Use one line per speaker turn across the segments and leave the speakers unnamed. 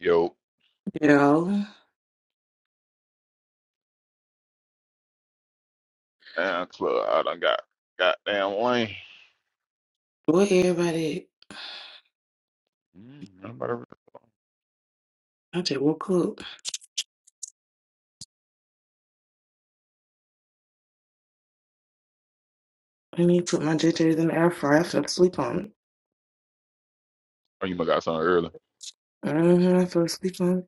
Yo,
Yo,
damn club, I done got goddamn lame.
what everybody.
Mm, I'm
I just woke up. I need to put my JJ's in the air fryer. I fell asleep on it.
oh, you must got something early.
Mm-hmm, I fell asleep on it.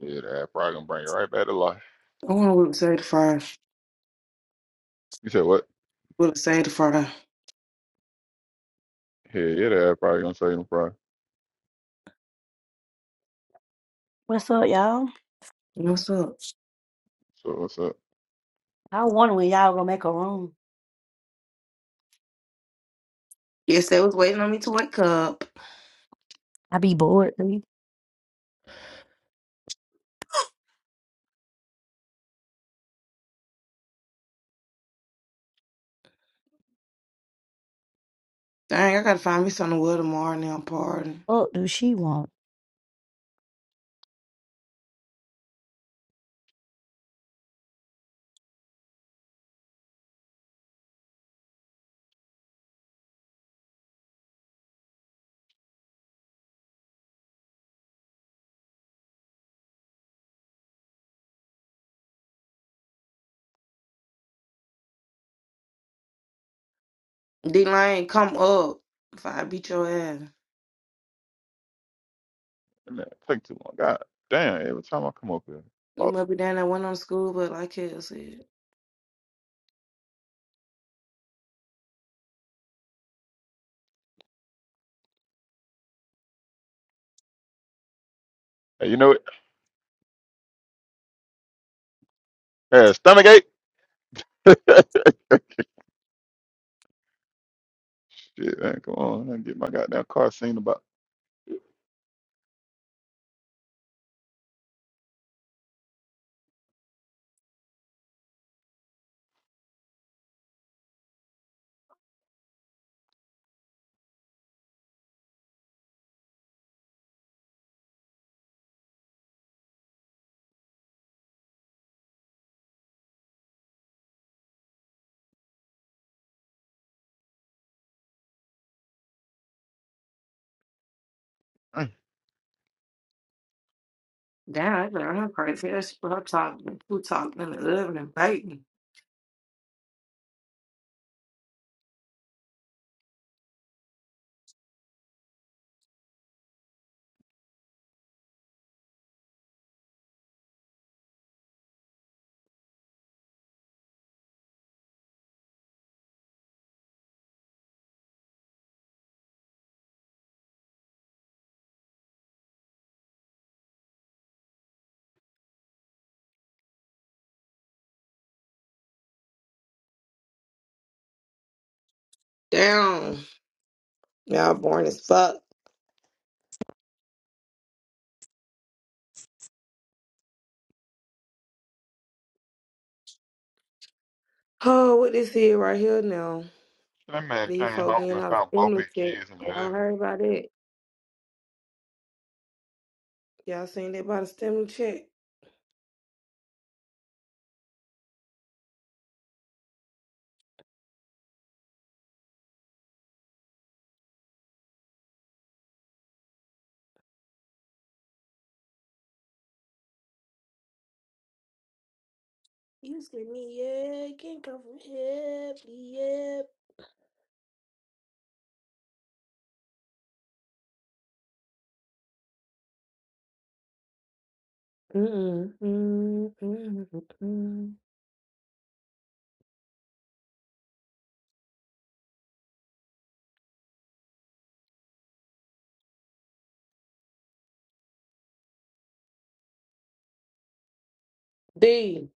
Yeah, that probably gonna bring you right back to life.
I want to whip potato fries.
You said what?
Whip save the fry.
Yeah, yeah, that probably gonna save them probably.
What's up, y'all?
What's up?
So what's up?
I wonder when y'all gonna make a room.
Yes, they was waiting on me to wake up.
I be bored. What the
Dang, I gotta find me something to wear tomorrow now, party.
fuck do she want?
D-Lane, come up. If I beat your ass.
And that take too long. God damn, every time I come up here.
You
Fuck.
must be down that one on school, but like hell said.
Hey, you know what? Hey, stomach ache. Shit, man, come on. I get my goddamn car seen about. Mm.
Damn, I got her crazy ass. She put her talking. Who talking in the oven and biting. Damn. Y'all boring as fuck. Oh, what this here right here now?
That man
These
came
folk
home
getting
and
out of
found both
stimulus
his
check.
kids in the
Y'all
oven.
heard about that? Y'all seen that about the stimulus check? You scared me, yeah. Can't come from here, yeah. Mm-mm, mm-mm, mm-mm, mm-mm. D,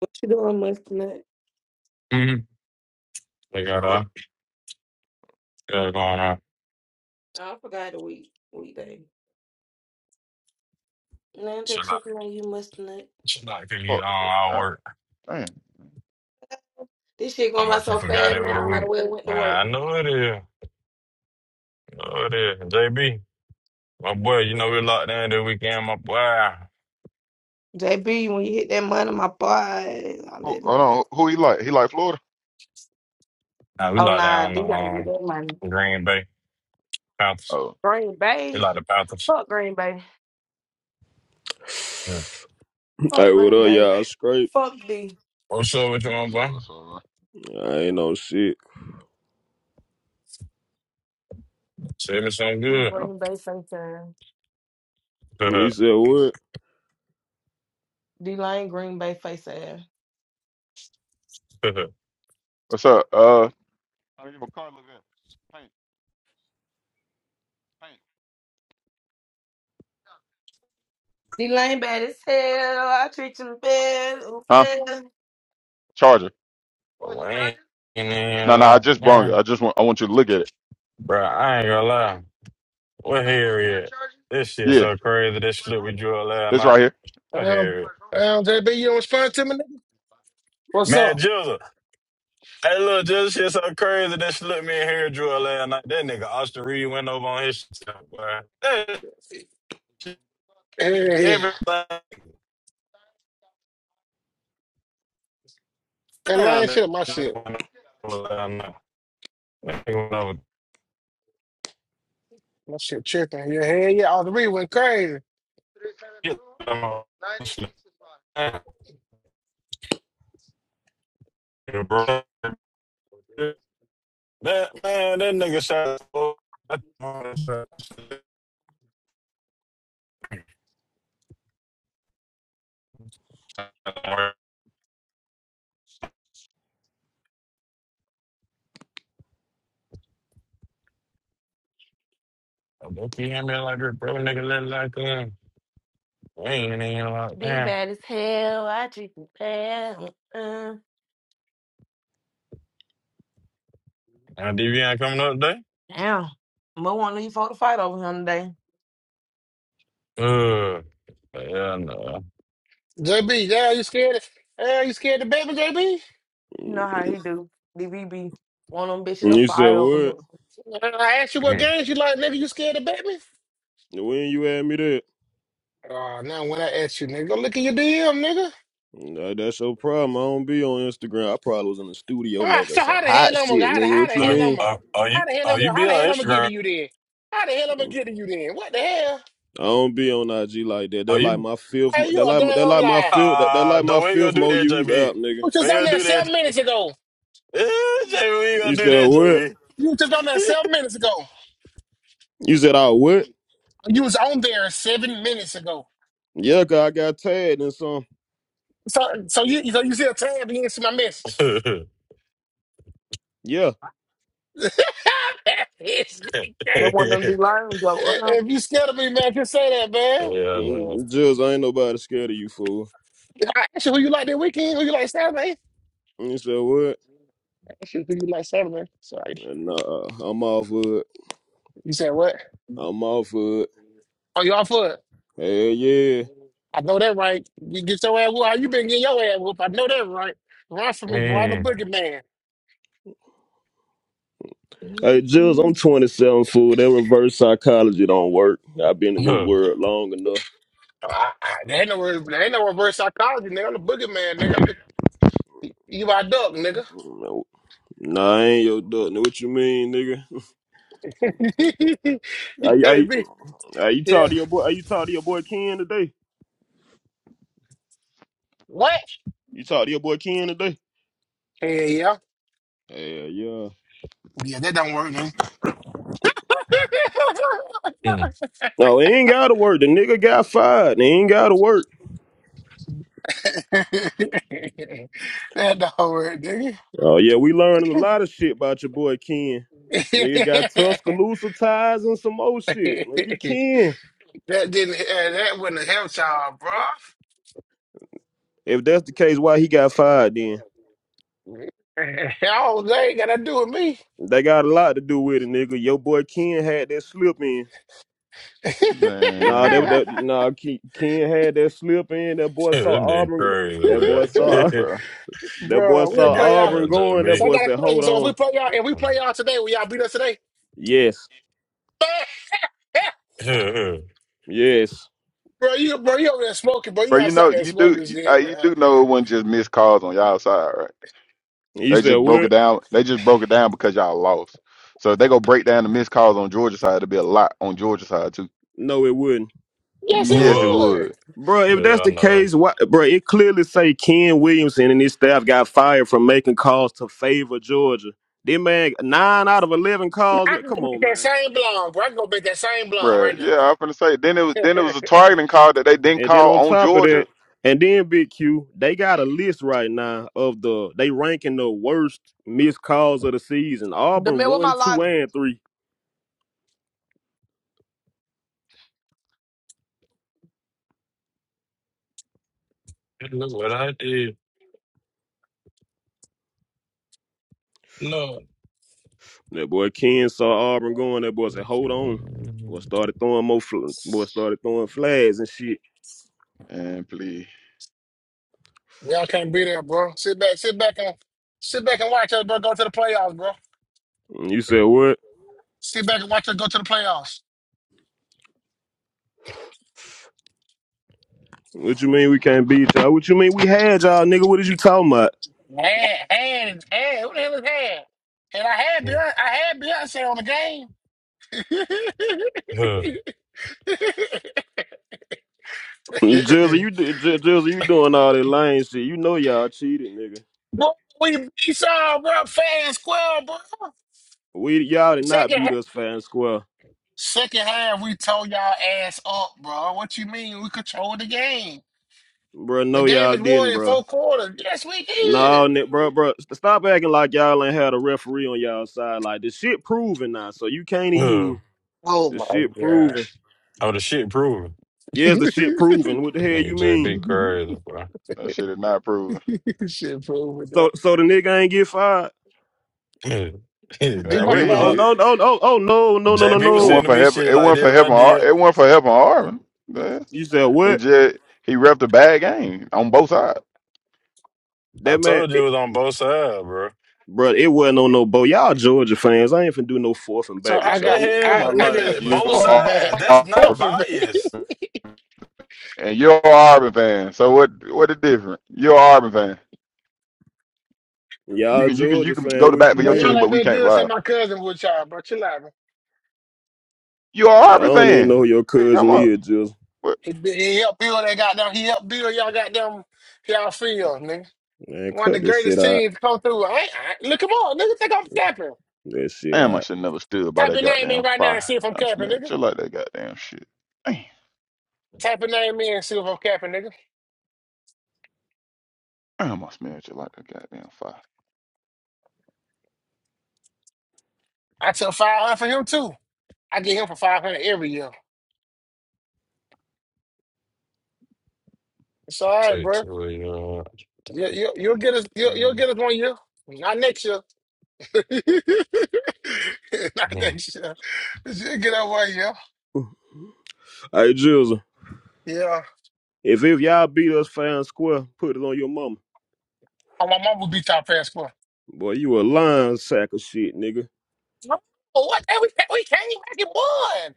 what you doing, mustnut?
hmm They got
Sure
uh,
what?
got it going on.
I forgot the week weekday. Now I'm
Should
just
not,
checking on you, mustnut.
should not give you on
Fuck.
our
God
work.
damn.
This shit
How
going by
much you
so
forgot
fast, man.
over the
I might as
week?
well went to
Man, I
work.
know it is. know it is. JB, my boy, you know we locked down the weekend, my boy.
JB, when you hit that money, my boy, all
Who,
that.
hold on. Who he like? He like Florida?
Nah, we
Oh
locked
nah,
down
they gotta get
on
that money.
um, Green Bay Panthers.
Oh,
Green
They
Bay.
like the Panthers.
Fuck Green Bay.
Yeah.
Fuck
Hey, what
Green
up,
Bay.
y'all? Scrape?
Fuck the
What's up with you, my
what's up?
boy?
What's up? man?
I ain't no shit.
Say me something
the
good.
Green Bay face ass.
You said what?
The lame Green Bay face ass.
What's up? Uh, I don't give a car look at. Paint, paint.
The lame bad as hell. I treat him bad. ooh,
Huh?
bad.
Charger. Oh,
But
the
I
charger?
ain't in there
No, no, I
locked
just brought it.
down.
I just want I want you to look at it.
Bro, I ain't gonna lie.
You
What
got one car
hair is?
charger?
This shit
Yeah.
so crazy. This
What's
slip
wrong
we
with
drew last
it? It's
night.
right here.
I
Um,
hear it.
What's wrong?
um, JB, you don't respond to me, nigga? What's
Man,
up?
Jizzle. Hey, little Jizzle shit so crazy that she looked me in hair drill last night. That nigga Austin Reed went over on his shit, boy. That shit,
Hey,
everything
that
down
lame
that
shit, my
Yeah,
nigga
shit.
I
went
want it.
over last night. That nigga went over.
My shit tripping. Yeah, hell yeah. All the read
six
went crazy.
three seven
Get
two
them all.
nine eight six five.
Down, Bro. That, man, that nigga shot. Don't be me like that, bro. Nigga, let it like that. We ain't even like
The
that.
bad as hell. I treat him bad. Uh, uh.
Now, DVN coming up today?
damn. Mo want these folk to fight over him today.
Uh, yeah, no.
JB, yeah, you scared of, yeah, you scared of baby, JB?
You know how he do. DVB. One want them bitches to
You said
fight over him.
what?
Uh, I asked you what
Mm.
games you like, nigga, you scared of baby?
When you had me there?
Oh, now when I ask you, nigga, go look at your DM, nigga.
Nah, that's your problem. I don't be on Instagram. I probably was in the studio
All right,
making
so
some
how the hell
hot
I'm gonna,
shit,
how the,
nigga.
how the
What you
Are,
hell I'm
mean?
gonna,
are, are you
how the hell I'm
are you
gonna, how
be
the hell
on
I'm gonna get to
Instagram?
you then? How the hell I'm gonna get to you then? What the hell?
I don't be on IG like that. They
Are
like
you?
my fifth.
Hey,
They
you a
like they
damn
like my
liar.
fifth. That they
Ah, uh,
like my
no, we ain't gonna
fifth
do
more
that, JB.
used app,
You
nigga.
was
We
just on
ain't gonna
there
do that.
seven minutes ago.
Eh, JB, we ain't
You
gonna do
said what?
that,
You was just on there seven minutes ago.
You said I what?
You was on there seven minutes ago.
Yeah, cause I got tagged and some.
So so you so you still tagged me into my message.
JB.
Yeah,
It's-
They want them D-Lane to go around.
if you scared of me, man, just say that,
Yeah,
man.
no.
Mm, just I ain't nobody scared of you fool.
I asked you who you like that weekend, who you like Saturday.
You said what?
I asked you who you like Saturday. Sorry.
And uh, I'm off hood.
You said what?
I'm off hood.
Oh, y'all for it.
Hey, yeah.
I know that right. You get your ass whooped. How You been getting your ass whooped. I know that right. Run from me, boy. I'm a
Mm.
boogeyman.
Hey, Jules,
Mm.
I'm 27, fool. That reverse psychology don't work. I've been in this
Huh.
world long enough.
I, I, there ain't no re- there ain't no reverse psychology, nigga. I'm the boogeyman, nigga. i You my duck, nigga.
No, Nah, I ain't your duck. Now, What you mean, nigga?
you
Are, you- are, you-
can't be.
are you
Yeah.
talk to your boy? Are you talk to your boy Ken today?
What?
You talk to your boy Ken today?
Yeah, yeah.
Hell yeah.
Yeah, that don't work, man.
Mm.
No, he ain't gotta work. The nigga got fired. He ain't gotta work.
that don't work, nigga.
Oh yeah, we learning a lot of shit about your boy Ken. Nigga got Tuscaloosa ties and some old shit. Nigga Ken.
that didn't. Uh, that wouldn't have helped y'all, bro.
If that's the case, why he got fired then?
I don't. They ain't got to do with
They got a lot to do with it, nigga. Your boy Ken had that slip in. Nah, that,
Man,
that nah, Ken Ken had that slip in. That boy
that
saw
nigga
Auburn.
crazy,
That
man.
boy
chill
saw
out,
that
bro.
that boy
Bro, we'll
JB.
saw
play y'all.
Auburn
there,
going. That
So I
JB.
boy
got a
said,
question.
"Hold
So if we
on."
play y'all, if we play y'all today, will y'all beat us today?
Yes, yes.
bro, you bro, you over there smoking, bro. You
But you know,
outside there
you do,
smoking
uh,
shit, bro.
you do know it wasn't just missed calls on y'all side, right?
You
They
said
just broke it
what?
down. They just broke it down because y'all lost. So if they go break down the missed calls on Georgia side, it'll be a lot on Georgia side too.
No, it wouldn't,
Yes, it
Yes, it
yeah,
would,
would.
bro. If that's
I
the
know.
case, why, bro? It clearly say Ken Williamson and his staff got fired for making calls to favor Georgia. This man, nine out of eleven calls.
I
Man,
can go
come
make
on,
that
man.
same blonde, bro. I can go make that same blonde
Bruh,
right
Yeah, I'm gonna say. Then it was then it was
now.
a targeting call that they didn't
And then
call
on
on
top of that,
Georgia.
and then Big Q, they got a list right now of the they ranking the worst missed calls of the season.
The
Auburn
man with my
one, two,
lighter.
and three.
Look what I did. No.
That boy Ken saw Auburn going. That boy said, "Hold on." Boy started throwing more. Fl- boy started throwing flags and shit.
And please,
y'all can't be there, bro. Sit back, sit back and sit back and watch us, bro, go to the playoffs, bro.
And you said what?
Sit back and watch us go to the playoffs.
What you mean we can't beat y'all? What you mean we had y'all, nigga? What is you talking about?
Man, and and who the hell is that? And I had Beyonce, I had Beyonce on the game. Boy,
Huh,
Jersey, you do- Jer- Jersey, you doing all that lame shit? You know y'all cheated, nigga.
we beat y'all, bro. Fast square, bro.
We y'all did not
Second, ha-
beat us fair and square,
second half, we tore y'all ass up, bro. What you mean? We controlled the game.
bro.
The
No,
game
y'all
is won
didn't,
in
bro.
four quarters. Yes, we
No,
did.
Nick, bro, bro, stop acting like y'all ain't had a referee on y'all side. Like the shit proven now, so you can't
huh.
even
Oh
the
my
shit
god.
proven.
Oh, the shit proven.
Yes, the shit proven. What the
That
hell you
Nigga,
mean?
JB crazy, bro.
that shit is not proven.
Shit, fool with
So,
that.
so the nigga ain't get fired?
We
Yeah,
must
well,
have
JB
he
was
Oh
got.
up.
did.
no, no, no, oh no, no, no, no,
JB
It
was
wasn't
no.
sending
for
me
helping.
shit
It
like
wasn't
that
for
if I
helping. Ar-
did.
It wasn't for helping Arvin. Yeah.
You said
It
what?
just he repped a bad game on both sides.
I
That man,
told you it
it,
was on both sides, bro.
bro, it wasn't on no boat. Y'all Georgia fans, I ain't finna do no fourth and
So
back
How
I
with
the
got
y'all. What
I
my
hell,
light at,
nigga?
You
man?
Both
fourth and
are,
sides.
back,
That's not
fourth
Arvin,
and back.
biased.
and you're an Arvin fan. So what? What the difference? You're an Arvin fan. You
Y'all
can you can you
Georgia
can
fan,
go to
what
bat
you
for
Boy,
your
y'all
team,
mean?
but
ain't
we
been
can't
good since
vibe.
my cousin was a child, bro. Chill out,
You're a
I
Auburn
don't even know
fan.
who your
What you talking
cousin
about?
is, just
What?
He, he helped build that goddamn. He helped build y'all goddamn y'all field, nigga.
man.
One of the
Cut this shit
greatest
out.
teams come through. I, I, look him up, nigga. Think I'm capping.
That shit
Damn,
out.
I should never stood by
Type
that
your name in
goddamn
right now
fire.
and see if I'm
I
capping,
smell
nigga.
you like that goddamn shit. Damn,
Type your name in and see if I'm capping, nigga.
damn I smell you like that goddamn fire.
I took five hundred for him too. I get him for five hundred every year. It's all right,
Take
bro.
two of your-
You, you, you'll get us. You'll, you'll
Mm.
get us one year. Not next year. Not
Mhm.
next year. Just get us one year.
Hey Jizzle,
Yeah.
if if y'all beat us fair and square, put it on your mama.
Oh, my mom will beat our fast
Boy, you a lying sack of shit, nigga.
No, what? Hey, we can't, we can't even make one.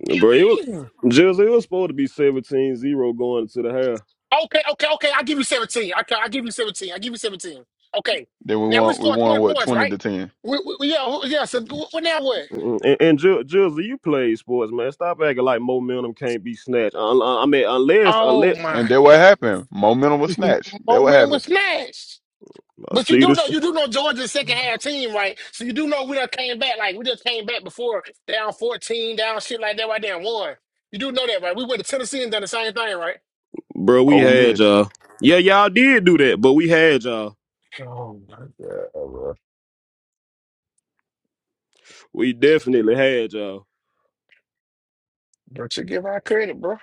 What
Bro, it was
do you mean?
Jizzle, it was supposed to be seventeen zero going to the half.
Okay, okay, okay. I'll give you 17. Okay, I'll give you 17. I'll give you 17. Okay.
Then we
Now we
won we
scored
won
20
what
points,
twenty
right?
to ten.
We, we, we- yeah, who- yeah. So wh- what now what?
Mm, And, and Ju- Jizzle, you play sports, man. Stop acting like momentum can't be snatched. Un- un- I mean, unless,
Oh,
unless.
And
my
that
God.
what happened. Momentum was snatched. That what
Momentum
happened.
was smashed.
I
But you
see
do
this.
know, you do know Georgia's second half team, right? So you do know we done came back. Like, we just came back before down 14, down shit like that right there and won. You do know that, right? We went to Tennessee and done the same thing, right?
Bro, we
Ole
had
Miss.
y'all. Yeah, y'all did do that, but we had y'all.
Oh, my God, bro.
We definitely had y'all.
But you give our credit, bro.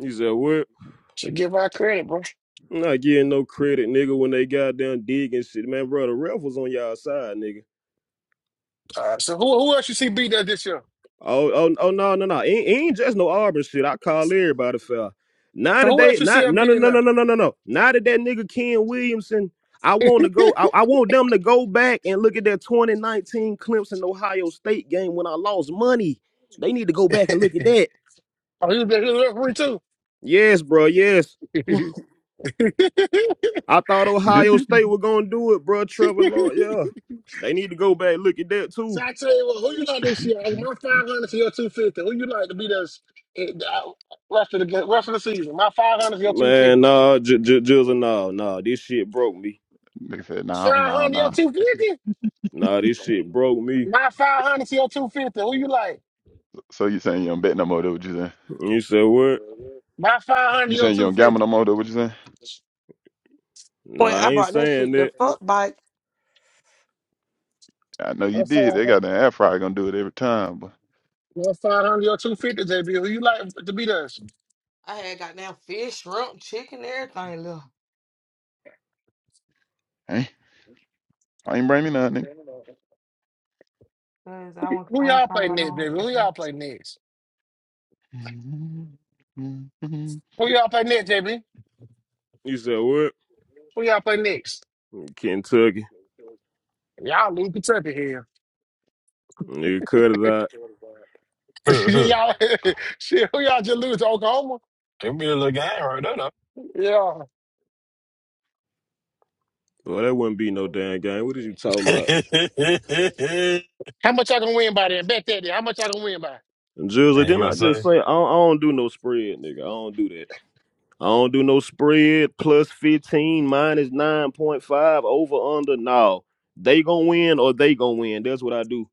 He said, What?
Should give our credit, bro.
I'm not getting no credit, nigga, when they got down digging shit. Man, bro, the ref was on y'all side, nigga.
All right, so who who else you see beat that this year?
Oh, oh, oh no, no, no. It ain't, it ain't just no Auburn shit. I call everybody foul. Now
So
that
who
they
else you see
not
up
no no
beating
no no
that?
no no no no. Now that that nigga Ken Williamson, I want to go. I, I want them to go back and look at that 2019 Clemson Ohio State game when I lost money. They need to go back and look at that.
Oh, he was there, he was a referee too.
Yes, bro. Yes. I thought
they
Ohio State were gonna do it, bro. Trevor Lawrence. Yeah, they need to go back look at that too.
so I tell you what, who you like this year? Like, My five hundred to your two fifty. Who you like to beat us? eh, uh, rest of the ga- rest of the season? My five hundred to your two
Man,
fifty.
nah, j- j- Jizzle, nah, nah. This shit broke me.
said, no,
Five
no,
hundred your
no.
two fifty.
Nah, this shit broke me.
My five hundred to your two fifty. Who you like?
So you saying you don't bet no more, though, what you saying?
You said what?
My five hundred
You
your
saying you
two
don't gamble
fifty.
no more, though, what you saying?
Point,
Nah, I
I
ain't
brought that
saying
shit the
that.
fuck bike.
I know you
My five
did. They got that
hundred.
air fryer gonna do it every time, but
My five hundred your two fifty, JB. Who you like to beat us?
I had goddamn fish, shrimp, chicken, everything left.
hey, I ain't bring me nothing.
Who
Cause I want, I ain't
y'all play
somewhere
next,
home.
baby? Who y'all play next?
My
Who y'all play next, JB?
You said what?
Who y'all play next?
Kentucky.
Y'all lose Kentucky here.
Nigga, cut it out.
Huh, huh.
y'all, shit, who y'all just lose to Oklahoma?
Give me a little game right there, though.
Yeah.
Well, that wouldn't be no damn game. What is you talking about?
How much y'all gonna win by then? Bet that. then. How much y'all gonna win by?
Jizzle,
and you
didn't
gonna
I just
say
say I don't, I don't do no spread, nigga? I don't do that. I don't do no spread plus 15 minus 9.5 over under. No. They gonna win or they gonna win. That's what I do.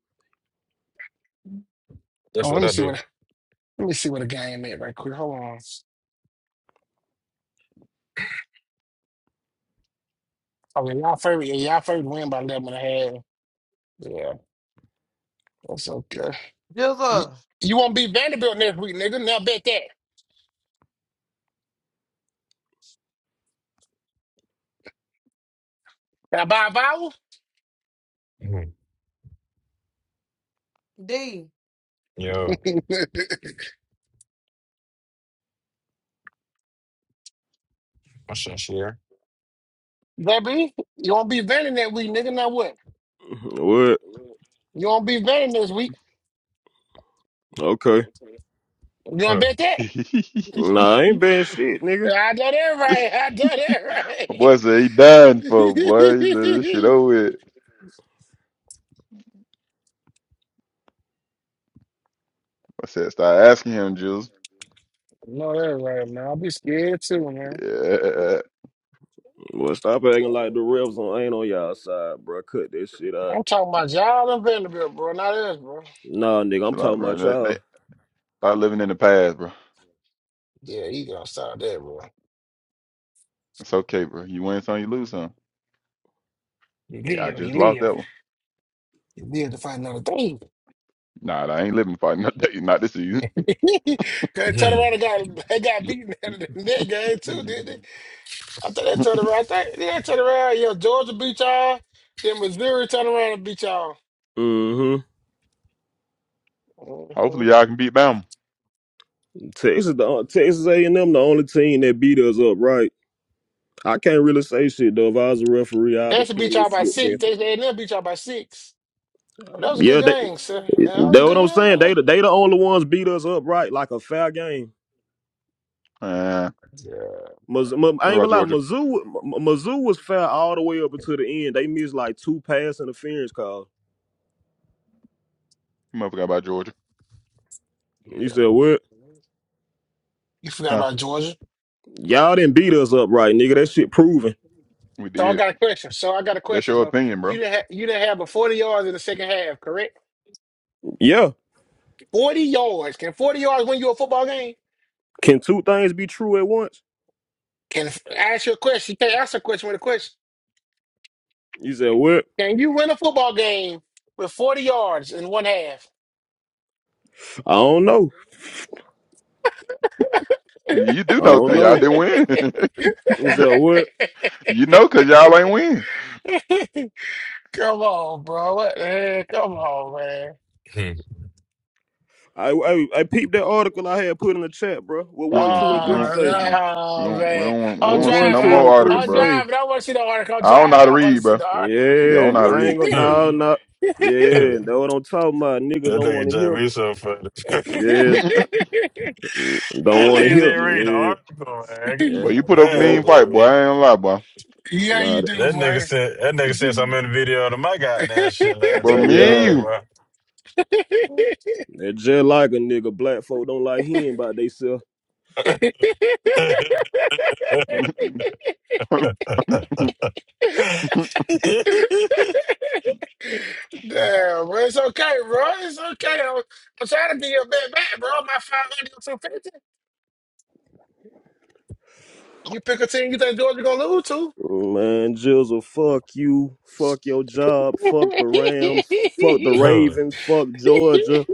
that's
Oh, let
what
me
I
see
do?
what let me see what a game at right quick. Hold on. Okay, y'all favorite. Yeah, y'all favorite win by eleven and a half. Yeah, that's okay. You,
Jesus,
you won't beat Vanderbilt next week, nigga. Now bet that. Can I buy a vowel?
Mhm.
D.
Yo, what's up, share?
Baby, you won't be venting that week, nigga. Now what?
What?
You won't be venting this week.
Okay.
You gonna
Huh.
bet that?
Nah, I ain't bad shit, nigga.
I done that right. I done that right.
boy said he dying for boy. He said this shit over with. I said, start asking him, Jules.
no, that right, man. I'll be scared too, man.
Yeah,
Well, stop acting like the refs on, ain't on y'all side, bro. Cut that shit out.
I'm talking about y'all and Vanderbilt, bro. Not us, bro.
Nah, nigga, I'm
chill out,
talking
bro.
about
That,
y'all.
that, start living in the past, bro.
Yeah, he gonna stop that, bro.
It's okay, bro. You win some, you lose some.
You
Yeah, I
live, you
just lost
live.
that one.
You live to fight another thing.
Nah, nah, I ain't living for it. Not, that- not this season.
Cause turn
Mhm.
around and got, they got beaten out of that game too, didn't they? After they turned around, I think they didn't turn around. Yeah, Georgia beat y'all. Then Missouri turned around and beat y'all.
Mm-hmm.
Mm-hmm.
Hopefully, y'all can beat Bama.
Texas, the, uh, Texas A&M, the only team that beat us up, right? I can't really say shit though. If I was a referee, I'd be
Texas beat
putting little
y'all by
slips in.
six. Texas A&M beat y'all by six. That was a good
Yeah, they
game, sir. Yeah, that was a
That's what
good
I'm saying. They
game.
the they the only ones beat us up right like a fair game.
Uh,
Miz- M- I
what
ain't gonna
about
lie,
Georgia?
Mizzou, M- Mizzou was fair all the way up until the end. They missed like two pass interference calls.
You motherfucker about Georgia?
You said what?
You forgot
Huh?
about Georgia.
Y'all didn't beat us up right, nigga. That shit proven.
We
So I
did.
got a question. So I got a
That's
question.
your
So
opinion,
you
bro.
didn't have you didn't have a forty yards in the second half, correct?
Yeah,
Forty yards. Can forty yards win you a football game?
can two things be true at once?
Can I ask you a question? You can't ask a question with a question.
You said what?
Can you win a football game with forty yards in one half?
I don't know.
You do
I
know
don't
because y'all
know.
come
didn't win.
You said what?
You know, cause y'all ain't win.
on, bro. What the heck? Come on, man.
Mhm.
I, I I peeped that article I had put in the chat, bro. What one,
Mm-mm.
two, and
We
three
don't.
Oh,
say?
Mm-mm. We
no,
don't. We
man.
don't, want, we
I'm
don't
What
want to see
one,
driving.
no
two,
I,
more
and
article,
three
I'm
bro.
say?
driving. I want to see the article. I'm
I don't know how
driving.
to
I want
read,
to see
bro.
the article.
Yeah, I don't
Yeah,
know how to
I ain't
read.
gonna
Huh.
no no.
Huh.
Yeah, that's what I'm talking about. Niggas
That
don't want
nigga JB
to
so funny. that
hear. Yeah,
Mm-mm.
mm, don't
nigga
want to hear.
didn't read the
Yeah,
article, man.
yeah.
but you
God
put up a
They
damn,
mean
don't-
fight, boy.
JB.
I ain't gonna lie, boy.
yeah,
Nah,
you
that-
do,
That nigga
boy.
said that nigga said something in the video to my goddamn shit last
But
time we met
me
yeah.
him,
and
boy.
They just like a nigga. Black folk don't like hearing about theyself.
that
you.
Damn, bro. It's okay, bro. It's okay. I'm, I'm trying to be your bet back, bro. My 500 or 250. You pick a team you think Georgia going to lose to.
Mm, Man, Jizzle, fuck you. Fuck your job. Fuck the Rams. Fuck the Ravens. Fuck Georgia.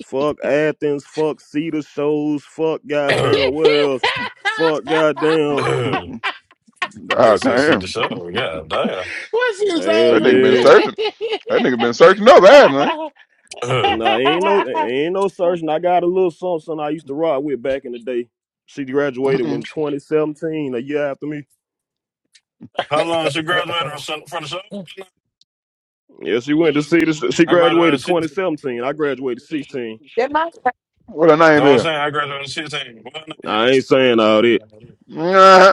Fuck Athens. Fuck Cedar Shows. Fuck goddamn Wells. Fuck goddamn.
nigga
God
said see the
damn,
show. Yeah, damn.
What's his
Hell
that nigga
old
been
yeah.
searching. That nigga been searching up ass, man.
Nah, ain't no ain't no searching. I got a little something something I used to rock with back in the day. She graduated in
Mm-mm.
2017, a year after me.
How long did you graduate from son- from the show?
Yeah, she went to see this. She
I graduated
graduated
at 16. You
2017. I graduated 16.
That my
What her
know
name
what I'm
is?
saying? I graduated at 16. Why not? Yeah.
Nah, I ain't saying all that.
Yeah.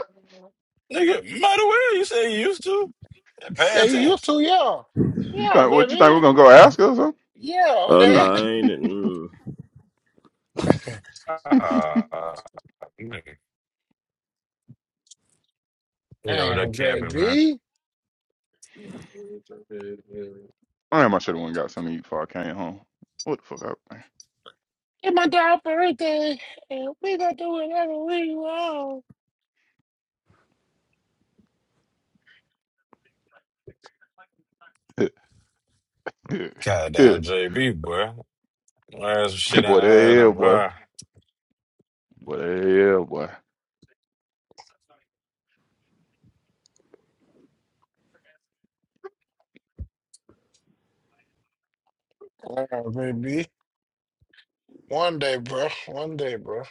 Nigga, might as well you say you used to.
Yeah,
Pad
you
10.
used to, yeah.
You
Yeah,
think what you think we're
baby.
gonna go ask her or something?
Yeah,
Uh, nah,
that.
I ain't. Mm.
Ah, nigga. Yo, that
Damn,
capping, man.
baby.
Damn, I should have went and got something to eat before I came home. What the fuck up?
It's my dog birthday, and we gonna do whatever we want.
man?
Goddamn JB, boy. Last shit
boy, that
I had, I'm
hell, boy.
right.
Boy, that hell, boy.
Yeah, baby. One day, bro. One day, bro.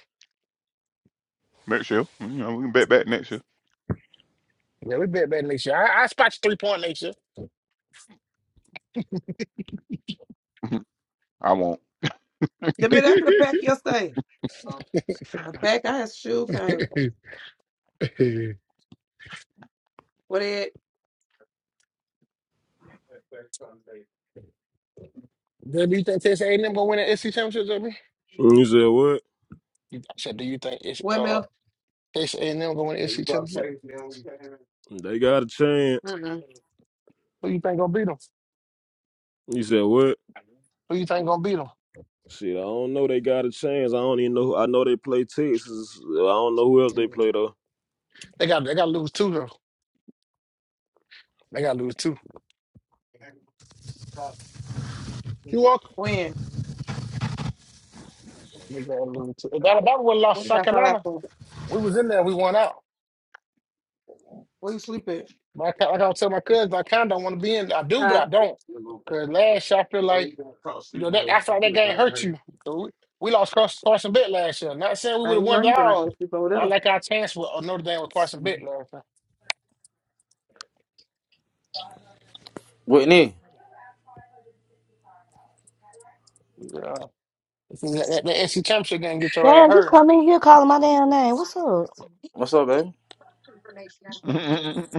Next year, you know, we can bet back next year.
Yeah, we bet better next year. I, I spot you three point next
I won't.
the minute I could have packed yesterday. I packed. I had shoe
year.
came. What it?
Do you think Texas A&M gonna win the SEC championship, Jimmy?
You said what?
You I said, do you think it's uh
Windmill.
Texas A&M gonna win the SEC championship?
They got a chance.
Mm-mm.
Who you think gonna beat them?
You said what?
Who you think gonna beat them?
Shit, I don't know. They got a chance. I don't even know. I know they play Texas. I don't know who else they play though.
They got they got to lose two though. They got to lose two. You walk.
When?
If Alabama would have lost to
What
South
that five
Carolina,
for?
we was in there. We won out.
Where you sleep at?
But I, ca- like I was telling my cousins, I kind of don't want to be in. I do, but
Huh?
I don't. Cause last year I feel like. You know, that, that's why that game hurt you. dude. We lost Carson, Carson Bit last year. Not saying we would
Uh,
have
you know
won
you
it
better not go
all.
sleep over there.
I like our chance with uh, Notre Dame with Carson Bit last year.
Whitney,
Yeah. If you- That, that, that NC Championship game get your ass
Damn, you
hurt.
come in here calling my damn name. What's up?
what's up, baby?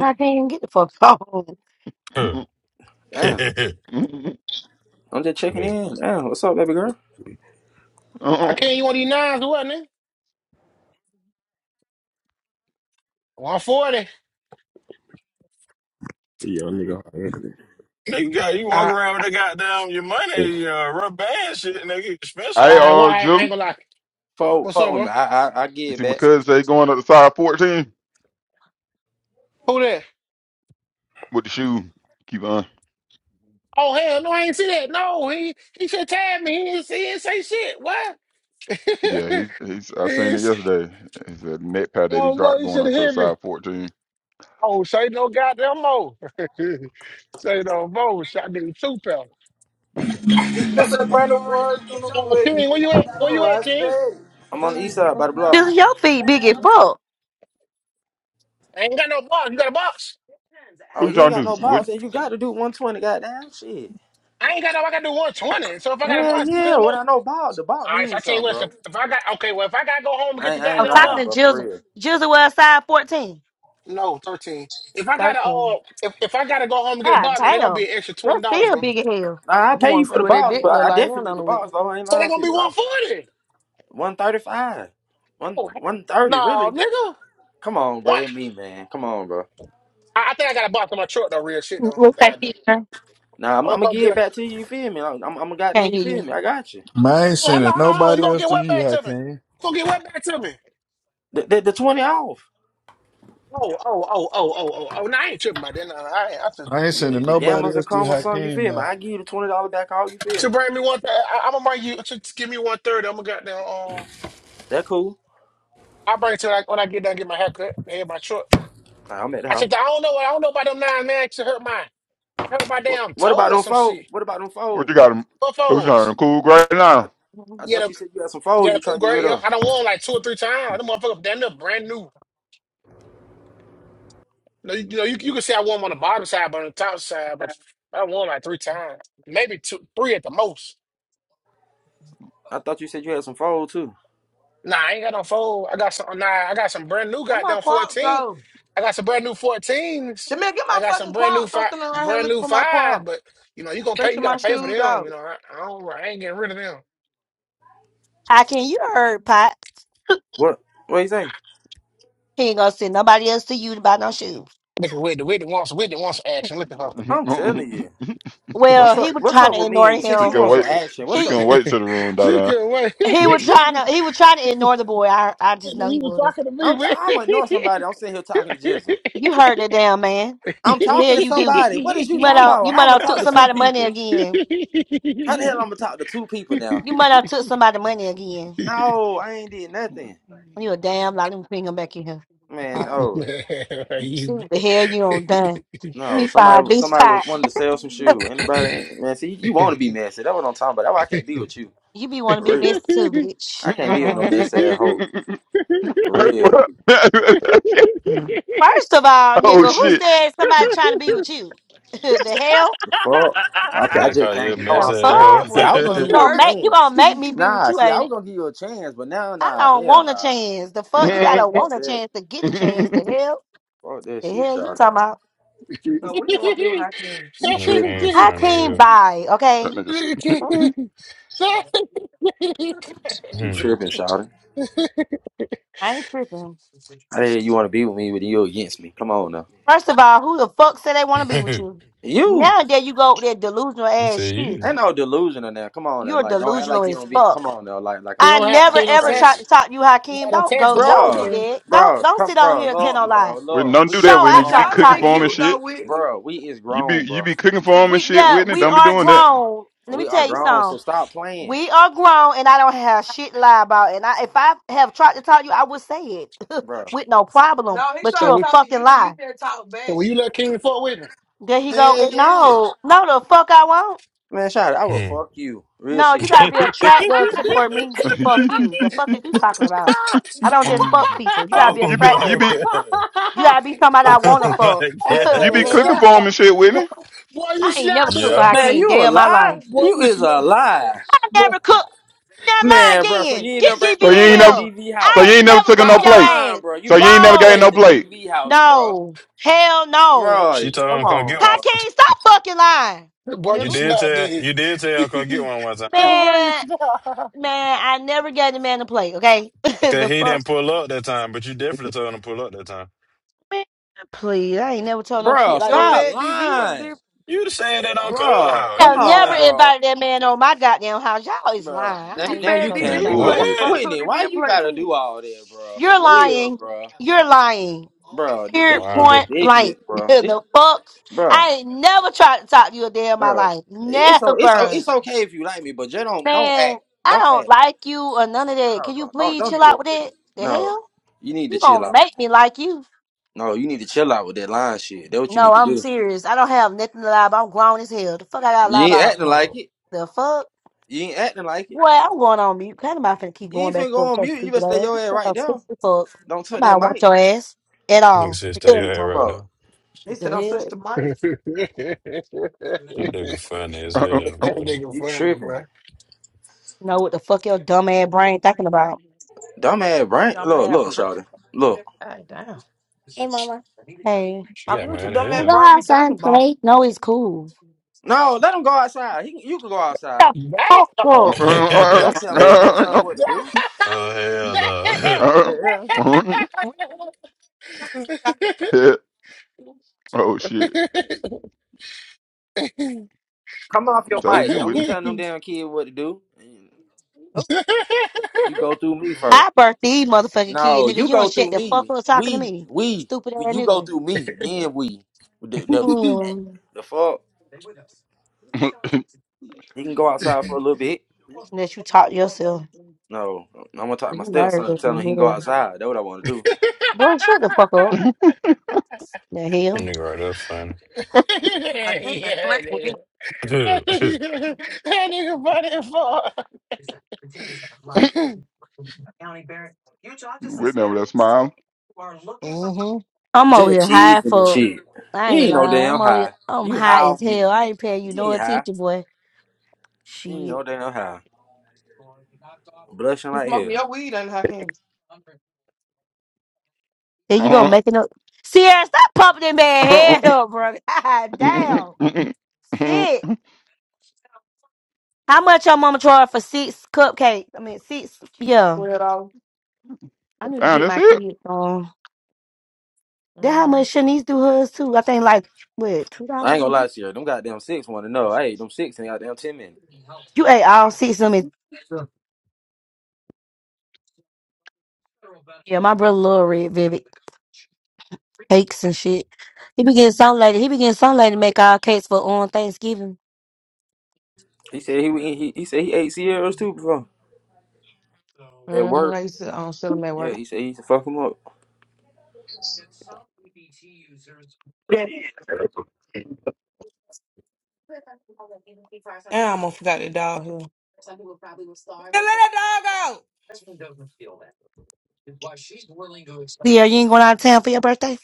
I can't even get the fuck phone.
Damn,
Nigga,
I'm just checking in. Damn, what's up, baby girl?
I
Uh-uh.
can't you want these nines or what, nigga? 140.
Yeah, nigga.
got you walk
I,
around with the goddamn your money, uh, rubber band shit, nigga, you spent
Hey,
on.
I,
uh,
why I, I
Jill,
ain't gonna lie.
Fuck,
What's
fuck
up,
with me.
bro?
I, I, I get
you
it
see my
back.
cousin say he going up the side 14
Who that?
with the shoe. Keep on.
Oh, hell no, I ain't see that. No, he he should have tagged me. He didn't, he didn't say shit. What? he
Yeah, he he's. I seen
didn't
it
say-
yesterday. It's a net pad that he
oh,
dropped
boy, he
going
should
up
have
to a
hit me.
side 14.
Oh, say no goddamn more. say no more. Shot nigga two pounds.
That's a brand of words on the
Oh,
way.
King, where you
On
at?
the
Where you at,
right
King?
page.
I'm on the east side by the block.
Jizzle, your feet big as fuck.
I ain't got no box. You got a box?
Oh,
Who you
you ain't
trying
got
to?
no
What?
balls, and you got to do 120. Goddamn shit.
I ain't got no. I got to do one twenty. So if I got a
Hell
box,
yeah.
ten more. All
Without no know ball, the ball
right. So I
means
tell you
something,
what. So
bro.
if I got okay, well, if I gotta go home and get
I
the
ain't, I
I'm
ain't
goddamn
talking
lying,
to
box,
bro. For
Jizzle.
real.
Jizzle was size 14.
no thirteen. If I gotta
13.
uh, if, if I gotta go home and get a
God
box, then they're gonna be
damn.
an extra twenty
That's
dollar,
still
bro.
big as hell.
Nah, I
You
pay
want
you
to
for
see
the
what that
balls,
dick
but
look
I
like now,
definitely need the
don't we?
balls, though. I ain't
So they're
lying to
gonna be
you. I,
one forty.
135, one
Oh hell
130,
no,
really.
nigga.
Come on, bro.
What?
It me, man. Come on, bro.
I, I think I got a box in my truck though. Real shit though. I
What's
think I
that
do.
feature?
Nah, I'm,
I'm
I'm
gonna
gonna
come
give
get
it
a
back to you. You feel me? I'm, I'm, I'm goddamn.
Can't
You feel
hear
me? I got you.
Man, I ain't
Hold on,
sending
hold on, hold on. You
nobody
gonna
else
get
to
wet
you,
back to me? You
Hakeem.
gonna get wet back to me?
The, the, the 20 off.
Oh, oh, oh, oh, oh, oh, oh. No, I ain't tripping about that. No, I, ain't, I just,
I ain't
yeah.
The,
sending
you-
the
nobody
gamblers will
else to
come or something. You
Hakeem,
feel me?
man.
I give you the twenty dollar back all. You feel
To
me?
bring me one, th- I, I'm gonna bring you. To, give me one third. I'm gonna get down. Um,
That cool.
I bring it to like when I get done, get my haircut. They in my truck.
All right, I'm at the
I
house.
said, I don't know. I don't know about them nine man. It hurt my, it hurt my
What,
damn
what
toe
about
or
them
some
foes?
shit.
What about them
What
foes?
you got him? Who you trying to
Buffos.
cool right
I,
now?
you.
I
Yeah,
thought
the
you said you had some
yeah,
foes
the
you
cool
trying to get
gray.
rid
Yeah,
of.
I don't want like two or three times. Them motherfucker damn near brand new. No, you, you know, you, you can say I won on the bottom side, but on the top side, but I won like three times, maybe two, three at the most.
I thought you said you had some foes too.
Nah, I ain't got no fold. I got some. Nah, I got some brand new
Where my
goddamn
crop
fourteen.
go?
I got some brand new fourteens.
The man, get my
I got some
fucking
brand new
Crocs. I'm
five,
standing around here
brand
looking
new
for my
fives.
Crocs,
But you know, you gonna pay. You
stretching
gotta
my
pay for
shoes
them.
out.
You know, I, I don't. I ain't getting rid of them.
How can you heard, Pot?
What? What you say?
She ain't gonna send nobody else to you to buy no shoes.
Look at Whitney. Whitney wants. Whitney wants action. Look at her.
I'm telling you.
Well,
What's
she
he
up?
c-
was
What's
trying
up
to
with me?
ignore
And Since
she
you
him.
can
want some
wait.
action,
She
what's
He
up
can
with me?
wait till the room
she
die
can't wait. he
he was
down.
trying to he was trying to ignore the boy. I I just know he
was
was.
talking to me,
I'm t- I'm ignoring
Whitney.
somebody. I'm sitting here talking to Jizzle.
You heard that damn man.
Man,
I'm
The
talking
hell
to
you do?
somebody. What is
You
you
might
talking
not you
about? How
might
I'm gonna
not took
talk to two
somebody money
people?
again.
How the hell I'm gonna talk to two people now?
You might not took somebody money again.
No, I ain't did nothing,
You a damn lie. Let me bring him back in here. All
man.
right.
Oh.
are
Let me See
you?
what the hell you on done. Let
No,
me find
somebody
these
somebody wa-
pot.
wanted to sell some shoe. Anybody man, see you wanna be messy. That's what I'm talking about. That's why I can't be with you.
You be want to
For
be
real.
missed too, bitch.
I
oh
can't
Hold
be with no
on.
messy ass hoe. For real.
First of all, nigga, who
shit.
said somebody trying to be with you? the hell?
The fuck. I, ca- I
They
just
call you a
can't. Know what
The
mess
I'm
at
saying?
fuck?
all.
That
See,
boy
I was
finna
gonna
go to
give you a
gonna
work,
make you
chance.
gonna make me be with
Nah,
you,
see, I
ain't it?
was gonna give you a chance, but now
I
nah,
don't
hell
want a
nah.
chance. The fuck you
Nah,
gotta
that
fuck
want a
that.
chance to get a chance. The hell,
Fuck that
the
shit,
hell you
Shawty.
talking about?
so we don't want to be with our team.
You
Nigga
tripping.
can't
I
You
can't
find
buy, okay?
nigga,
a
You
hell.
tripping, Shawty.
I ain't tripping.
I didn't you wanna be with me, but you against me. Come on now.
First of all, who the fuck said they want to be with you?
You!
Now there you go with that delusional
You
ass
say
shit,
you.
Ain't no delusion in there. Come on, and
you're
like, don't act like
delusional
you
as
don't be. Come
fuck.
on, though. Like, like I'm
I
don't
just
have
talking
never
you
out the
don't
ever tried
crazy,
to
test
talk to you, Hakeem.
I don't
Don't
test
go.
the
Don't do
bro.
marker.
that. Don't
Bro,
don't
come,
sit on
bro.
here and tell
Look,
no lie.
bro.
Whitney,
Look,
don't do
we
Sure,
that,
is
Whitney.
I
But
You be
tried
grown,
to
y'all have
talk
cooking
bro.
been
to
for him and
cute
you.
shit.
though, Whitney.
Bro, we is
You be
grown,
you
bro.
be cooking for him and
We
shit,
yeah,
Whitney.
we
Don't be
are
doing that.
grown. Let me
We are
tell you
grown,
something.
so stop playing,
We are grown, and I don't have shit to lie about. And I, if I have tried to talk to you, I would say it
bro.
with no problem.
No, he
But
So
tried
you're
to
a
we
talk to
fucking
you and you
lie.
said talk
so
back.
will you let King fuck with me?
There he go.
Hell yeah,
No, no, the fuck I won't.
man. Shout out, I will
Hmm.
fuck you, real
No, you
shit,
gotta be attractive to, for me to fuck
you
you. The fuck is you talking about? I don't just fuck people. You gotta be
oh
be you
attractive.
my
be
god.
You gotta be
hey,
somebody I
Oh
wanna fuck.
my
boy,
god.
you
the
be
you
cooking
hell?
snap.
for him and shit,
Boy,
Whitney.
boy, you
I ain't never
snap
cooked
dead,
for
Yeah.
boy.
man.
Hakeem
You a
day of my
lie?
life.
Boy,
You
you
is a
snap.
lie,
I
Boy,
never cooked. Now lie
man, bro. So
again.
you ain't
Get
never bring
GB
me
So you
no
in
ain't
plate to
never
here.
DV house.
so
I
you
ain't
ain't never
never
took him
cooked
no
for your
Stop
plate.
ass.
lying, bro. You
So you
brought
ain't
me a
never gave
No.
plate
no
to
plate.
DV house, bro.
No. Hell no.
Bro,
She told
come
him to come
on,
get
bro.
one.
Hakeem, stop fucking lying.
boy
You
you
Nigga.
did
snap
tell
dead.
you did tell Uncle get one one time though.
boy, you
Man,
snap.
man, I never gave the man a plate, okay?
Cause
the
he
fuck?
didn't pull up that time, but you definitely told him to pull up that time.
Man, please. I ain't never told no shit
Bro,
You
like
don't
that.
stop
fed DV what
lying.
different.
You said that on
Bro,
Clubhouse.
I
come
You
never
on,
lying.
bro.
invited that man on my goddamn house. Y'all is
Bro,
lying. I'm
now,
not
You
even
now
gonna
you
fed
go there with
Man,
DV
capping,
a
bro.
y'all.
plate,
bullshit.
Wh-
fuck to
What?
Whitney, why
DV a
you
plate
gotta
too.
do all that, bro?
You're
For real,
lying.
bro.
You're lying.
Bro, thi-
Period
this shit
Wow.
point blank.
ridiculous, bro. This,
the fuck?
bro,
I ain't never tried to talk to you a day in my
bro.
life.
It's o- it's o-
Never.
it's okay if you like me, but just don't don't
Man,
act,
I
don't
don't
act.
like you or none of that.
No,
Can you
bro. don't
please
don't
chill
do
out
that.
with
Whitney.
it? The
No,
hell?
you need
You
to chill
gonna
out.
make me like you?
No, you need to chill out with that lying shit. That's what you
No,
need to
I'm
do.
serious. I don't have nothing to lie about. I'm grown as hell. The fuck I gotta
You
lie
ain't
about?
acting like it.
The fuck?
You ain't acting like it.
Boy, I'm going on mute. Kind of my finna keep
You
going
ain't
back and
finna
forth
go on
so
mute. You better
stupid ass.
stay your
You
ass
think
right
I'm
there.
stupid as fuck.
Don't
You
touch
might
that mic.
want your ass at
Nigga
all.
said stay
Yeah,
your
the
you
head
talking
right
about
though.
He said, "I'm switch
hell?
the mic."
damn.
This nigga funny as
oh
hell, bro.
you tripping?
Know what the fuck your dumb ass brain thinking about?
dumbass? brain.
Y'all Dumb
Look,
have
look,
breakfast?
Shawty. Look.
Hey, damn.
Hey,
She
I do
got
what your
mad
dumb
as
ass
hell.
burn me talking about.
no, it's cool.
No, let him go outside. He, can- you can go outside.
Shut the fuck up.
You don't tell my stepson what to
Damn.
do.
oh hell
Damn.
no.
Yeah.
Whitney,
shit.
Damn.
Come off your
Told
mic.
you,
Don't be
Whitney.
telling them damn kid what to do.
oh,
You go through me first.
I birthed these motherfucking kid,
No,
nigga.
you
You
go
don't shut
through
the fuck
me.
up talking to
We,
me.
we,
Stupid ass
you go
nigga.
through me. Then we. The, the,
damn.
Mm.
the fuck? He can go outside for a little bit.
Unless you talk to yourself.
No, I'm gonna talk to my
You
stepson,
nervous
tell him he
in
can go
here.
outside. That's what I want to do.
yeah,
Boy, shut the fuck up. The hell?
That nigga right there
I can't. I
that
can't.
nigga.
funny.
That nigga funny as fuck.
Whitney over that smile.
Mm-hmm.
I'm over here
Just
high
cheesing and
for
shit.
I
You
ain't
ain't no
lying.
damn
I'm over here
high.
I'm
You high
high
off
as hell.
me.
I ain't paying you
You
no
ain't high.
attention, boy.
You ain't
Shit.
no damn high. Blushing
You
like
smoking
hell.
your weed and I can't.
Here you go
Damn,
making up Sierra, stop pumping that man head up, bro. God damn. Shit. How much your mama charge for six cupcakes? I mean six yeah.
Weirdo.
I need to get
that's
my
it.
kids on. That how much Shanice do hers too. I think like what two
I ain't
dollars.
gonna lie to you. Them goddamn six want to know. I ate them six in goddamn ten minutes.
You ate all six of them. in-
So,
Yeah, my brother love red velvet cakes and shit. He be getting some lady. He be getting some lady to make all cakes for on Thanksgiving.
He said he he, he he said he ate Sierras too before at
Mm-hmm. I
work.
used to um, sell them at
Yeah,
work.
he said he used to fuck him up.
I almost forgot the dog here. Man, Let that dog out.
Yeah, you ain't going out of town for your birthday.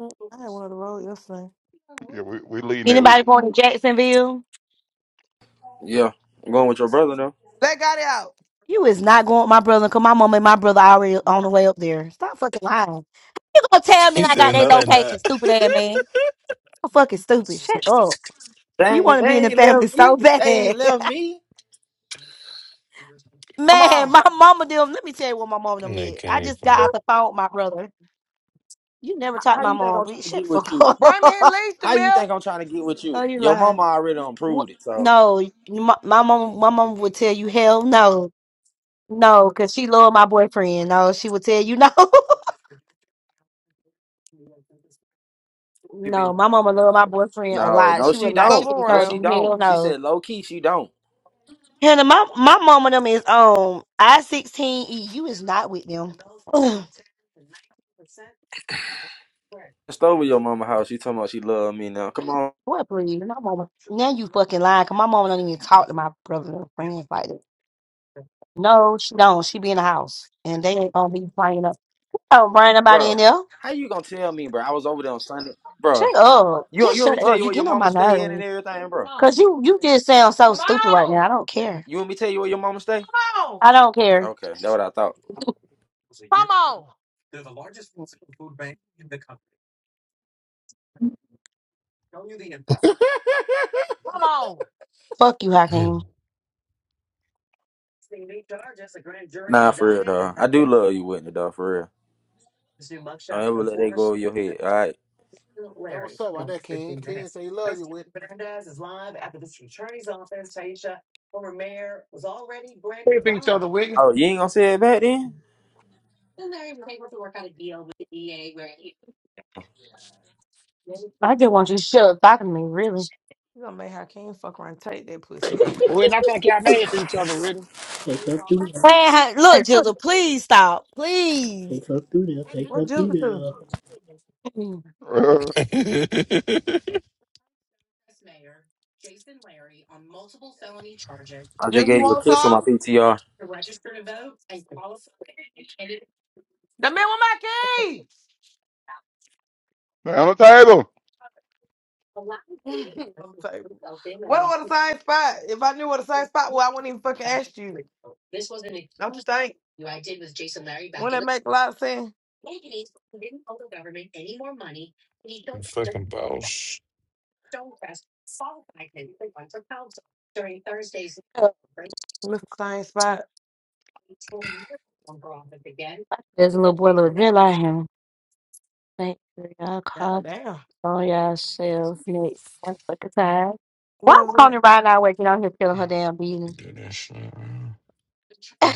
Mm, I had one of the road yesterday.
Yeah, we we leading that week.
Anybody going to Jacksonville?
Yeah, I'm going with your brother now.
Let got it out.
You is not going with my brother because my mom and my brother already on the way up there. Stop fucking lying. You gonna tell me
he
I got
said
their
no they
location,
not.
stupid ass man. So fucking stupid. Shut up.
They
You
ain't,
wanna
they
be in the
ain't
family
left
so
me. They
bad.
ain't left me.
Come
Man,
on.
my mama them. Let me tell you what my mama
That
them
nigga
did. I
can't
just got
funny.
out the phone with my brother. You never
How,
talked to
how
my
you think
mom,
I'm
but
trying to
shit,
get with
fuck
you?
Bring me
up.
at least the
How you
mill.
think I'm trying to get with
Oh,
you?
you
Your
lying?
mama already done
What?
proved it. So
No, you- my, my mom. My mom would tell you hell no, no, because she loved my boyfriend. No, she would tell you no, no. My mama loved my boyfriend a
No,
lot.
no,
She would
she
not. She
Move
don't.
would have
No,
told
she
you
around.
don't.
hell
She
no.
said low key, she don't.
Hannah, my my mama them is um I sixteen. E. You is not with them.
Just over your mama house. She talking about she love me now. Come on,
What, please? My mama. Now you fucking lying, 'cause my mama don't even talk to my brother and friends like that. No, she don't. She be in the house, and they ain't gonna be playing up. Oh, bring nobody in
bro.
there.
How you gonna tell me, bro? I was over there on Sunday, bro.
Shut up.
You want-
Just
you want me
shut
to tell
up.
you
You
where your
get on
mama
my
stay in and
nerves,
everything,
Come
bro?
on.
cause you you just sound so
Come
stupid right
on.
now. I don't care.
You want me to tell you where your mama stay?
Come on.
I don't care.
Okay, that's what I thought.
Come on. Come on.
Fuck you,
Hmm.
Hakeem.
Nah, for real, dog. I do love you, Whitney, dog. For real. Don't ever let that go over your head. All right.
That what's up. Why that King? King say he love you with. pray for each other, Whitney.
Oh, you ain't gonna say it back then?
I just want you to shut up talking to me, really.
You gonna make her king fuck around and take that pussy with you.
Whitney, I think y'all made it for each other, Whitney.
Take her through there.
Man, Ha- look,
Hey, look.
Jizzle, please stop. Please.
Take her through there. Take her
What Jill
through
do?
There's
I just
Jill, you
gave you a
want
kiss on my
some?
PTR.
The man with my key.
Uh, down the table.
on the table. What was the same spot? If I knew what the same spot was, I wouldn't even fucking ask you. Don't you think? Wouldn't that make a lot of sense?
You fucking boss.
Mr. Same spot.
a little boy, little Jill, I him. Thank
God
you.
damn.
Oh yeah, Chef Nick. Fuck a time. Why
What
is
was that?
Tony Ryan not working out here killing her damn
You
beating?
do that shit.
you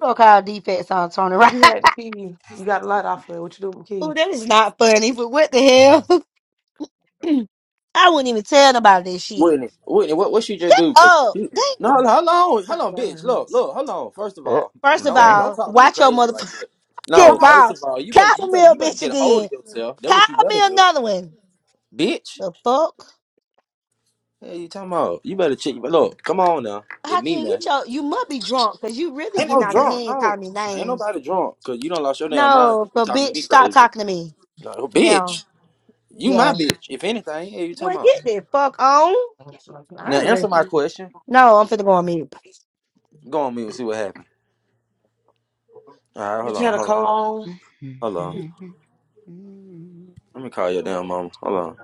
gonna call defense on Tony Ryan?
You had the key. You you got a lot off of it. What you do with the
Oh,
key?
that is not funny. But what the hell? I wouldn't even tell nobody this shit.
Whitney, Whitney, what what she just
Shut
do? 'Cause
up.
she, no,
Damn.
no, hold on,
God
hold on, bitch.
damn.
Look, look, hold on. First of
Oh,
all,
First
well,
of
don't
damn.
don't
all,
talk to me
watch your
crazy like
motherfucking
that.
Come
No,
on.
first
mouth.
of all, you better
Call
you better
me a
you better
bitch
get a hold
again.
of yourself. That's what you
Call me
better do,
another one.
bitch.
The fuck?
Hey, you talking about? You better check. Look, come on now, it
How
me
can you
man.
tell? You must be drunk because you really
Ain't
getting
no
out of
drunk,
hand calling
no.
me
Ain't
names.
nobody drunk, cause you don't lost your damn mind.
No,
If you
but
talking to
bitch,
me
stop
crazy,
talking to me.
no,
No.
bitch. You my
Yeah.
bitch. If anything, hey, you talking
Boy,
about?
get the fuck on. I
Now
already.
answer my question.
No, I'm finna go on mute.
Go on mute and see what happened. All right,
Did
hold
you
on,
have a
hold on,
coat on?
hold on. Let me call your damn mama. Hold on.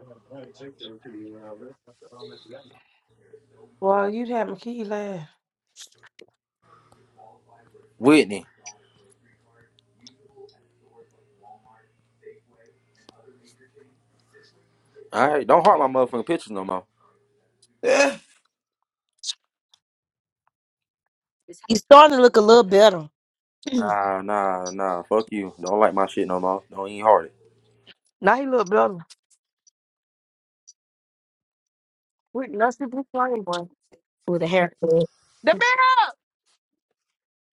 Well, you had my key last.
Whitney. All right. Don't heart my motherfucking pictures no more.
Yeah.
He's starting to look a little better
Nah, nah, nah. Fuck you. Don't like my shit no more. Don't even heart it.
Now he look better. We nasty the blue flame, boy.
with the haircut.
The man up!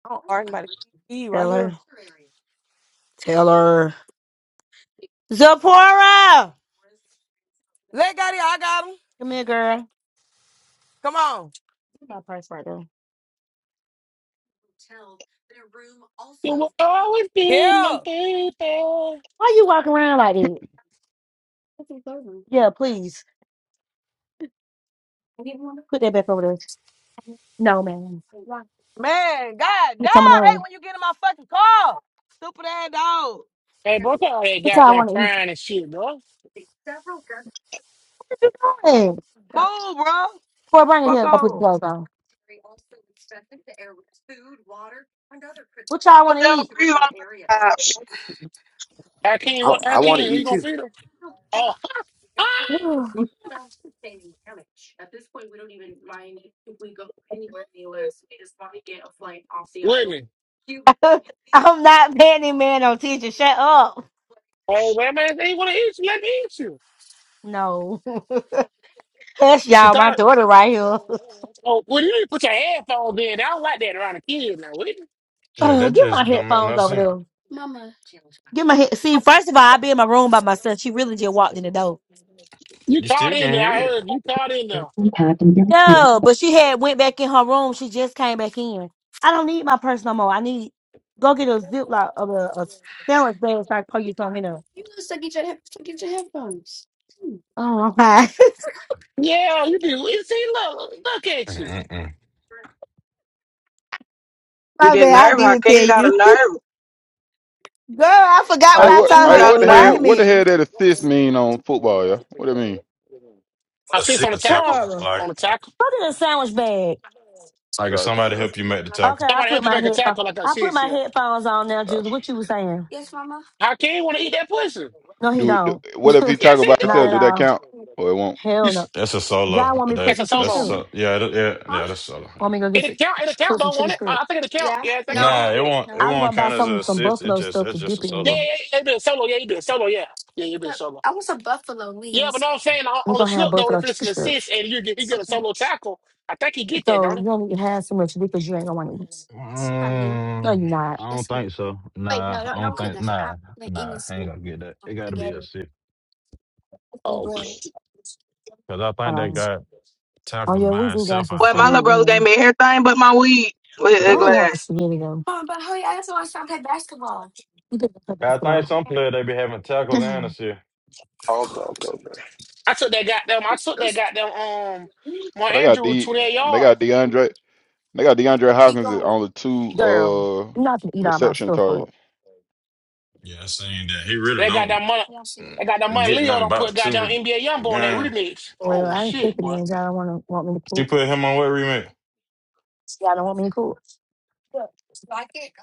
I don't argue about the key right
Tell
here.
her. Tell her. Zipporah!
Let got it. I got him.
Come here, girl. Give
Come on.
me My purse right there.
You will always be my
Yeah.
baby.
Why you walking around like that? Yeah, please. Put that back over there. No, man.
Man, god
Get some of
damn. Hey,
those.
when you get in my fucking car. Stupid ass dog.
Hey, bro, look at all that
That's all I
goddamn
want to eat.
crying and shit, bro.
What you doing?
Move, bro.
Boy, bring it
Fuck
here. I'll put the
on.
clothes on. What y'all want
Don't
to
never
eat?
breathe on the side.
I
I,
can't, what, I
I want to
can't. Who You
eat
gonna
you.
feed him? Oh, Whitney.
I'm not Manny Man on teacher. Shut up.
Hey, man, man, they want to eat you. Let me eat you.
No. That's
She
y'all,
thought
my
it.
daughter right here.
Oh, well, you need to put your headphones in. I don't like that around a kid now. What? is it?
Yeah, that
Ugh, get my
just don't make
headphones
no
over
sense.
there. Get my head. See, first of all, I be in my room by myself. She really just walked in the door.
You
You
caught
still
in
can
there.
hear
I
it.
heard you caught in there.
No, but she had went back in her room. She just came back in. I don't need my purse no more. I need go get a ziploc of a, a sandwich bag so I can put you something in there. Oh my,
Yeah, you do. You See, look, look at you.
Mm-mm-mm.
You
my
get
bad. I
nervous. I
did tell
can't got
you.
a nerve.
Girl, I forgot what
Hey,
I
I
what?
told
can't
Hey,
her
got
what
to
a
the
write
hell? What
nerve.
the
me.
hell that assist mean on football? Yeah, what do it mean?
I
A
see it's
sit
on the
a tackle.
tackle.
Cora,
Like
On the tackle.
put in a sandwich bag.
like if
Gotcha,
somebody
gotcha,
help you make the
Okay,
tackle.
I
Somebody
put
help you
my
make a
headphones.
tackle like I
I
said
put my
here.
headphones on now, Jules.
gotcha.
What you was saying?
How can you want to eat that pussy?
No, he
Do, do
don't.
what if he
Yes,
talk
he
about
Not
himself?
at
do.
Do that
all.
count? Or it won't.
You
Hell no.
s-
That's a solo.
Y'all want me to put
That
That's a
some chicken
that's
solo.
shrimp?
so, yeah, that, yeah, yeah, that's solo.
Want me
Yeah.
to go get
It'll
some,
count. It'll
ch- cook
count,
some
don't
chicken
want it? I,
shrimp?
I think it'll count. Yeah, I think it'll
Nah,
count.
it
Yeah.
won't it
I was
won't
gonna buy
count as a
some some
assist. It
buffalo
just
stuff to
that's just a
dip it
Yeah,
solo.
in.
yeah, yeah. You do a solo. Yeah, you do a solo. Yeah. Yeah, you do a solo. Yeah, but no, I'm saying on,
We're
on the
gonna have
slip, though,
buffalo
if it's
chicken
an
strips.
assist and you get, you get a solo tackle, I think he get that,
So
don't he?
you don't need to have so much because you ain't gonna want to eat. No,
Um,
you not.
I don't think so. Nah, I don't think nah, nah, I ain't gonna get that. It gotta be a assist. Cause I think they
Um,
got
oh
tackles
yeah, we
by
do got
itself,
some
I
Well, my
spaghetti
think.
little
in
brother gave
there.
me everything but my weed with
I
that
don't
Yeah.
want
glass.
spaghetti though. You could put
I think
basketball.
some players they be having tackles and assists.
Okay, okay, okay. I took that goddamn. I took that goddamn. Um, my
Uh, they got
Andrew with
D.
twenty eight
They
yards.
got DeAndre. They got DeAndre Hopkins at only two
Girl,
uh
you're not gonna eat all my
reception
stuff
targets.
up.
Yeah, I seen that. He really
They got that
don't
money. They got that
mm,
money.
get
Leo
nothing
don't put
about two
goddamn
re-
NBA
a
Youngboy on that
game.
remix.
Well,
Oh
I ain't
shit,
cooking it.
boy.
Y'all don't wanna want me to
She
cook.
put him on what remake? I
Y'all don't want me to cook.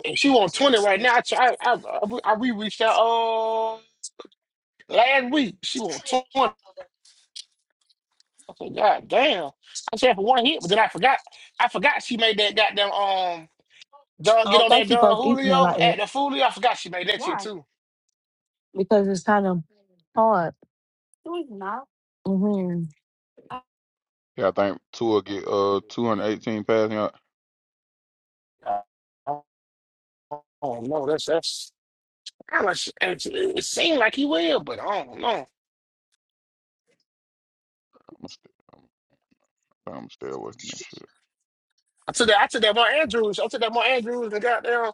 And she want twenty right now. I try, I I, I re reached out. Uh, last week she want twenty. I said, God damn. I said for one hit, but then I forgot. I forgot she made that goddamn. Um, Don
I
get
don't
on that
think you
Don
supposed to eat in there
Julio
like that
at the Fulio. I forgot she made that shit too.
because it's kind of hard. hmm
Yeah, I think Tua get uh 218 passing yards.
Uh, Oh no, that's that's I was, it, it seemed like he will, but I don't know.
I'm gonna stay, I'm, I'm gonna stay away from that shit.
I took that. I took that More Andrews. I took that More Andrews and goddamn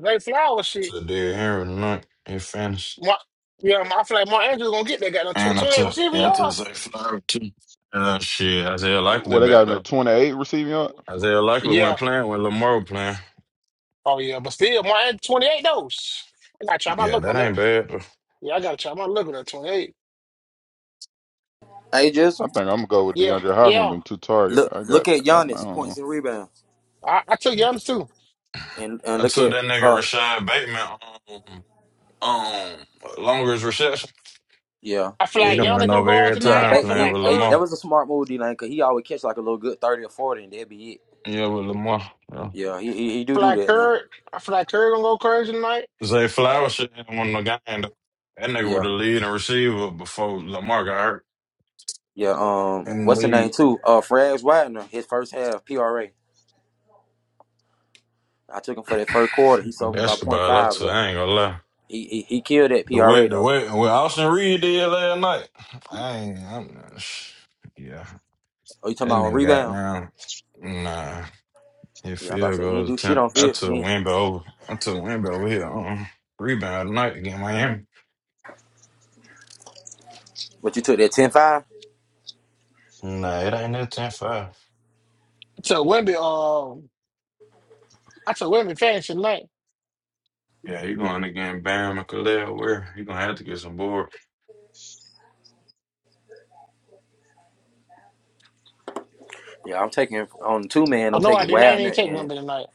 Zay Flowers shit.
took Derrick Henry tonight. He finished.
Mark, yeah, I feel like more Andrews gonna get that goddamn tw-
And I
twenty-eight
took
receiver
yeah, I took
yard.
Zay Flower too. Uh, shit, Isaiah Likely
Well, they got
back
him at
though.
28 receiving yards.
Isaiah Likely
Yeah.
went playing when Lamar was playing.
Oh yeah, but still, more Andrews, twenty-eight though. Shh. I gotta try my
Yeah,
luck on
that
that.
ain't bad though.
Yeah, I gotta try my luck on that twenty-eight.
Hey,
I
Jizzle.
think I'm gonna go with
Yeah,
DeAndre Hopkins with
yeah.
them two target.
Look,
I
look
got.
at
I, I
Giannis
don't
points
know.
and rebounds,
I, I took Giannis too.
and and
I
look
took
at
that nigga
uh,
Rashad Bateman on um longest reception.
yeah,
I feel
He
yeah,
like
done went
Giannis gonna
over
go out
every
yeah.
tonight.
time
I
Back,
feel
playing
he,
like
with
hey,
Kerr.
that
Lamar.
was a smart move, D Lane, cause he always catch like a little good thirty or forty, and that'd be it.
Yeah, with Lamar.
Yeah, he he, he
I
do
feel
do
like
that now.
Kerr. I feel like Kerr gonna go crazy tonight.
Zay
I feel,
Flowers should have won the game. though. That nigga was
Yeah,
the lead and receiver before Lamar got hurt
yeah. Um,
in the
what's the name
league.
too? Uh, Frags Wagner. His first half PRA. I took him for that first quarter. He sold me by point
Basketball, I,
five,
tell
but.
I ain't gonna lie.
He he, he killed that
The
PRA
way, the
though.
way, what Austin Reed did last night, I ain't, I'm, not, sh- yeah,
Oh, you talking
that
about on
nigga got
rebound?
down. Nah, his
Yeah, I about to
field
say he didn't
goal
do shit
attempt.
on
I
field. He
took
ain't-
Wimby over. I took Wimby over here. Uh-uh. Rebound tonight against Miami.
But you took that ten five?
Nah, it ain't no 10 5.
I took Wimby. Um, I took Wimby fantasy tonight.
Yeah, he going against Bam and Khalil Where He gonna have to get some board.
Yeah, I'm taking on two man.
Oh
I'm
no, I
taking
didn't. I
Wagner
didn't check
and
Wemby tonight.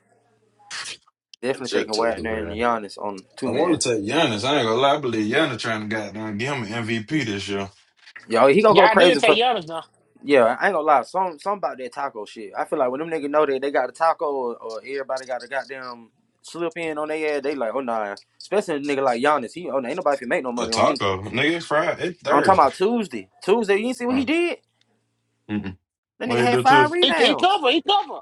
definitely
Jet
taking
to the
Wagner and Giannis on two
I want
man.
to take Giannis. I ain't gonna lie. I believe Giannis trying to goddamn give him an MVP this year.
Yo, he gonna go
Yeah, I did
crazy
take
for.
Giannis now.
Yeah, I ain't gonna lie. Some some about that taco shit. I feel like when them niggas know that they got a taco or, or everybody got a goddamn slip in on their ass, they like, oh nah. Especially a nigga like Giannis. He oh nah, ain't nobody can make no
A
money on me.
taco, nigga. It's Friday. It's
I'm talking
Thursday.
about Tuesday. Tuesday, you didn't see what he
Uh,
did?
mm-mm.
That
What
nigga
you
had
do too?
five
He he
rebounds.
covered. He covered.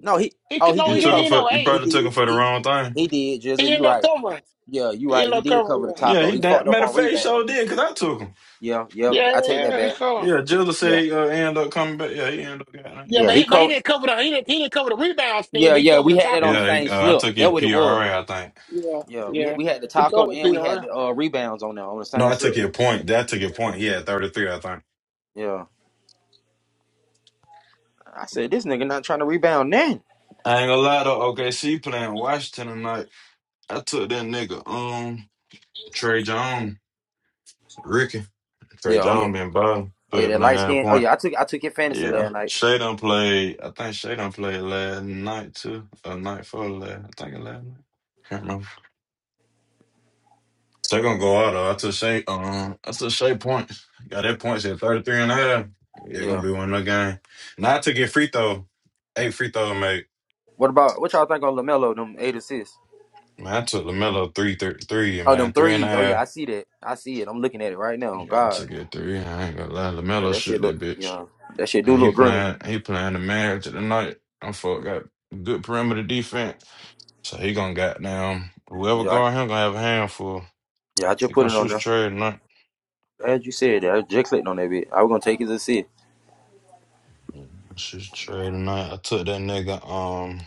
No, he.
He
Oh,
could
he
no,
You
he
did
didn't.
took him
He
cover.
for.
no
You
eight.
He
probably took
did.
him for the
He
wrong thing.
he did.
He
Jizzle, you
ended up
right.
covering.
Yeah, you
He
right.
ended
He
up
did cover
covering.
the
Yeah,
taco.
he
He
da-
fucked up
matter
on
of fact, he sure
rebound.
did because I took him.
Yeah, yeah.
Yeah,
I
yeah,
take
yeah.
that
yeah, He
back.
covered.
Yeah, Jilla
Yeah,
said he uh, end up coming back. Yeah, he ended up
Yeah,
getting
yeah.
but he,
He
but he
covered.
didn't cover the he didn't, he didn't cover the rebound thing,
Yeah,
but he
yeah.
covered
We
the
had that on the
taco.
Yeah, he,
same
uh, I
slip.
took
That
your
what it was.
PRA, I think.
Yeah,
Yeah, we
yeah.
we had the
He
taco
covered
and
the
we had
PR.
the uh, rebounds on there on the
No,
same
I took
slip.
your point. That took your point. He had 33, I think.
Yeah, I said this nigga not trying to rebound then.
I ain't gonna lie though. OKC playing Washington tonight. I took that nigga, um, Trey Jones, Ricky. Trey
Yeah, oh yeah,
John been by
oh yeah.
12
That
and a
light
half
skin. Oh
point.
yeah, I took I took your fantasy last
Yeah.
night.
Shay done played, I think Shay done played last night too, or night for last, I think it last night. Can't remember. Shay gonna go out though. I took Shay, um, I took Shay points. Got that points at thirty and a half. Yeah, gonna
Yeah.
be one of the game. Now I took it free throw, eight free throw mate.
What about what y'all think on Lamelo? Them eight assists.
Man, I took LaMelo three, three, three,
Oh, them
man, three and a
threes. Oh yeah, I
half.
see that. I see it. I'm looking at it right now.
Yeah, I
God.
took it three. I ain't gonna lie.
Yeah,
LaMelo
that shit
shoot that
look.
bitch.
Yeah, that shit do
And he
look green.
playing he playing the man of the night. I'm fuck got good perimeter defense. So he gonna goddamn whoever
Yeah, I,
guard him gonna have a handful.
yeah, I just
He
put
gonna
it
shoot
on
his
there.
trade tonight.
As you said, I just clicked on that bit. I was gonna take it to see.
Shoot his trade tonight. I took that nigga um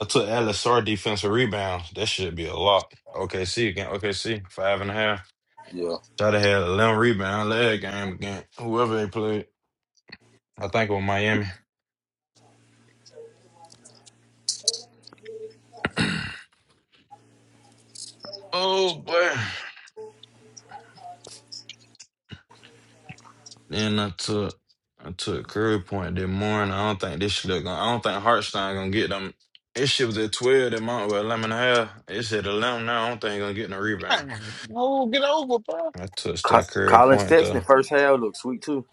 I took LSR defensive rebounds. That should be a lot. OKC again. OKC five and a half.
Yeah,
Should have had eleven rebound leg game again. Whoever they played. I think it was Miami. Oh boy. Then I took I took Curry Point that morning. I don't think this shit gonna I don't think Hartstein gonna get them. This shit was at twelve that month with eleven and a half. It's at eleven now. I don't think he gonna get no rebound.
Damn. Oh, get over, bro.
I touched
Co-
that Curry
Colin
Point though.
Sexton first half looked sweet too.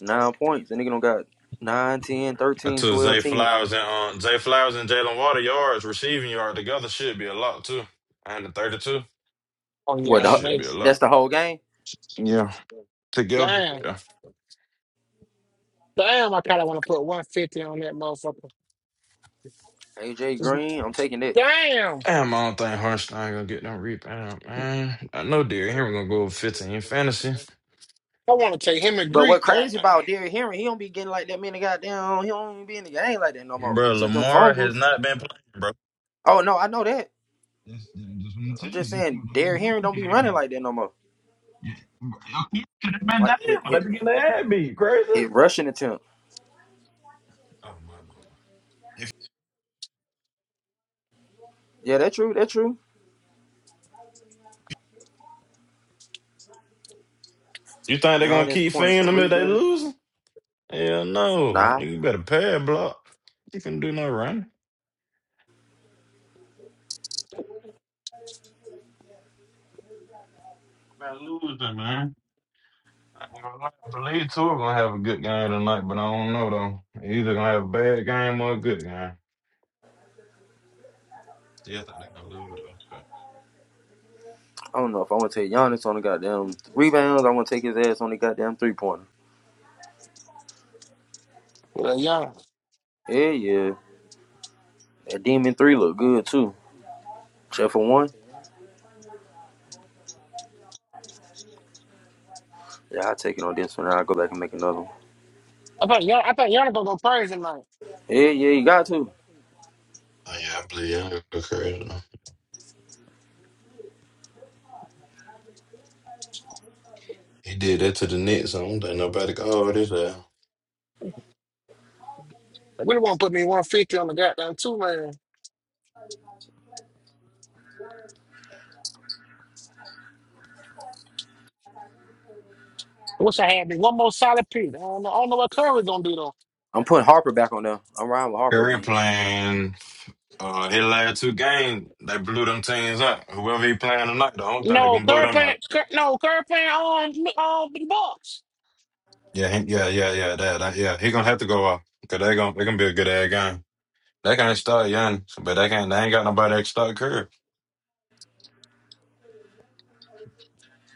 Nine points. The nigga don't got 9, 10,
I
13,
took
12,
Zay
10.
Flowers and um, Zay Flowers and Jalen Water yards, receiving yard together should be a lot too. And the thirty two.
Oh
What?
That
yeah,
The,
should be a
waste.
lot.
that's the whole game.
Yeah. Together.
Damn,
Yeah.
damn. I kind of want to put one fifty on that motherfucker.
AJ
Just,
Green, I'm taking that.
damn.
Damn, I don't think Hartstein gonna get no rebound, man. I know Derrick Henry gonna go over fifteen in fantasy.
I want to take him and
But what
Greek.
crazy
Goddamn.
about Derrick Henry? He don't be getting like that many goddamn. He don't even be in the game like that no more.
Bro,
Since them
Lamar has
fumbles.
not been playing, bro.
Oh no, I know that.
That's, that's what I'm
I'm
telling
just
you.
saying
That's what
Derrick Henry
I'm
don't be
telling
running
you.
like that no more.
Yeah. Yeah. Could have been
Like hit,
down. They
hit,
be getting their head beat. Crazy.
hit
Oh
rushing attempt.
my lord. If
Yeah, that true. That true.
you think they're gonna
Giannis
keep
points
feeding
and
them if
rebounds.
they losing? Hell no.
Nah,
You better pay a block. You can do no running. Man, losing, man. I ain't gonna lie. I believe two are gonna have a good game tonight, but I don't know though. They Either gonna have a bad game or a good game. Still think they're gonna lose though. but-
I don't know if I want to take Giannis on the goddamn rebounds. I want to take his ass on the goddamn three pointer.
Well, yeah.
Yeah, yeah. That demon three look good too. Except for one. Yeah, I take it on this one. I'll go back and make another one.
I thought y'all, I thought y'all gonna go crazy tonight.
Yeah, yeah, you got to.
Oh, yeah, I believe y'all gonna go crazy. though. He did that to the Knicks. I don't think nobody called his ass.
They really want to put me 150 on the goddamn two man. I wish I had me one more solid pick. I don't know, I don't know what Curry gonna do though.
I'm putting Harper back on there. I'm riding with Harper
Curry
again.
playing uh, his last two games, they blew them teams up. Whoever he playing tonight, I don't think they
No
gonna blow
Curry
them
playing,
up.
Cur- no Curry playing on on the Bucks.
Yeah, he, yeah, yeah, yeah, that, that, yeah. He gonna have to go off because they gonna they gonna be a good ass game. They can't start young, but they can't. They ain't got nobody that can start Curry.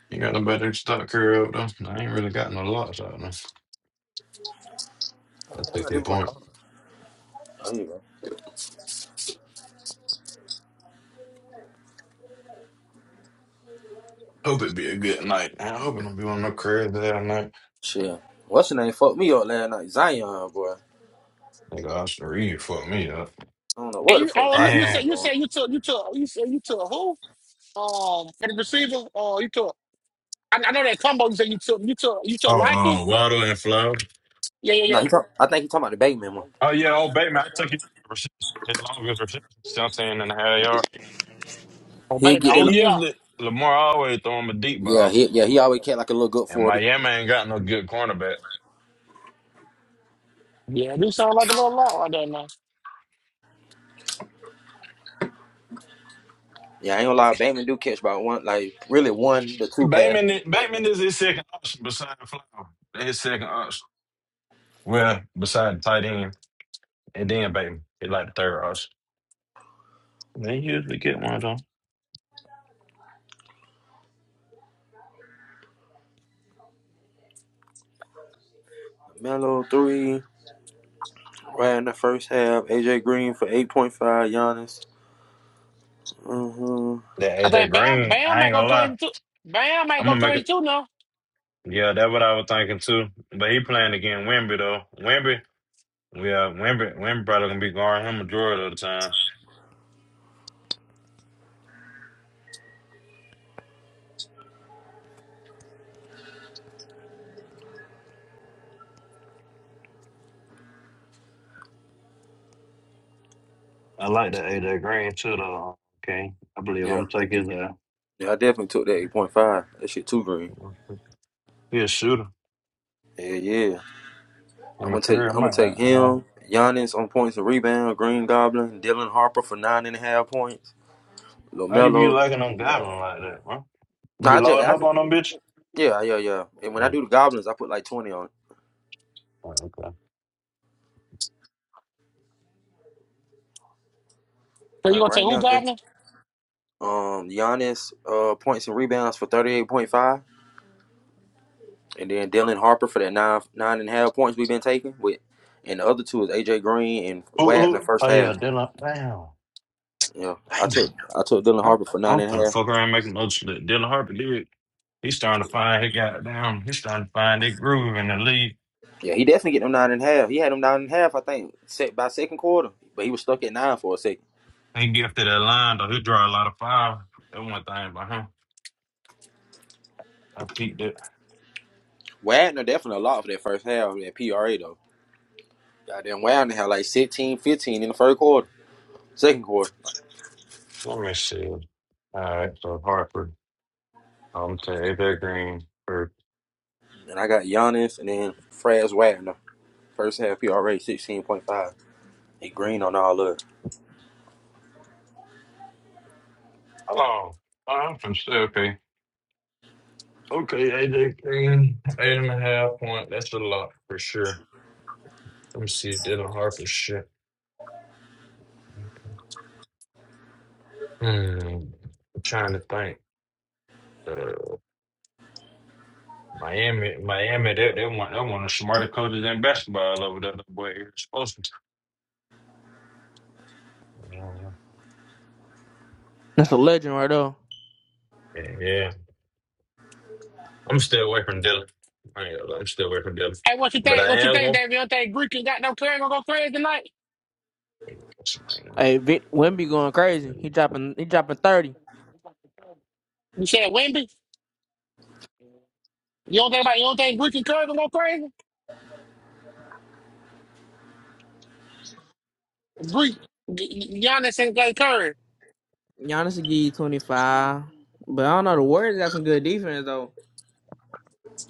You got nobody that can start Curry up though. I ain't really got no locks out of I
What did
take
I do
that
with my
point.
car? Oh, here you go.
Hope it be a good night. I hope it don't be one of no Curry that night.
Shit. What's your name? Fucked me up last night. Zion, boy. I
Nigga, Austin Reed fucked me up.
don't know
And
what the
you,
fuck
oh, you,
Zion
you
Man.
said
was
you
on.
said you took you took you said you took who? Um, for the receiver, uh, you took. I, I know that combo. You said you took you took you took
Oh,
Liking.
um, Waddle and Flow.
Yeah, yeah,
No,
yeah.
he talk, I think he talking about the Bateman one.
Oh yeah, old Bateman. I took his reception, his longest reception, 17 and a half yard.
Oh
He'll
baby,
get
And
oh
that.
yeah,
usually Lamar always throw him a deep
Yeah,
ball,
he yeah he always kept like a little good
and
forty.
Miami ain't got no good cornerback.
yeah. Do sound like a little lot right there now.
Yeah, I ain't gonna lie. Bateman do catch about one, like really one, the two pass.
Bateman, i- Bateman is his second option beside Flower. That's His second option. Well, beside tight end, and then Bateman, he like the third option. They usually get one of them.
Melo three, right in the first half. AJ Green for eight point five. Giannis. hmm
That hey,
I
that
think Bam
Green,
Bam
I
might
ain't
go
gonna lie,
twenty-two. Bam might
I'm
go
gonna make it.
twenty-two now.
Yeah, that's what I was thinking too. But he playing against Wimby though. Wimby, We uh, Wimber, Wimber probably gonna be guarding him majority of the time. I like that AJ Green too, though. Okay, I believe
Yeah,
I'm taking that.
yeah, I definitely took that eight point five. That shit too green.
He a shooter.
Yeah, yeah. I'm
I'm a
gonna take,
career. I
I'm gonna
might. Uh,
take
uh,
him. Giannis on points and rebound. Green Goblin. Dylan Harper for nine and a half points.
How you be
Lomelo.
liking them goblin like that, huh? You
Nah,
be
I just,
loading
I
up
just,
on them, bitch.
yeah, yeah, yeah. And when I
mm,
do the Goblins, I put like twenty on. it.
okay.
So you
Like
gonna take
right
who,
now,
Gardner?
just um, Giannis uh points and rebounds for thirty eight point five. And then Dylan Harper for that nine nine and a half points we've been taking with, and the other two is AJ Green and
Who,
Watt in the
who?
first
Oh yeah,
half.
Dylan. Damn,
Yeah, I
Damn.
took I took Dylan
I'm,
Harper for nine
I'm
and a
finna
half.
fuck around making another shit. Dylan Harper did. He's starting to find he got down. He's starting to find that groove in the league.
Yeah, he definitely get them nine and a half. He had them nine and a half, I think, set by second quarter, but he was stuck at nine for a second.
He gifted that line though. He draw a lot of fire. That one thing behind. I peaked it.
Wagner definitely a lot for that first half, that PRA though. Goddamn, Wagner had like sixteen, fifteen in the first quarter, second quarter,
Let me see. All right, so Hartford, am to AJ Green for
and I got Giannis and then Fraz Wagner. First half PRA sixteen point five. He green on all of
hello. Oh, I'm from Stokey. Okay, AJ Green, eight and a half point. That's a lot for sure. Let me see, Dylan Harper shit. Hmm, I'm trying to think. Uh, Miami, Miami, they, they want they want the smarter coaches in basketball over there. The way you're supposed to. Uh,
That's a legend right there.
yeah, yeah. I'm still away from Dylan. I ain't gonna lie, I'm still away from Dylan,
Hey, what you
but
think?
I
What you
am
think, David? You don't think Greek and goddamn Claire gonna go crazy tonight?
going.
Hey, Vic Wimby going crazy. He dropping he dropping thirty.
You said Wimby? You don't think about you don't think Greek and Curry gonna go crazy? Greek G- Giannis and Clay Curry.
Giannis will give you twenty five. But I don't know. The Warriors got some good defense though.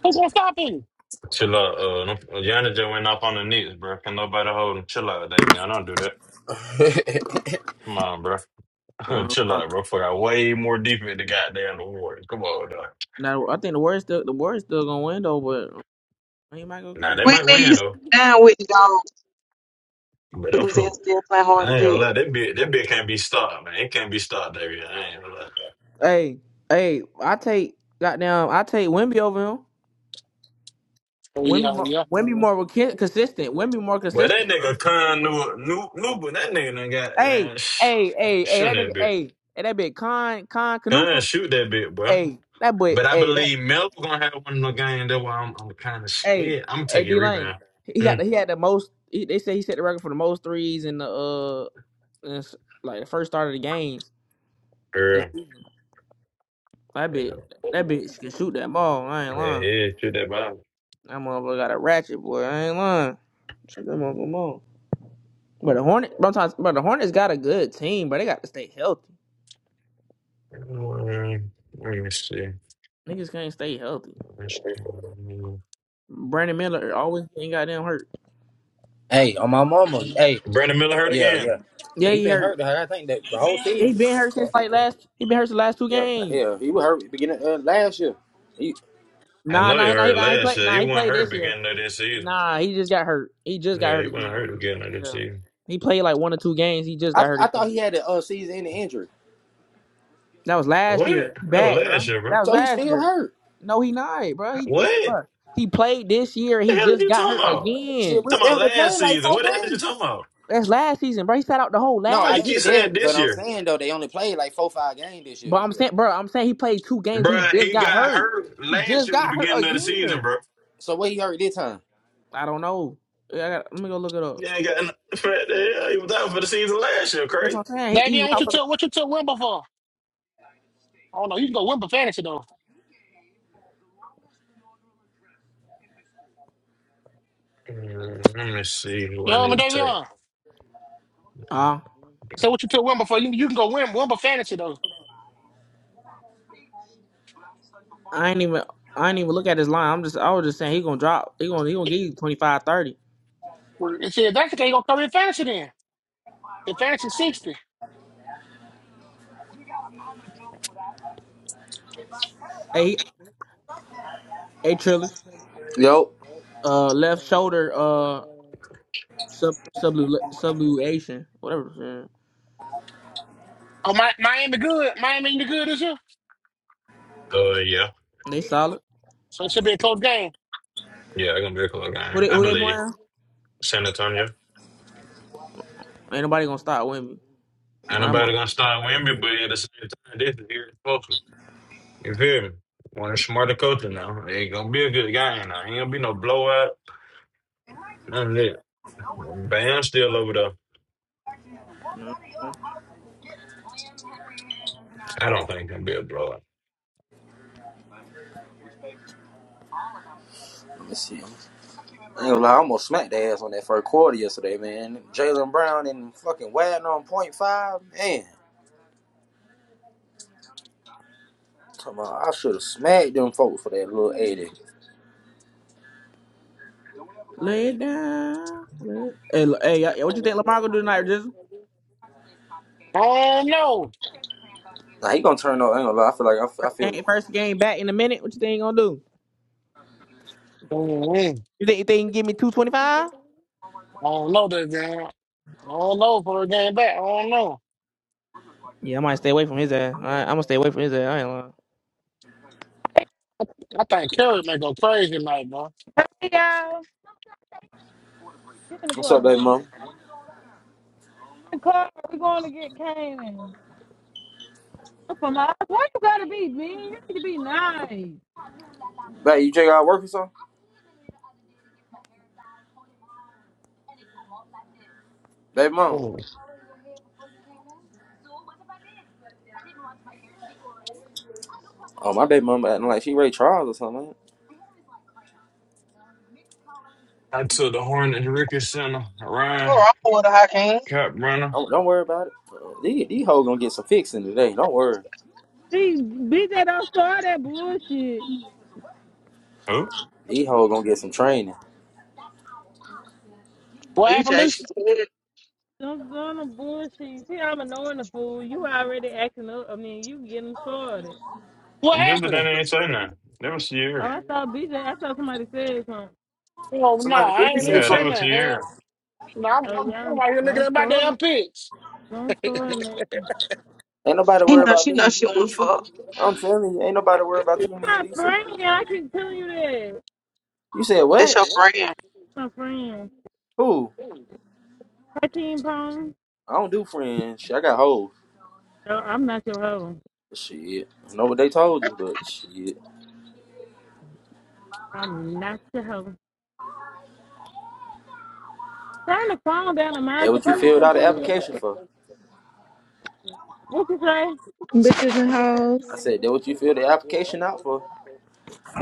Who gonna stop him?
Chill out. Uh, no- Yana just went off on the Knicks, bro. Can nobody hold him? Chill out, David. I don't do that.
it.
Come on, bro.
Uh,
Chill out, bro. For I way more deep in the goddamn award. Come on, dog.
Now I think the Warriors still the Warriors still gonna win though, but he might go
Now
crazy.
they might
Whitney, you
win
sit
though,
down with you, dog.
but
Put them
uh,
sense still playing hard to
I ain't gonna
get.
lie. That bit, that bit can't be stopped, man. It can't be stopped, David. I ain't gonna lie.
Hey, hey, I take goddamn I take Wimby over him.
Oh
Wimby
yeah,
more,
yeah.
Wimby more con- consistent. Wimby more
But that
consistent, bro.
nigga Khan knew, knew, knew, but that nigga done got
Hey,
damn
hey, hey, hey,
shooting
that nigga,
that bit.
hey, hey that big Con Con
Khan
Canupa.
shoot that bit, bro.
Hey, that boy,
But I
hey, that.
believe Melo gonna have one of the game. That's why I'm, I'm kind of
Hey,
scared. I'm gonna
hey,
take a
D Lane.
rebound.
He
Hmm.
got the, he had the most. He, they said he set the record for the most threes in the uh, in s- like the first start of the games. this
Girl.
season. That
Yeah,
bitch, that bitch can shoot that ball. I ain't
yeah,
lying.
yeah, shoot that bomb.
That motherfucker got a ratchet, boy. I ain't lying. Check that motherfucker out. But the Hornet, but, I'm talking- but the Hornets got a good team, but they got to stay healthy.
Um, Let me see.
Niggas can't stay healthy.
Let's do-
Brandon Miller always ain't goddamn hurt.
Hey, on my mama. Hey,
Brandon Miller hurt
yeah,
again.
yeah, yeah.
Yeah,
He
he
been
hurt.
hurt. I think that the whole
He
season.
been hurt since like last. He been hurt the last two
Yeah,
games.
hell, he was hurt beginning uh, last year. He,
I
Nah,
know he
nah, nah, he,
hurt
nah, he
last
played.
year.
Nah,
He
he
wasn't
played
hurt
this year.
beginning of this season.
Nah, he just got hurt. He just got
Yeah,
hurt
he wasn't
again.
hurt beginning of this
Yeah,
season.
he played like one or two games. He just
I,
got hurt
I thought
again.
he had a uh, season-ending injury,
That was last
What?
year. He
That
Back,
was
bro.
last year, bro.
That was
so he's
last
still
year.
hurt.
No, he not, bro. He, he,
What?
bro. he played this year.
The
He
hell did
just
you
got
talking
hurt
about?
Shit,
again.
You
we,
talking
they
about
only played
last
like
season.
four
What the hell did you
games.
talking about?
That's last season, bro. He sat out the whole
No,
Why
last.
I
you
season.
keep
get
saying
that, but
this
I'm
year?
saying though they only played like four, five games this year.
But I'm saying, bro, I'm saying he played two games. He
Bruh,
just
he got
got hurt.
hurt
He
last
just
year at the
got hurt
beginning of the season,
again.
bro.
So what he hurt this time?
I don't know. I got, let me go look it up.
Yeah, ain't got what the He was out for the season last year,
That's what I'm saying. He, he was
Davion, what
out
you
for
took what you took Wimby for? I don't know, you can go Wimby fantasy though.
Mm, Let me see who
You
I
know what
need
I mean,
to
Davion?
the.
take.
So what you took Wimby for? You, you can go Wimby, Wimby fantasy though.
I ain't even I ain't even look at his line. I'm just I was just saying he gonna drop. He gonna he gonna give you twenty five thirty.
Well, It said if that's okay, you gonna cover in fantasy then. The fantasy 60.
Hey he- hey Trillis.
Yo,
Uh left shoulder uh sub sublu subluation. Whatever. man.
Oh, Mi- Miami good. Miami the good this year.
Uh, yeah,
They solid.
So it should be a close game.
yeah, i gonna be a close
Who
guy.
they
I
who they
believe
playing?
San Antonio.
Ain't nobody gonna stop with me.
Ain't
Nah, I'm a,
nobody gonna start Wimby, but at the same time, this is here closer. You feel me? One of smarter coaches now. It ain't gonna be a good guy now. Ain't gonna be no blowout. None of that. Bam still over there.
nah, nah.
I don't think it's gonna be a blowout.
let me see. I ain't gonna lie, I almost smacked their ass on that first quarter yesterday, man. Jalen Brown and fucking Wagner on point five, man. Come on, I should have smacked them folks for that little eighty.
Lay it down. Lay it- Hey, l- hey, y'all- what you think Lamar gonna do tonight? Just
Oh no.
Nah, he gonna turn up. I ain't gonna lie. I feel like I feel. I feel
game, first game back in a minute. What you think he gonna do?
Mm-hmm.
You think, you think he can give me two twenty five?
I don't know that game. I don't know for a game back. I don't know.
Yeah, I might stay away from his ass. I, I'm gonna stay away from his ass. I ain't lying.
I think Curry may go crazy tonight, bro.
Hey y'all, you in the
What's up,
car? In
baby mom?
the car, we are going to get Canaan. for my, why you gotta be mean? You need to be nice.
Baby, you check out work or something? Baby mom. Oh, my baby mom acting like she Ray Charles or something.
I took the Hornets, Ricky Center, Ryan,
Sure, I'm with her, I can.
Cap Runner.
Don't, don't worry about it. Uh, These these hoes gonna get some fixing today. Don't worry.
See, BJ don't start that bullshit.
Who?
These hoes gonna get some training.
What happened,
BJ, she
Lucy?
said.
Don't start the bullshit. See, I'm annoying the fool. You already acting up. I mean, you getting started.
What
Give the name
happened?
ain't say nothing. That was
Oh,
Sierra.
I saw BJ. I thought somebody said something.
Oh no,
Somebody
I
did
ain't
say
even
Yeah, that
saying
was
something.
that. Hell,
Sierra.
no, I'm,
Oh
I'm,
yeah,
I'm out here looking
don't
at my damn
start.
picks.
Don't start, man. you
Ain't nobody
She
worry
know,
about
she
me
know
and
she
you,
wanna
Lisa.
fuck.
I'm telling you, ain't nobody worry about you, me and
my
Lisa.
friend. I can tell you that. He's
You said
That's
what?
your friend.
My friend,
Who?
Hakeem Pong.
I don't do friends. Shit, I got hoes.
No, I'm not your hoe.
Shit. I know what they told you, but shit.
I'm not your hoe. Turn the phone down and
That
mind the
what you filled
person
out the
put me up.
application for.
What you say?
Bitches and hoes.
I said that what you filled the application out for.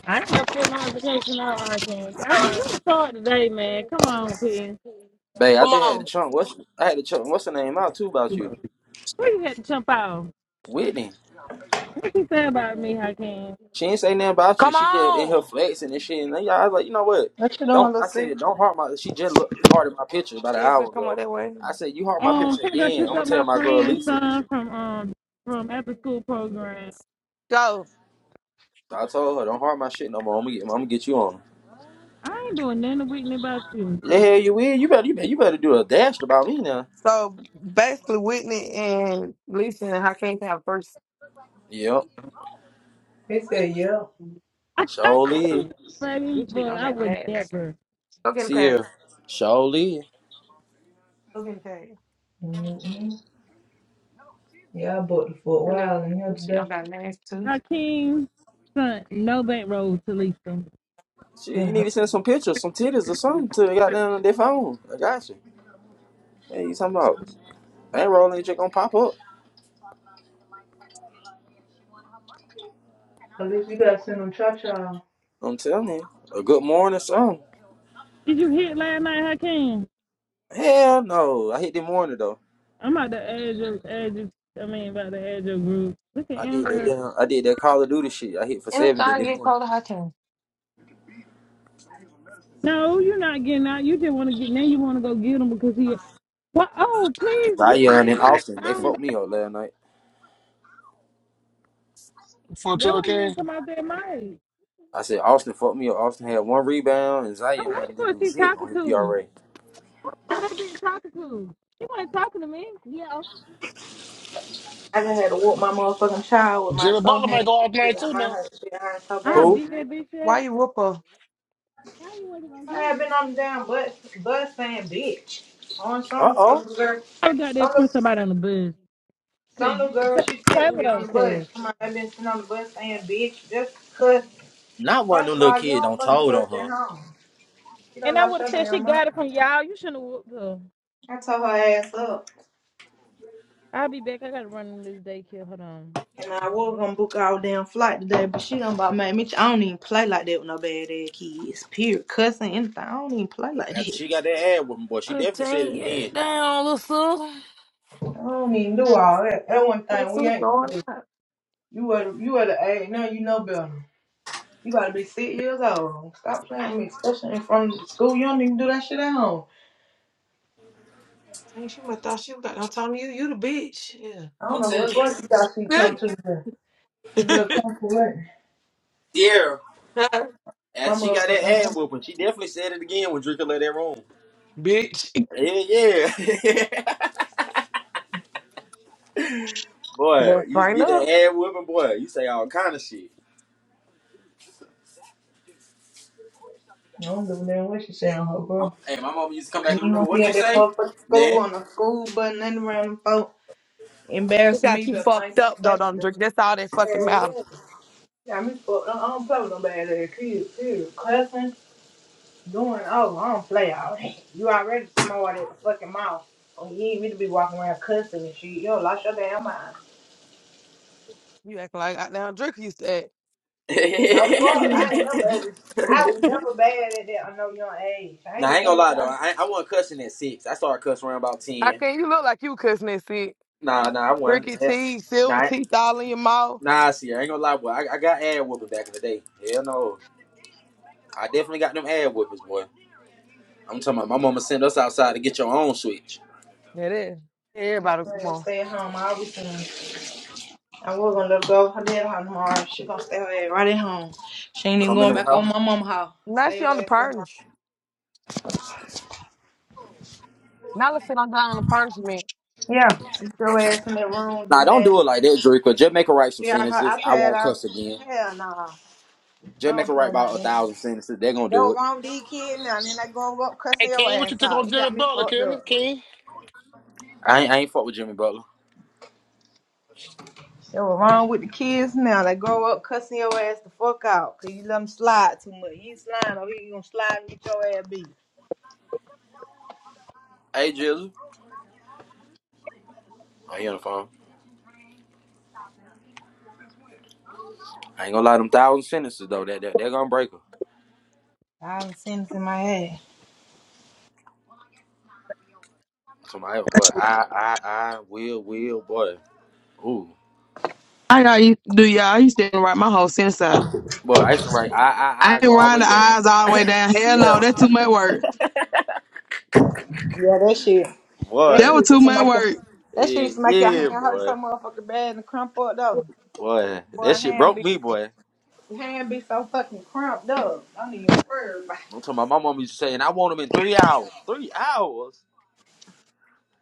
I ain't never put notification on our things. I
Babe,
can't even start today, man. Come on, Ken.
I
Come
just had to
on.
chunk. What's I had to chunk. What's her name out too about you?
Where you had to jump out?
Whitney.
What you say about me, Hakeem?
She ain't say nothing about you.
Come
She just in her
on.
flexing and shit. And then I was like, you know what? Don't I
See?
said don't harm my. She just looked hard at my picture about an
Shit, finna
hour
come out
ago.
that way.
I said you harm my
Um,
picture
I'm gonna
again. I'm
pick
gonna
up
tell
my
my girl
friend's
Lisa.
son from um from after school program.
Go.
So I told her don't harm my shit no more. I'm gonna get, I'm gonna get you on.
I ain't doing nothing to Whitney about you.
The hell you will. You better you better you better do a dash about me now.
So basically, Whitney and Lisa and Hakeem can have first.
Yep.
He said, yeah.
You
I
Surely.
can't buddy,
don't
but I
got
would
last.
never.
Go get a
Sierra.
case.
Surely.
Go get a case.
Mm-mm. Yeah, I booked it for a
And then
while, and the
you
other
cheat on
day,
got last too.
Hakeem, son, no bankroll road to Lisa.
Shit, you need
Mhm.
to send some pictures, some titties or something to goddamn their phone. I got you. Hey, you talking about that Rolling ain't gonna pop up.
at least you gotta send them cha-cha.
I'm telling you. A good morning song.
Did you hit last night, Hakeem?
Hell no. I hit the morning though.
I'm about to edge of edge. Of, I mean, about the edge of group. Look at
I did that
Amber.
damn I did that Call of Duty shit. I hit for
And it's
seventy
time to
that
get
morning.
told to Hakeem.
No, you're not getting out. You just want to get now. You want to go get him because he. Well, oh please, you
Zion and Austin, they fucked me up last night.
For
That's
two,
why you
King.
ain't come out there, Mike.
I said Austin fucked me up. Austin had one rebound and
Oh, what
Zion didn't
was
do
she
shit
talking
on his
to?
PRA.
What that bitch talking to? She wasn't talking to me.
I just had to walk my motherfucking child with my
Jimmy
so
Butler might
hand.
go
This
off
shit
night
got
too
my
now.
hurt, shit hurt so
I
bad.
Who?
beat that bitch
Why
up.
you whoop her?
I had been on the damn bus, bus saying bitch. On
Uh
some little
oh.
girl,
I got
some
that
little,
from somebody on the bus. Cause
some little
you,
girl
t-
she sit
Taylor
with on the
don't
bus.
care.
Come on, i been sitting on the bus saying bitch, just cuss.
Not one of
First
them
of
little
all, you
kids
don't
don't
fucking
told
cuss
on
at
her.
home. You don't
And I
lost
would
your
have said she
damn mind.
got it from y'all. You shouldn't have whooped her.
I tore her ass up.
I'll be back. I gotta run this daycare. Hold on.
And I was gonna book our damn flight today, but she done about made me. I don't even play like that with no bad ass kids. Period. Cussing, anything. I don't even play like
After
that.
she got that ad whooping, boy, she
I'm
definitely said
telling
it
you,
again.
down, little sis.
I don't even do all that. That one
Little
thing we
sis
ain't
going
gonna do.
up.
You at you at the age now you know better. You gotta be six years old. Stop playing with me, especially in front of the school. You don't even do that shit at home.
Dang, she must thought she got no time to you. You the bitch. Yeah.
I don't
I'm
know who the
telling you.
fuck you got she come to. the. she better come correct.
Sierra.
My
After she got that
motherfucking
ad
house.
whooping, she definitely said it again when Drinker left that room.
bitch. You
Yeah, yeah. boy,
Well,
you used to
find
get
up.
that ad whooping, boy. You say all kind of shit.
I don't give a damn what she say on her,
I'm,
bro.
hey, my mom used to come back in the
You know,
room.
he
What you
at that
say,
motherfucking school
Nan?
on the school button and around the phone.
She
Embarrassing me,
got you
but find
fucked
something.
up, though, don't
so fat.
drink. That's all that fucking matters.
Yeah, got me fucked. up. I don't play with no bad ass kids. Too. Cussing, doing, oh, I don't play all that. You already somebody at the fucking mouth. Oh, you ain't really be walking around cussing and shit. Yo, lost your damn mind.
You acting like I goddamn drink used to act.
No
How
fuck. I ain't never ever, I was never bad at that at no young age. I ain't
nah, I
get
ain't gonna
bad
lie
till
though.
I
I I wasn't cussing at six. I started cussing around about ten.
can you look like you cussing that shit?
Nah, nah, I wasn't.
Ricky
Hell,
teeth,
Nah,
silver
I-
teeth all in your mouth.
nah. See, I ain't gonna lie, boy. I, I got ad whooping back in the day. Hell no, I definitely got them ad whoopers, boy. I'm talking about my mama sent us outside to get your own switch.
It is.
my
Everybody come
ass
on.
stay at home. I always saying I was gonna let her go. Her dad house tomorrow. She gonna stay her ass right at home. She ain't even
Come in
going
the
back
house.
on my mama house.
Now
Stay
she
your
on the
ass at home.
purge. Now let's sit on down on the punishment.
Yeah, sit your ass in that room, do
Nah, don't
nothing.
do it like that, Draco. Just make her write some
She got
sentences.
her
I
iPad
won't
out.
cuss again.
Hell nah. I
Just make her
don't
write
play like
about a
that.
thousand sentences. They're gonna
That
do
what
it.
wrong with these kids now. And then they grow up
Hey,
cussing your
King, what you
ass
took
out.
on
You
Jimmy
got me
Butler,
fucked
King?
up.
King,
I ain't, I ain't fuck with Jimmy Butler.
That what wrong with the kids now. They grow up cussing your ass the fuck out. Cause you let them slide too much. You ain't sliding over here. You gonna slide and get your ass beat.
Hey, Jizzle. I ain't on the phone. I ain't gonna lie, them thousand sentences though. That that they're gonna break her.
I done seen this in my head.
Somebody, boy, I I I will will boy. Ooh,
I got you do y'all. I used to write my whole sentence out.
boy, I used to write I
I
I I
ain't
go all the
riding
way
the
down.
eyes all the way down. Hell no, that's too much work.
Yeah, that shit. That
That
boy,
was
shit
too
used to
much
make your,
work.
that shit
yeah
used to make your
yeah
hand hurt so
boy
motherfucking bad and crump up though.
boy.
Boy,
That shit
hand
broke
big
me, boy.
Your hand be so fucking cramped up. I don't even worry about it.
I'm talking about my mom used to saying I want them in three hours. Three hours.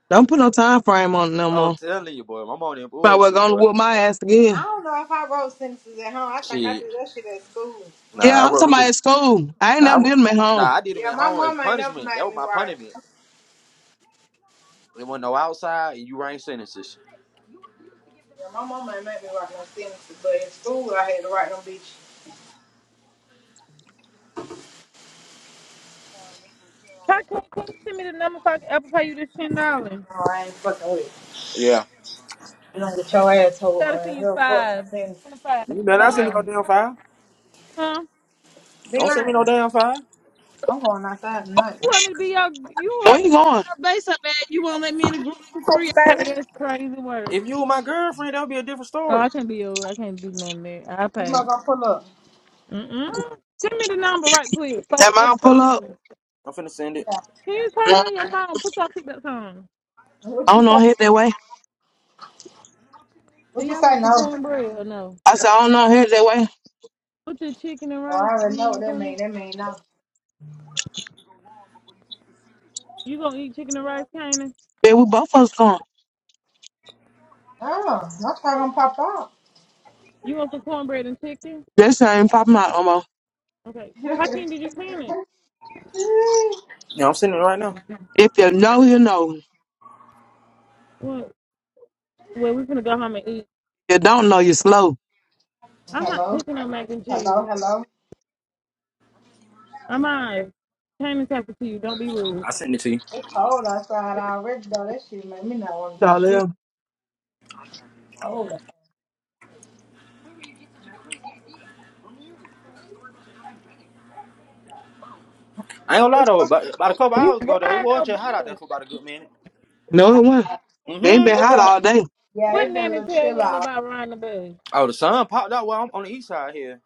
Don't put no time frame on it no
I'm
more.
telling you, boy. My mom ain't
Probably
bullshit,
gonna
boy.
whoop my ass
I
again.
don't know if I wrote sentences at home. I think I do
Shit.
that shit at school.
Nah, I
Yeah, I'm
wrote
talking
them.
about
bitches-
at school. I ain't
Nah, I,
never did
wrote-
them at home.
nah, I did them
Yeah,
at
my
home as
mom ain't never
punishment. That
made
was
me
my
write.
punishment. It wasn't no outside, and you ran sentences.
Yeah, my mom ain't made me write no sentences, but in school I had to write them bitches.
How can can you send me the number so I can Apple Pay you this ten dollars?
No, I ain't fucking with it.
Yeah.
You don't get your asshole
Gotta
or
send you
he'll fuck some
five.
sentences.
Send five.
You
Let
better
know
not send me
now.
no damn file.
Huh?
Be
Don't send
lying.
me no damn file.
I'm going outside tonight.
You want me to be your you
Where
want
you
me to Be
going?
your base up, man. You won't let me in the group for
What's
free.
up, baby?
Hey, that's crazy work.
If you were my girlfriend, that would be a different
Oh,
story.
I can't be your I can't do nothing there. I
You
pay.
must going pull up.
Mm-mm. Send me the number right quick.
That
Fucking Apple
mom pull
Pay
up.
you.
I'm finna send it.
Yeah.
Can you turn
I
on your phone? Put your pickup on.
What you
don't
say?
know, head that way.
Do
What you
y'all
say?
want some
No.
cornbread or no?
I said, I don't know, head that way.
Put the chicken and
Oh,
rice.
I
Do
already
you
know what
want
that mean.
cornbread?
That mean no.
You gonna eat chicken and rice, Kanan?
Then we both of us going.
Oh, my car gonna pop out.
You want some cornbread and chicken?
That shit ain't popping out no more.
Okay. Hakeem, did you panic?
Yeah, I'm sending it right now.
If you know, you know. If
Well, well, we're gonna go home and eat.
you don't know, you slow.
Mm.
I'm not
Hello.
cooking no mac and cheese.
Hello, hello.
I'm I came and talking to you. Don't be rude.
I send it to you.
It's cold outside already though. That shit make me not want to do
Y'all
shit.
there?
Cold.
I ain't gonna lie though. About, about a couple
You
hours ago though, it
Ryan
was
the
just hot out there
bus.
for about a good minute.
No, it won't. They
Mm-hmm.
been hot
Okay.
all day.
Yeah,
What
it been a
nanny
little
tell
chill
y'all
out.
about Ryan the bus?
Oh, the sun popped out while I'm on the east side here.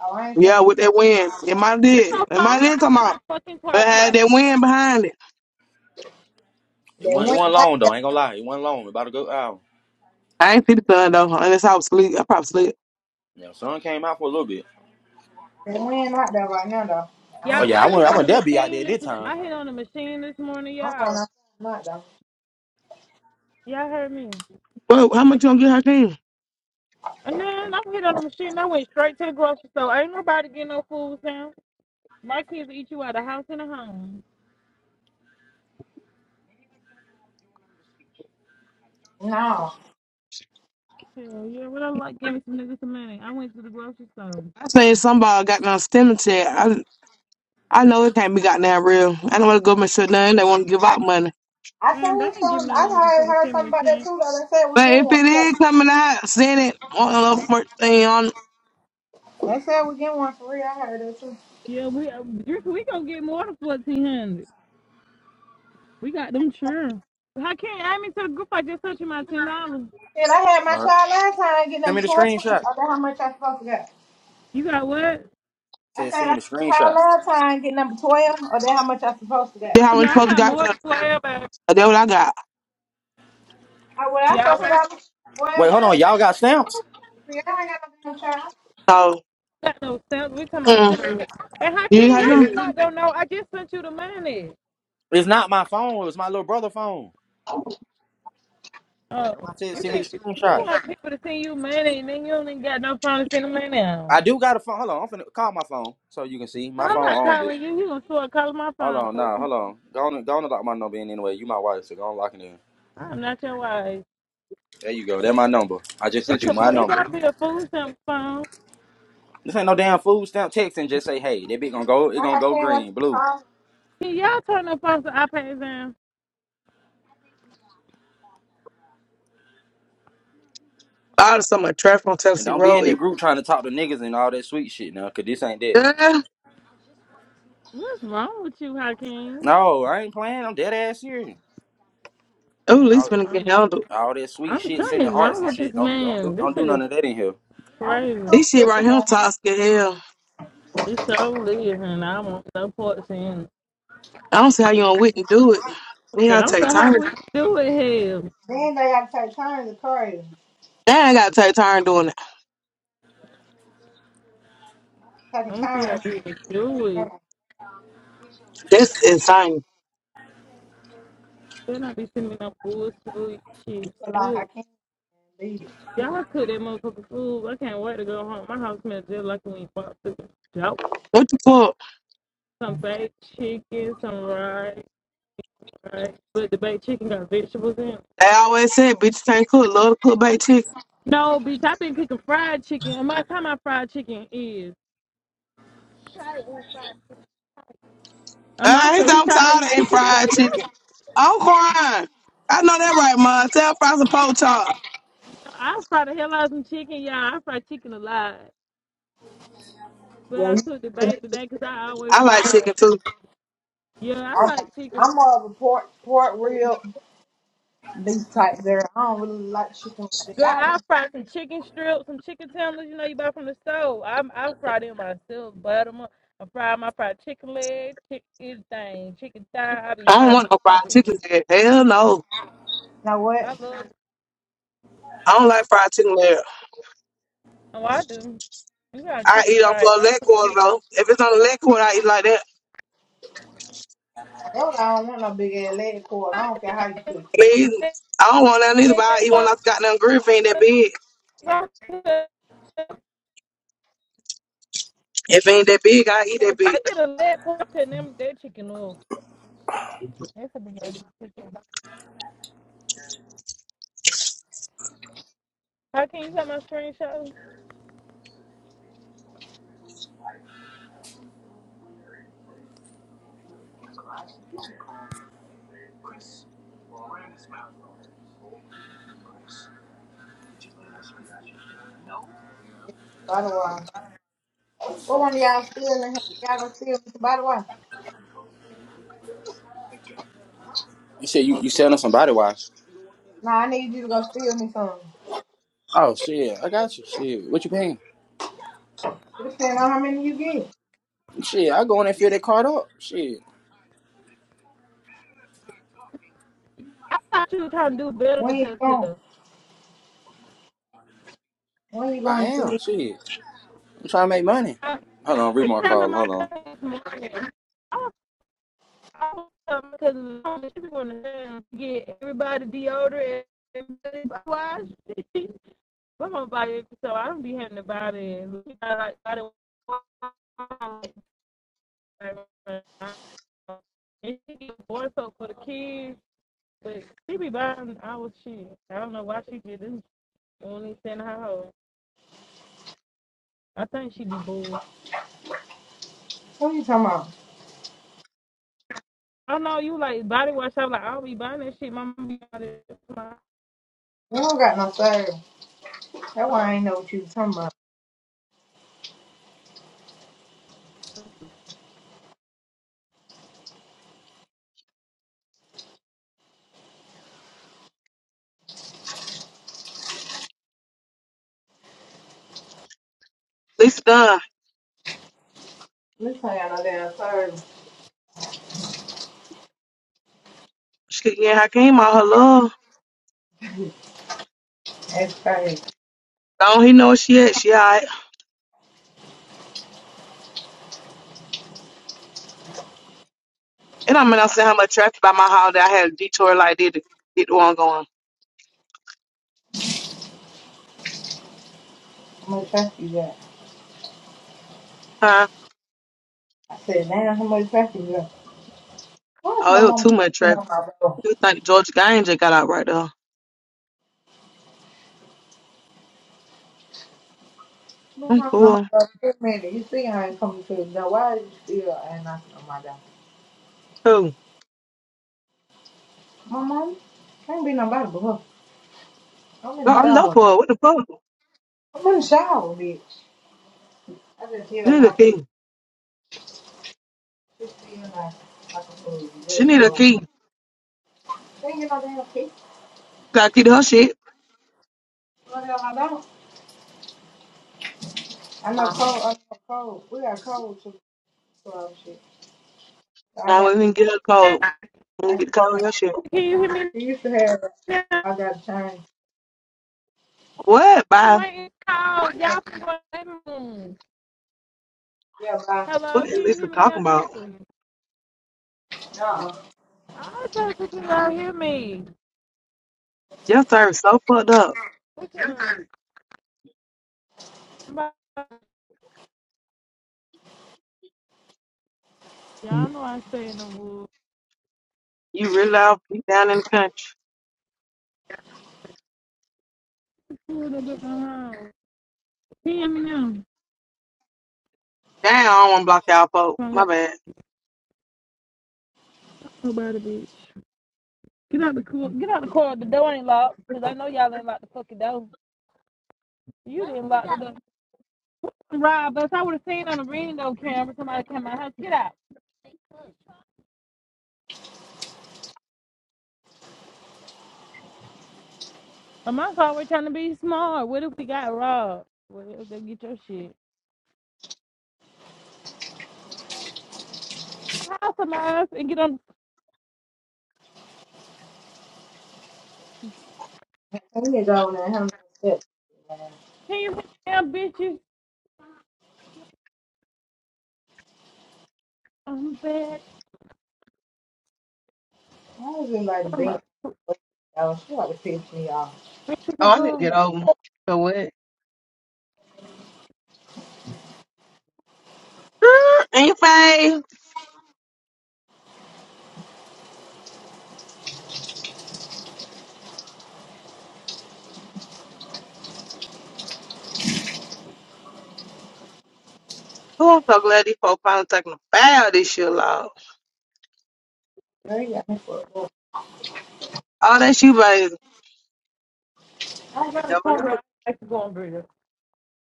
Oh, I ain't
Yeah,
seen
with that wind. It
no-
might
It's
did.
no
It might
phone.
did
That's
come out.
my fucking
But
car
it had
play.
that wind behind it.
It
they
wasn't. It
went
wasn't
out
long though.
there.
I ain't gonna lie. It wasn't long. About a good hour.
I ain't see the sun though, unless I was asleep. I probably sleep.
Yeah, sun came out for a little bit.
They went out there right now though. I
Oh
Y'all,
don't
yeah,
I
I went. I
hit
really-
on
went
the
there be out there
machine.
this
This
time.
I hit on the machine this morning,
I'm on
y'all.
outside not though.
Y'all heard me.
Well, how much you gonna get Hakeem?
And then I hit on the machine. I went straight to the grocery store. Ain't nobody getting no food, Sam. My kids will eat you out of house and a home.
No.
Hell yeah, what I like giving some niggas some money. I went to the grocery store.
I seen somebody got down stimulus check. I I know it can't be gotten down real. I don't wanna go and shut down. They wanna give
I
out money.
I
Man, they
seen
ain't giving
some
her
I
no
heard
motherfucking
heard something
stimulus
about that
check.
too though. They said we
But
get
if
one.
it is coming out, send it on the first thing on.
They said we get one for real. I heard that too.
Yeah, we uh, Drinker, we gonna get more than fourteen hundred. We got them sure. How can add me to the group I just sent you my ten dollars?
And I had my
All right.
child last time getting
Send
them
me the
toys.
screenshot.
I wonder how much I supposed to get.
You got what?
I
Said
said I
send me the
got trial
screenshot.
last time, get number twelve, or that how much I supposed to get?
That's
Oh,
how we
no, I
supposed to
got
got.
more
to-
for everybody.
That's what I got.
I well, I
Yeah,
supposed to
I ain't
got well
Wait,
done.
hold
I
on. Y'all got stamps?
ain't see, I ain't got no damn child.
So
got no stamps. We talking about
mm,
stimulus. And how
you
can
had
how
them
you not gonna know? I just sent you the money.
It's not my phone. It was my little brother's phone.
Oh,
Nobody said
you
send me the
think you
screenshot.
want people to send you money and then you don't even got no phone to send the money out.
I do got a phone. Hold on. I'm finna call my phone so you can see. My
I'm
phone
not
on, bitch.
calling you. You was sort of calling my
Hold
phone,
on.
fool.
Nah, hold on. Go on, and- go on and lock my number in anyway. You my wife, so go on and lock it in.
I'm not your wife.
There you go. That's my number. I just sent
It's
you
a
my
fo- it
number.
gotta be a food stamp phone.
This ain't no damn food stamp text and just say, hey, that bitch gonna go, it
Like
gonna
I
go
came up to
green,
the
blue.
car,
Can y'all turn the phones to iPads down?
out of some traffic on
And
Tennessee
don't be
Road.
in that
It,
group trying to talk to niggas and all that sweet shit now, cause this ain't that.
yeah.
What's wrong with you, Hakeem?
No, I ain't playing. I'm dead ass serious.
Oh, at least
I,
when it get
I'm,
handled.
All that sweet
I'm
shit, sending
something's
hearts
wrong
and
with this
shit. Don't don't do
man. This
don't do
shit is
none of that in here.
I'm getting
crazy.
too
This shit right
pushy,
here
man.
toxic as hell.
It's so live and I want no parts in. it.
I don't see how you and Whitney do it. They
Yeah, I
gotta
don't
take
know how
turns.
we do it here.
Then they got to take turns to carry, you.
Dad gotta take turn doing it.
take
I
a
don't see
turn
how
with
people do
my
it.
man.
That's insane.
Better not be sending me no bullshit shit.
I feel like I can't beat it.
Y'all cook that motherfucker food. I can't wait to go home. My house smells just like when we bought the dope.
What the fuck?
Some baked chicken, some rice, right? But the baked chicken got vegetables in it.
They always said bitches can't cook, love to cook baked chicken.
No, bitch, I've been cooking fried chicken. And my time my fried chicken is. Um, I
Uh, he
said
said
he
I'm
tried to
tired of
eat
eating
chicken
fried
every day.
chicken. I'm crying. I know that right, Mom. Tell fries and pork chop.
I fry the hell out of some chicken, y'all. I fry chicken a lot. But
Yeah,
I
you,
cooked the
you know,
bake today because I always
I like
fry
chicken
it.
too.
Yeah, I
I'm,
like chicken
I'm more of a port port real beef type there. I don't really like chicken like
Girl,
that. I, you
I fry some chicken strips, some chicken tenders, you know, you buy from the store. I'm I fry them myself, butter them up. I fry my fried chicken legs, chicken anything, chicken thigh. I be
I don't
frying
want
so
no fried
much
chicken
chicken.
there. Hell no.
know what?
I love. it.
I don't like fried chicken there.
Oh, I do. You gotta
I
cook them
eat on
right.
for a
My
leg quarter
cooking-
though. If it's on a leg quarter, I eat like that.
That's what I don't want no big ass leg pork. I don't care how you cook.
I mean, I don't want that neither, but I eat one that's got nothing grill if it ain't that big. If it ain't that big, I eat that
If
big.
I get a leg pork and them that chicken up. That's a big chicken. How can you got my screenshot?
it. What one of y'all stealing? Y'all gonna steal me some body wash?
You said you you selling some body wash.
Nah, I need you to go steal me some.
Oh shit, I got you. Shit, what you paying?
It depends on how many you get.
Shit, I go in and fill that card up. Shit,
I thought you were trying to do better
When
with
you going?
yourself.
When you
I
going to
am.
it?
Shit, I'm trying to make money.
I,
Hold
I
on, read
was
my
telling
call.
my
Hold on,
cousin this morning. because she be going to get everybody deodorant and everybody wash. but my body, so I don't be having to bother. it. I like body wash. And she get boy soap for the kids, but she be buying our shit. I don't know why she did this. Only send her home. I think she be bored.
What you talking about?
I know you like body wash. I'm like, I'll be buying that shit. My mom be buying it.
We don't got no service. That's why I ain't know what you was talking about.
Lisa Dunn,
We ain't got no damn service.
she could get Hakeem all her love.
That's crazy.
Don't he know where she at? She all right. It don't mean I said how much traffic by my house that I had a detour like did to get the one going.
How much traffic you got?
Huh?
I said, damn, how much traffic you got? Why is my
Oh, it was
mom
too much
knocking
traffic.
on my door?
You think George Gaines just got out right there.
My mom
I'm
knocking on my
poor.
door. Wait a minute. You see I ain't coming to the door. Why is you still ain't knocking on my door?
Who?
My mom? Can't be nobody but her. I'm
No,
in the
I'm no
shower.
poor. What the fuck?
I'm in the shower, bitch. I just
She
feel
need a
nice.
key.
Just feel nice. Like a fool.
She
Very
need a
cold.
key.
They ain't get no damn pee.
Gotta keep her shit.
No damn, I don't. I know
Um,
cold. I know cold. We got cold too. So I'm shit. So I
I
got.
wouldn't even get her
Can
code. We didn't
I,
get the code
got.
in her shit.
you hear me
she used to have.
now?
I got a change.
What? Bye.
went call, y'all from the room.
Yeah, bye.
What
Hello, can
is
you
Lisa
hear me now
talking about?
directly?
Uh-uh.
I just think you all hear me.
Your service so fucked up.
What you- all know I stay in the woods.
You really out deep down in the country.
Cool up at my house. Can you hear me now?
Damn, I don't want to block y'all folk. My bad.
Nobody, bitch. Get out the car. Get out the car. The door ain't locked, 'cause I know y'all didn't lock the fucking door. You didn't lock the door. Rob us. I would have seen on the window camera somebody come out. house. Get out. I'm also we're trying to be smart. What if we got robbed? What if they get your shit? House of mine and get on
Ten years old and how many steps?
Can you put down, bitches? I'm back
I was in like a
from
bed.
a
Oh, she ought to piss me off.
Super
Oh, I need to
Bowl.
get over. it. So what? Girl, In your face. Oh, I'm so glad these folks finally taking a bow this year, Lord.
Girl, you got me fucked up.
Oh, that's you, baby.
I don't have a
Never
corn
knew.
bread. I like the corn bread.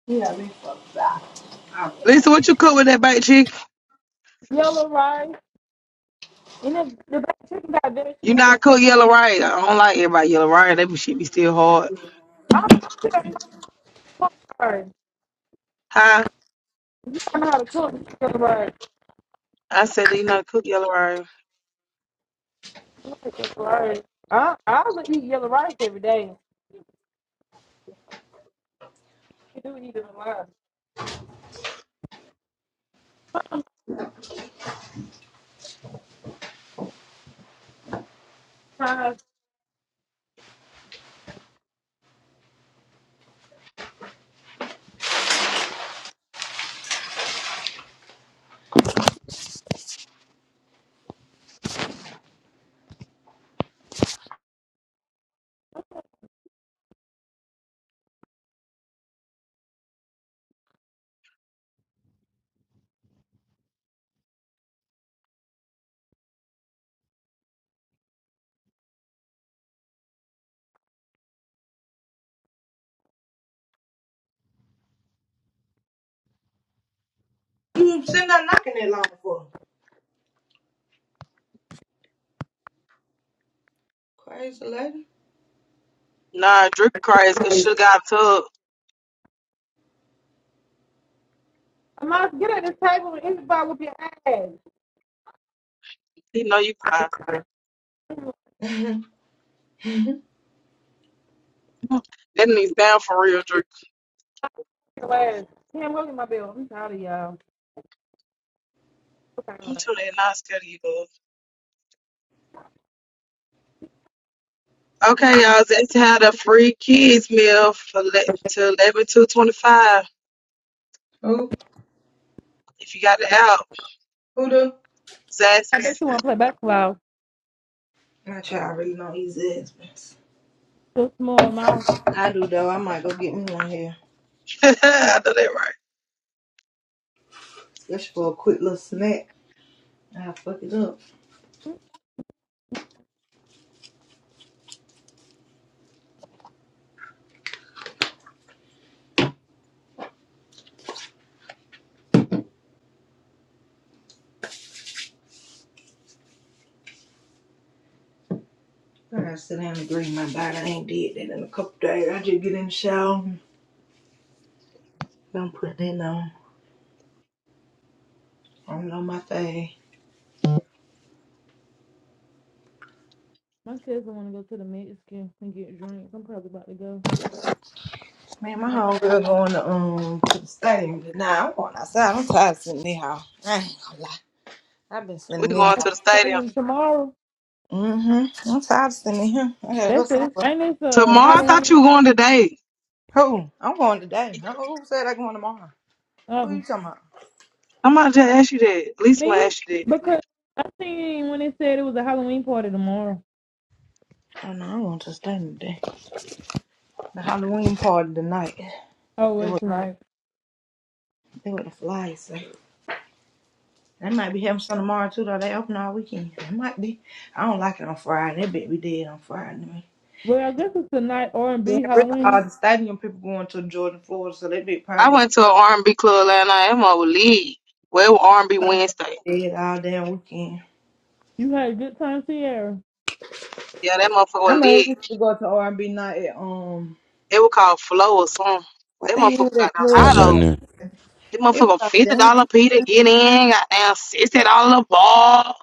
You got me fucked up. I'm
Lisa, what you cook with that baked chicken?
Yellow rice. And then the back chicken got
You
vegetables in
not
it.
cook yellow rice. I don't like everybody yellow rice. They be- shit be still hard.
I don't know if I know corn bread.
Huh?
I know how to cook yellow rice.
I said that you
I
not cook yellow rice.
like yellow rice. I, I would eat yellow rice every day. You do eat it a lot. Uh,
You sitting there knocking that long for? Crazy lady.
Nah, Drake cries because she got a tub.
I'm not get at this table and eat about with your ass.
He know you cry. That needs down for real, Drip.
Your ass. Damn, go get my bill. I'm tired of y'all. Okay.
Until they lost their Okay, y'all. Just had a free kids meal for le- to eleven two twenty five.
Who?
If you got the app,
Who do?
I bet
Zaxby's.
you want to play basketball.
My child really don't eat husbands.
Just more, my
I do though. I might go get me one here,
I know that right.
especially for a quick little snack. I fuck it up. I gotta sit down and agree my body. I ain't did that in a couple days. I just get in the shower. Don't put that no, on. I don't know my thing.
My cousin want to go to the Mexican and get drinks. I'm probably about to go.
Man, my homegirl going to um to the stadium. Nah, I'm going outside. I'm tired of sitting there. I ain't gonna lie. I've been
We
sitting there.
going to the stadium
Stadium tomorrow.
Mm-hmm. I'm tired of sitting here. I gotta go
That's it.
somewhere.
Ain't this a
tomorrow. I thought
Halloween?
you were going today.
Who? I'm going today. Who said I'm going tomorrow? Who you
Um,
talking about?
I'm about to ask you that. At least i
me
ask you that.
because I seen when they said it was a Halloween party tomorrow.
Oh no, I want to stay today. The Halloween party tonight.
Oh,
They
well,
were
it's tonight.
they were the flies. So. They might be having some tomorrow too, though. They open all weekend. It might be. I don't like it on Friday. That bit be dead on Friday.
Well, I guess it's tonight R and
Then
B
really all
Halloween.
the stadium people going to Jordan, Florida, so that bit probably
I
gonna
went to an R&B club last night. That mother was lit. Well, it was R&B Wednesday.
be dead all damn weekend.
You had a good time, Sierra.
Yeah, that motherfucker
I
was
mean,
lit.
we used to go to R and B night at um
It was called Flow or something.
what
That
the hell was
motherfucker
that
got them high
club
What's that
though.
man?
name?
The
It was
motherfucker
like
fifty
damn
dollar P to get in. Goddamn sixty dollar ball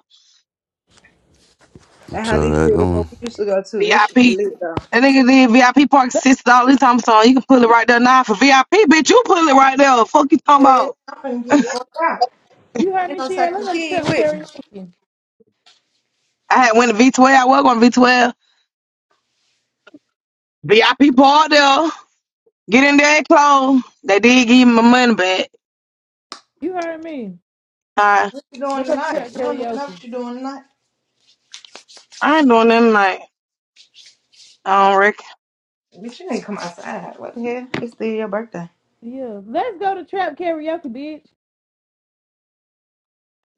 That
What's
how
up,
this
that
shit
going?
was we used to go to. That shit was
VIP.
lit though.
That nigga did VIP park sixty dollars. Time so you can pull it right there now for VIP. Bitch, you pull it right there. Fuck you talking
Hey,
about?
I'm gonna get the fuck out.
You heard
Ain't
me,
no
Sierra.
taking
Let's
the
go to
kid
trap
with me.
karaoke.
I had went to V twelve. I was going to V twelve. VIP park there. Get in there, close. They did give me my money back.
You heard me.
I
What you doing
Let's go to
tonight?
trap
You don't even know
karaoke.
what you doing tonight.
I ain't doing nothing like I don't reckon.
Bitch, you ain't come outside. What the hell? It's still your birthday.
Yeah, let's go to trap karaoke, bitch.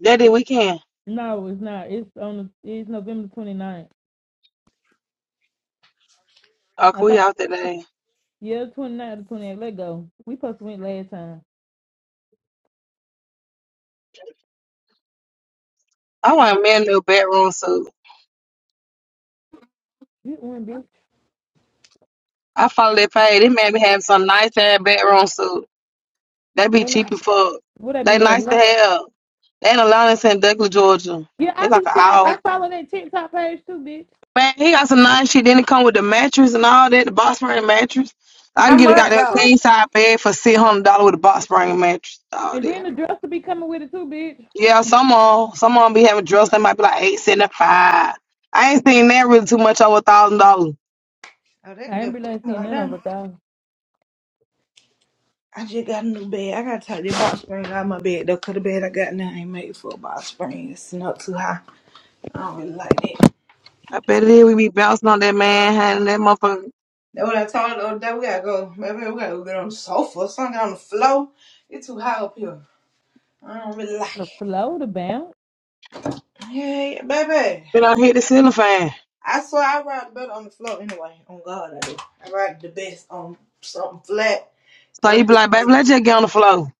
Daddy, we can.
No, it's not. It's on. The, it's November twenty ninth.
Oh,
I
can
think.
we out that day?
Yeah, 29 to 28. Let go. We supposed to win last time.
I want a man a little bedroom suit.
You win, bitch.
I follow that page. It made me have some nice ass bedroom suit. They be
And I,
cheap as fuck.
would I
They
be at?
nice to
eleven?
have. They in Atlanta, it's Douglas, Georgia.
Yeah,
It's
I
like
be
an
seeing.
hour.
I follow that TikTok page too, bitch.
Man, he got some nice shit. Then it come with the mattress and all that, the box spring mattress. I
How
can
The
get a
much
goddamn
though?
dresser.
king side bed for six hundred dollars with a box spring mattress, all
And
that.
then the dresser be coming with it too, bitch.
Yeah, some on some on be having drills. They might be like eight seventy five. I ain't seen that really too much over a thousand dollars.
Oh, that
I ain't
good
really
plan
seen
right
none of
there.
it though.
I just got a new bed. I gotta take this box spring out of my bed though, 'cause the bed I got now ain't made for a box spring. It's not too high. I don't really like that.
I bet it is. We be bouncing on that man, and that motherfucker
That's what I told her the other day. We gotta go. Maybe we gotta go get on the sofa or something on the floor. It's too high up here. I don't really like
The
it.
flow, the bounce.
Yeah, yeah, baby.
been out hit the ceiling fan.
I swear I ride better on the floor anyway. On God, I do. I ride the best on something flat.
So you
What?
be like, baby, let's just get on the floor.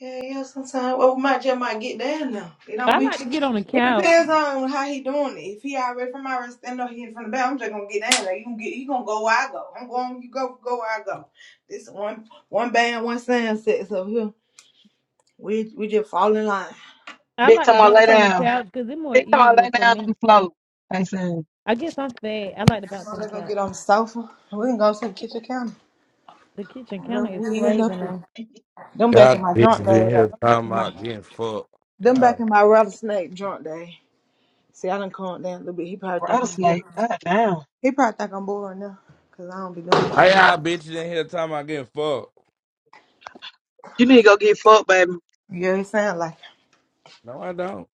Yeah, yeah, sometimes. Well, my just might get down now. It don't
I
be.
like to get on the
It
couch.
depends on how he doing it. If he already from my rest, I know he in from the back. I'm just gonna get down there. You gonna get, you gonna go where I go. I'm going. You go, go where I go. This one, one band, one sound sets up here. We we just fall in line.
I
Big
like to
time I lay
bounce on the
down.
couch because it's more
Big time I
easier
lay
for
down on
me.
the floor. They said.
I guess I'm fat. I like to bounce
Come
on
on,
the
let's go
couch.
get on the sofa. We can go to the kitchen counter.
The kitchen counter
Look,
is
We end
crazy
up here.
now.
Them back in
Y'all
my drunk
bitches in
day though.
here
Them back
talking
in my
about getting fucked.
them
Yeah.
back in my rattlesnake drunk day. See, I done calmed down a little bit. He probably think
Rhoda
I'm
Snake,
bored.
god damn.
He probably think I'm bored right now, cause I don't be doing
Why
all this.
y'all bitches in here talking about getting fucked?
You need to go get fucked, baby.
Yeah, he sound like,
No, I don't.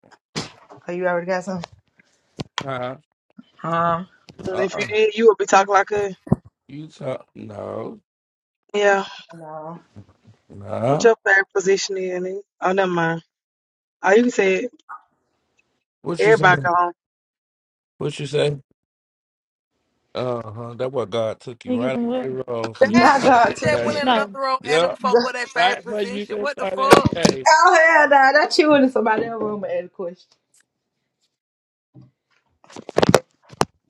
oh, you already got something?
Uh-uh.
Huh?
And if you
Uh-uh.
did, you would be talking like a
You talk no.
yeah.
No.
What
No.
your favorite position is? nigga? Oh, never mind. Oh, you said
What you say?
everybody go home.
What you say? Uh-huh. That what God took you
You get
right out
some
the
what?
road for you
Damn,
Not
thought
God
that
took
that
you.
went
day.
in another
No,
room and
Yeah,
them folk with their favorite
right for you
position.
that
What the
thought that
fuck?
day.
oh hell nah, not you in somebody else's room and ask a question.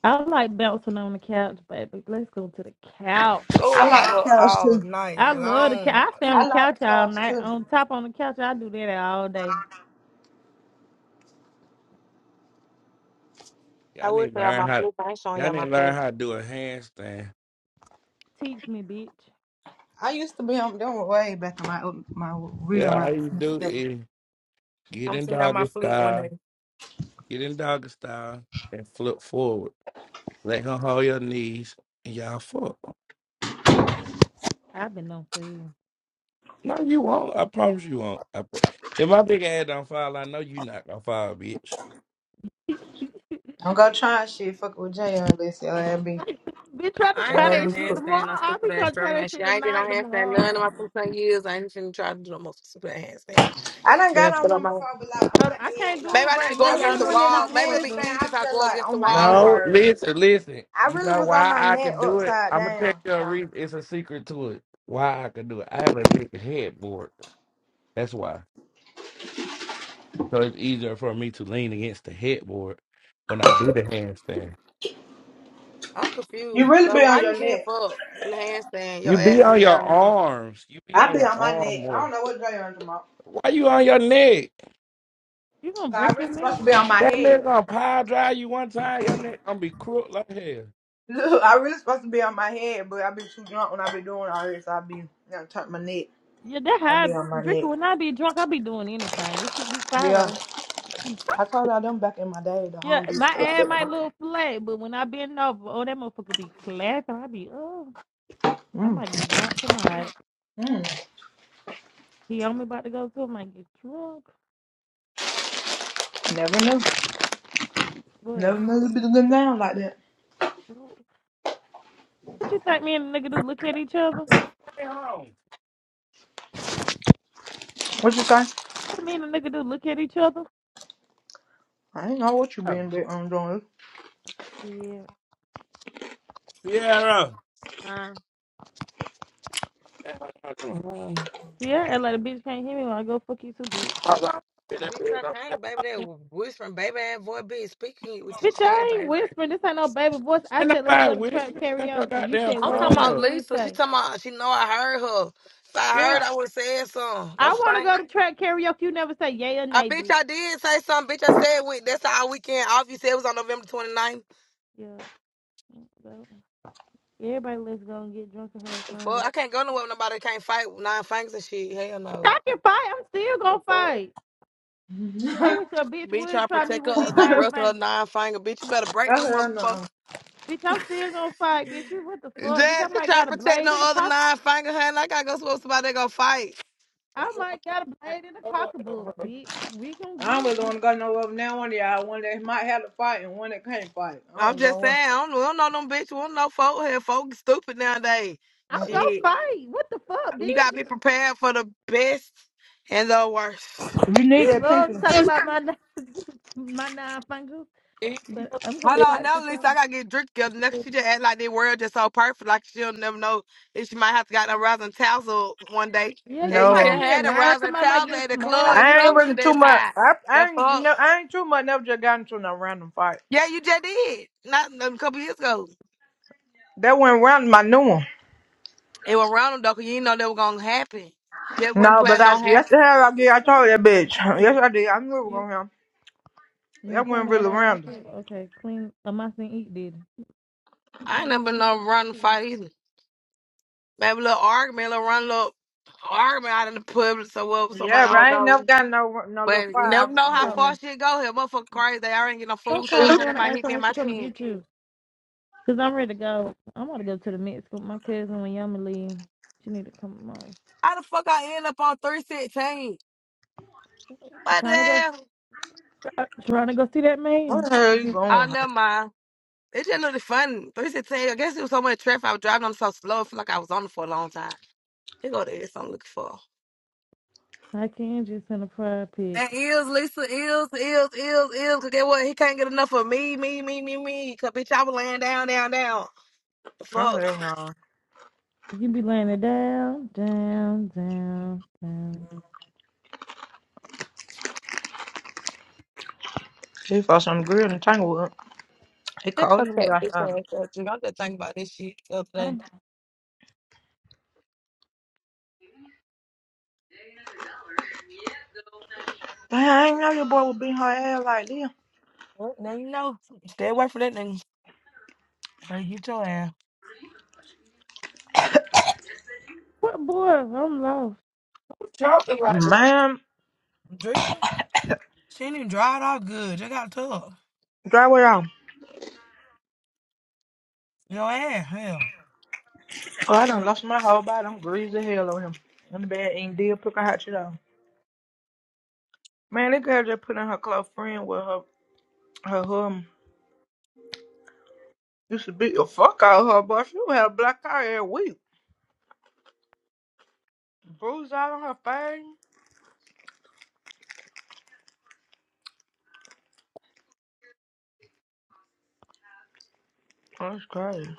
I like bouncing on the couch, baby. Let's go to the couch.
Oh,
I
I
like
fuck
the couch
all
too.
night
I love the couch.
long.
I stay on
I
the
like the
couch all
couch
night.
too.
On top on the couch, I do that all day.
I
Y'all
would
need to
show y'all
learn
my
how to
flip. I ain't showing
y'all
y'all
need
my
to learn
flip.
how to do a handstand.
Teach me, bitch.
I used to be on them way back in my my real
Yeah, all
rock.
you do
Don't
is get
I'm
in
seeing y'all my
doggy
fleet one
style,
day.
get in doggy style and flip forward. They gonna hold your knees and y'all fuck.
I've been on for you.
No, you won't. I promise you won't. I pro- if my big ass don't fall, I know you not gonna fall, bitch.
go trying shit Fuck with Jay unless your ass be
Bitch, try to
I ain't
try
your
doing
ass
no
be
that shit
cool.
handstand,
tomorrow.
no
I'll
stupid
be
ass
trying to
strap
try that
and
shit
shit. I ain't did no
tonight,
handstand
tomorrow.
none of my 15 years. I ain't finna try to do no most stupid ass handstand.
I done
But I
got on
put on
one
my
before, but like on my
Hold on, I can't
head,
do
like
maybe
it
I need to
right now.
I
go
Y'all
against
really
the
know the
went in on
wall.
pinky
Maybe it'll
hands,
fucked
be
up.
easy
I'm
if I
just
go
like
against
on
the
my
wall
neck.
No,
first.
listen, listen.
I
You
really
know
was on
why
my
I
neck
can do it?
upside
I'm gonna tell
down.
you a
So
reason. It's a secret to it. Why I can do it? I have a big headboard. That's why. So it's easier for me to lean against the headboard when I do the handstand.
I'm
You
confused.
really be
So how
on
you
your
getting
neck.
fucked in the handstand? Your
You be
ass in
on
the
your
air now.
arms. You be
I
on
be
your
on my
arm
neck. I
more.
don't know what day I'm tomorrow.
Why you on your neck?
You gonna
So, I
break your
really supposed
man?
to be on my
That nigga
head.
gonna power drive you one time, your nigga gonna be crook like hell.
Look, I really supposed to be on my head, but I be too drunk when I be doing all this. I be you know, turn my neck.
Yeah, that
I
how
be on
I
my
drink it.
neck.
When I be drunk, I be doing anything. That shit be fire
Yeah.
though.
I told y'all them back in my day, the
Yeah,
home do
my
stuff like that.
ass might look flat, but when I bend over, oh that motherfucker be clapping. I be oh, I
Mm.
might get drunk tonight.
Mm.
He on me about to go to, I might get drunk.
Never knew. Never
What?
knew it be going down like that.
What you think me and the nigga do look at each other?
Stay home.
What you say?
What me and the nigga do look at each other?
I ain't know what you been doing. doing.
Shit.
Sierra.
Uh,
Mhm.
Yeah, and like a bitch can't hear me when I go fuck you too, bitch.
All right.
bitch, I can't, baby. That whispering, baby ass boy, bitch, speaking it with your
Bitch,
chair,
I ain't
baby.
whispering. This ain't no baby voice. I
Ain't
said let's go
nobody
to trap
whispering. Cut your
karaoke. You
goddamn
said
I'm
what it
talking
phone
is.
about
up.
You ain't
Lisa. She
say.
talking about she know I heard her. If I heard,
Yeah,
I would have said something.
I
That's
want to
fine.
go to trap karaoke. You never say yay or
I
nay,
bitch,
bitch.
I did say something. Bitch, I said we. That's our weekend off. You said it was on November 29th.
Yeah. so, Everybody, let's go and get drunk and have
The
fun.
fuck, I can't go nowhere with nobody that can't fight with nine fingers and shit. Hell no.
I can fight. I'm still
The
gonna
fuck.
fight. I wish a bitch
Bitch, try
would
to
try me
protect
with
her,
these
not
nine
oh,
wrestle her
fingers.
nine finger. Bitch, you better break them
hell
motherfucker.
no.
Bitch, I'm still gonna fight, bitch. You what the fuck? Bitch,
Jazz,
I
you
might
try to
got a
protect
blade
no
in the
other
pocket.
nine finger hand. Like I gotta go suppose somebody that go fight.
I
That girl
might got a
like,
blade in the
oh,
pocketbook, bitch. We gonna
I
get
really
it.
gonna go no up now one of y'all. One that might have to fight and one that can't fight. I
I'm
don't
just
go
saying, I don't, we don't know them bitch. We don't know folk here. Folk stupid nowadays.
I'm
up.
gonna
Shit,
fight. What the fuck,
you gotta
bitch?
be prepared for the best and the worst.
You need
You
that
love
pinky.
to talk about my nine- my nine fingers,
it
but
was-
I'm
Hold
gonna
it
on,
fight
now
for sure.
Lisa, I gotta get drink together. Next, she just act like the world just so perfect, like she'll never know if she might have to got a rousing tassel one day.
Yeah,
Yeah,
you
you
might
just
No,
be in
had a
line.
rousing
Somebody might
tassel
get
at the
smart
club and
with
I ain't
club
you.
to
really too
that
much.
time.
I, I
The
ain't
fuck?
no, I ain't too much. Never just got into no random fight.
Yeah, you just did. Not not a couple years ago.
That went round my new one.
It was random though, 'cause you didn't know that was gonna happen. Just wasn't
No, but
planning
I
on happen.
yesterday I did. I told that bitch. Yes, I did. I knew it was
You
gonna happen.
you
That
and
went
Kane
really
ain't on that
random.
shit? Okay, clean. I must eat, did.
I ain't never been no running fight either. Maybe a little argument, a little run, little argument out in the public, so what? Somebody
Yeah,
I
but
don't
No,
I ain't never
know.
got no no little
But you
fight. I
never know
really
how
just
no.
far
went.
shit go here. Motherfucker crazy. They already get no
Don't
food
call
sound honey
Karen and
might
ask
hit
her
me in
when
my
she come and
chin.
get you. Cause I'm ready to go. I'm gonna go to the Mexico. with my cousin when Yama leave. She need to come on.
How the fuck I end up on 316? What the
Trying to go,
hell?
trying to go see that
Where
man.
the hell you
Oh
going?
never mind. It just looked fun. 316. I guess it was so much traffic. I was driving on so slow. I feel like I was on it for a long time. Here go there. So I'm looking for.
I can just in a pride pit.
And Ills, Lisa, Ills, Ills, Ills, Ills. Cause get what? He can't get enough of me, me, me, me, me. Cause bitch, I was laying down, down, down. The
Oh
fuck.
hell no.
You be laying it down, down, down, down.
He fought some grill in Tanglewood. He
That's
called him.
okay. Bitch,
outside.
ass up, Jig. I'm just thinking about this shit the other
Hey,
day.
Dang, I ain't know your boy would beat her ass like this.
Well, Now you know. Stay away from that nigga. Like, get your ass.
What boy? I'm lost.
Talking like that.
Man,
Drinker, she ain't even dried off good. Just got tough.
drive it off.
Your ass, hell.
Oh, I done lost my whole body. I'm greasy as hell on him. I'm bad eating deal, pick a hot shit off. Man, that girl just put in her close friend with her her hum. Used to beat the fuck out of her, but she would have a black eye every week. Bruise out on her face. Oh, That's crazy.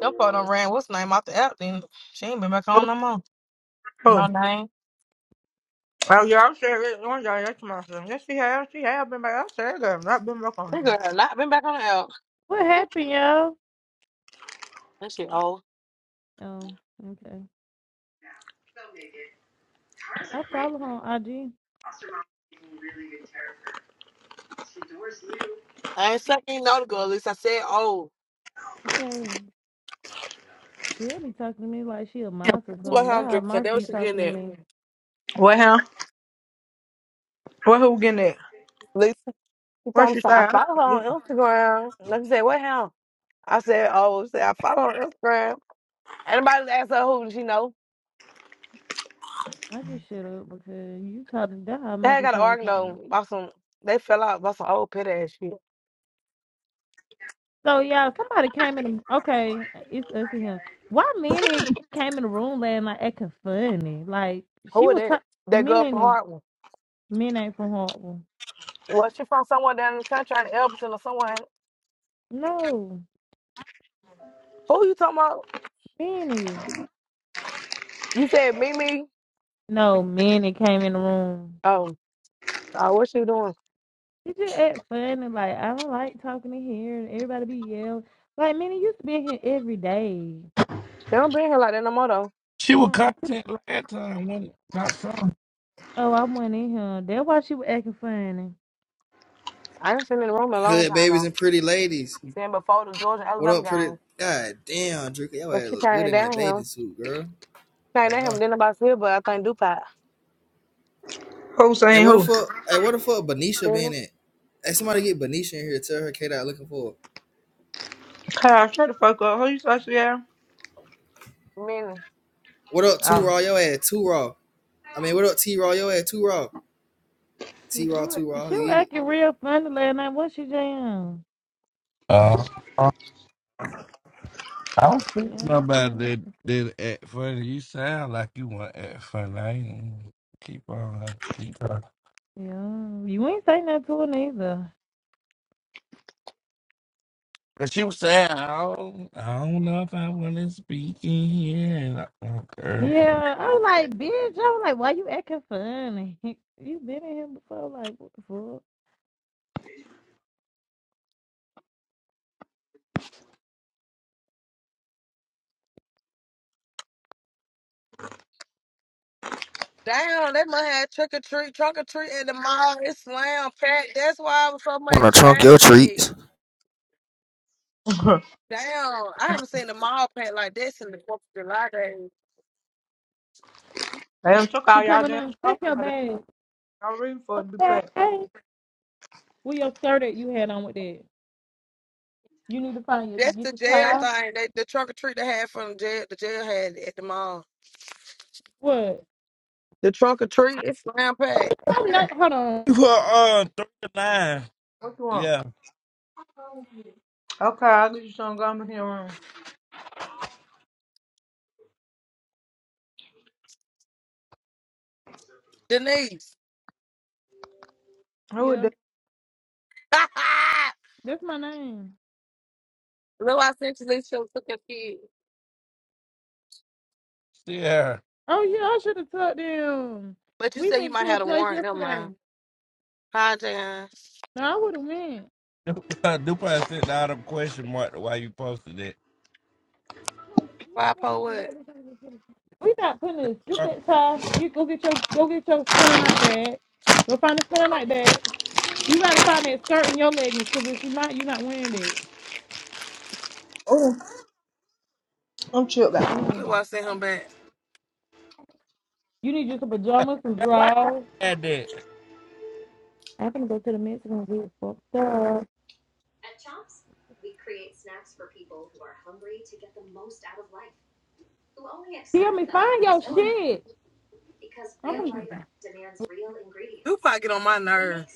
Your part done ran, what's name, off the app, then she ain't been back
Oh,
on no more. No
oh
name.
Oh, yeah, I said it one day. That's my son. Yes, she has. She has been back. I said that girl not been back on him.
That girl had not been back on the app.
What happened, y'all?
That shit old.
Oh, okay. I follow her on IG.
I ain't sucking no the girl, at least I said old.
Okay. Sierra be talking to me like she a monster or
That's what
something. That
I'm
how
drinking. That
must be
was she
talking to
getting
me.
What, huh? What, who getting that?
at. She
What
told me,
she
so
say?
I
I- ain't
follow her
listen.
on Instagram. And I said, what hell? I said, oh, she said, I follow her on Instagram. Anybody asked her who she know?
I just shut up because you talking. That how I
They
might
had
be
got an argument
talking.
though about some, they fell out about some old pit ass shit.
So yeah, somebody came in. The, okay, it's us and him. Why Minnie came in the room last night acting funny? Like she
Who is
was
that?
t-
That girl from
Minnie.
Hartwell.
Minnie ain't from Hartwell.
Well, she from somewhere down in the country, in Elberton or someone.
No,
Who you talking about?
Minnie.
You said Mimi.
No, Minnie came in the room.
Oh, oh, uh, what she doing?
She just act funny. Like I don't like talking in here and everybody be yelling. Like Minnie used to be in here every day.
They don't been here like that no more though.
She was
Mm.
content last time when my son.
Oh, I went in here. That's why she was acting funny.
I ain't seen in the room in a long
Hood
time
babies
though.
and pretty ladies.
Seen before the Georgia
What
Alabama
up,
game.
pretty? God damn, Drake, your
But
ass
she
look good
came
in that
down
bathing
here.
suit, girl.
Came
Oh
down here,
my.
but then nobody's here, but I think DuPont.
Who
Hey,
saying
what the
who?
fuck? Hey, what the fuck? Benicia been in? Hey, somebody get Benicia in here. Tell her K dot looking for. her.
Hey, shut the fuck up. Who you supposed to be at?
Many.
What up, two
Oh.
raw? Your ass two raw. I mean, what up, T raw? Your ass two raw.
Yeah,
T
She
raw,
was
two raw.
she was
You get it?
acting real funny last night. What she jam?
Uh, uh, I was thinking about that. That act funny. You sound like you want to act funny. I ain't keep on. Keep on.
Yeah, you ain't say nothing to her neither.
And she was saying, I don't, I don't know if I want to speak in here. And I, oh, girl.
Yeah, I was like, bitch. I was like, why you acting funny? You been in here before? Like, what the fuck?
Damn, they must have trick or treat, trunk or treat at the mall. It's slam packed. That's why it was so
Wanna
much
trunk your
traffic.
treats,
Damn, I haven't seen the mall packed like this in the Fourth of July days.
Damn, took
She
all y'all
coming
damn
in,
show.
take your bag.
Y'all ready for it to be packed.
Okay, where your skirt that you had on with that? You need to find your
That's
get
the
your
jail
towel.
thing. They, the trunk or treat they had from jail. The jail had it at the mall.
What?
The trunk or treat it's slam packed.
I'm not. Hold on.
Well, Uh, 39.
What you want?
Yeah,
Okay, I'll get you some gum in here room.
Denise,
Who is
Yeah,
that?
that's my name.
look, I sent you this show took your kid.
see her.
Oh yeah, I should have told them.
But you
We
said you
went to
might
a
have a
place
warrant. Never
yesterday.
mind. Hi, Jan.
No, I would have went.
Dupont sent out a question mark to Why you posted it.
Why I po what?
We not putting this. Get
Fuck,
that time. Get go get your go get your spinner night bag. Go find a spinner night bag. You gotta find that skirt in your leggings, cause if you're not, you're not wearing that.
Oh, I'm chill back.
Yeah.
Look, I sent him back.
You need just some pajamas, some
Man, why
drawers.
you had that?
I'm gonna go to the Mexican and get fucked up. Hear me? Find your shit. I'm gonna
Dupac get on my nerve.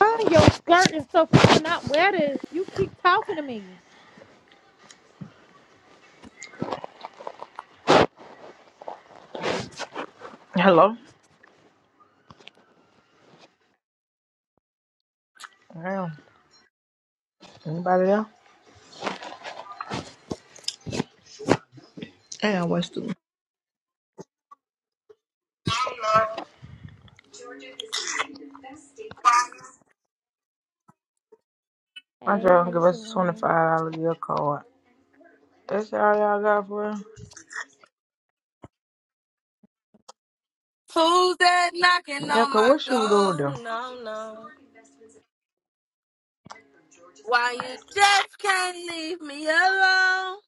find your skirt and stuff, but you will not wear this. You keep talking to me.
Hello? Damn. Anybody there? Damn, what's the... My girl give us a $25 gift card. That's all y'all got for us?
Who's that knocking
Yeah,
on
cause
my
what she would do with them?
door? No, no. Why you just can't leave me alone?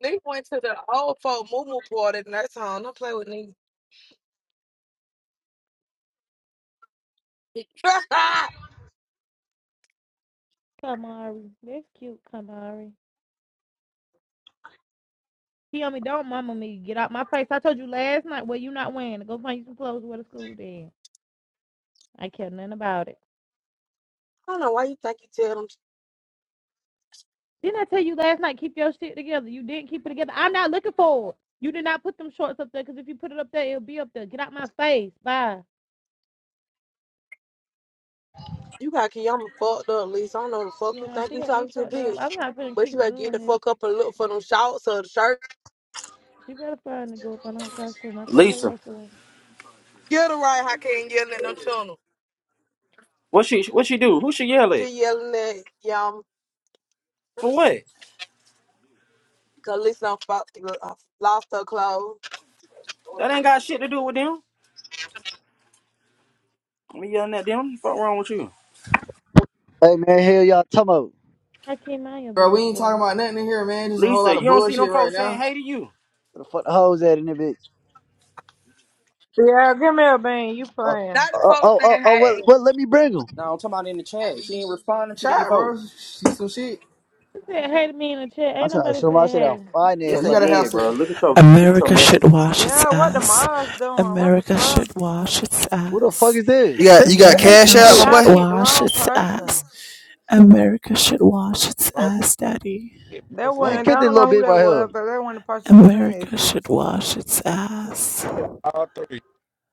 They went to the old folk Moo party in that song. Don't play with me. I
Kamari, that's cute, Kamari. Hear me? Don't mama me. Get out my face. I told you last night. Well, you not wearing it. Go find you some clothes to wear to school then. I care nothing about it.
don't know why you think you tell them.
Didn't I tell you last night, keep your shit together? You didn't keep it together. I'm not looking for it. You did not put them shorts up there because if you put it up there, it'll be up there. Get out my face. Bye.
You got Kiyama fucked up, Lisa. I don't know the fuck
You
you
know,
think
she
you
got
talking
me
to,
fucked up.
bitch.
I'm not going to
But you
keep
better get the
doing
fuck
this.
up and look for them shorts or the shirt.
She better find to go up on her costume. I told her
Lisa.
yesterday.
Get it right, I can't yell at them channel.
What she what she do? Who she yell at?
She yelling at Yama.
For
Cause
what?
Lisa done fucked- uh, lost her clothes.
That ain't got shit to do with them. Me yelling at them. What the fuck wrong with you,
Hey man, hell y'all talking about
I can't mind your
bro? We ain't talking
beautiful.
about nothing in here, man. Just a whole lot
Lisa? You
of
don't see them
bullshit right
folks saying
now.
hey to you.
where the fuck the hoes at in that bitch?
Yeah, give me a bean. You
Oh,
playing.
Not the
oh,
folks
oh, oh,
saying,
oh well,
hey,
well, let me bring them.
No, I'm talking about in the chat. She ain't responding to these
Shot, bro.
folks.
See some shit.
She said, hey to me in the chat.
I'm
Ain't
trying to
nobody
show
said,
my shit out
hey.
fine
So
Yes,
ass
you
they
right
gotta
there.
have
did,
some.
bro. Look at your look at your
America should
messages.
wash its
Yeah, what the
ass.
mods doing? What the
America
fuck?
should wash its
Who the fuck
ass.
is
You
this?
got
Take,
you
hey
got
man, kick
cash
America
that
Yeah,
out, my
bitch.
should
y'all
boy.
kicked the
wash
wrong
its
person.
ass. America should wash its
Oh,
ass, daddy.
shit,
That
both
Man,
of 'em.
wasn't.
kick
I
this
don't
little
know who
bitch
that
right here.
was, but that wasn't the person who was saying that
America
shit.
should wash its ass.
Yeah, all three.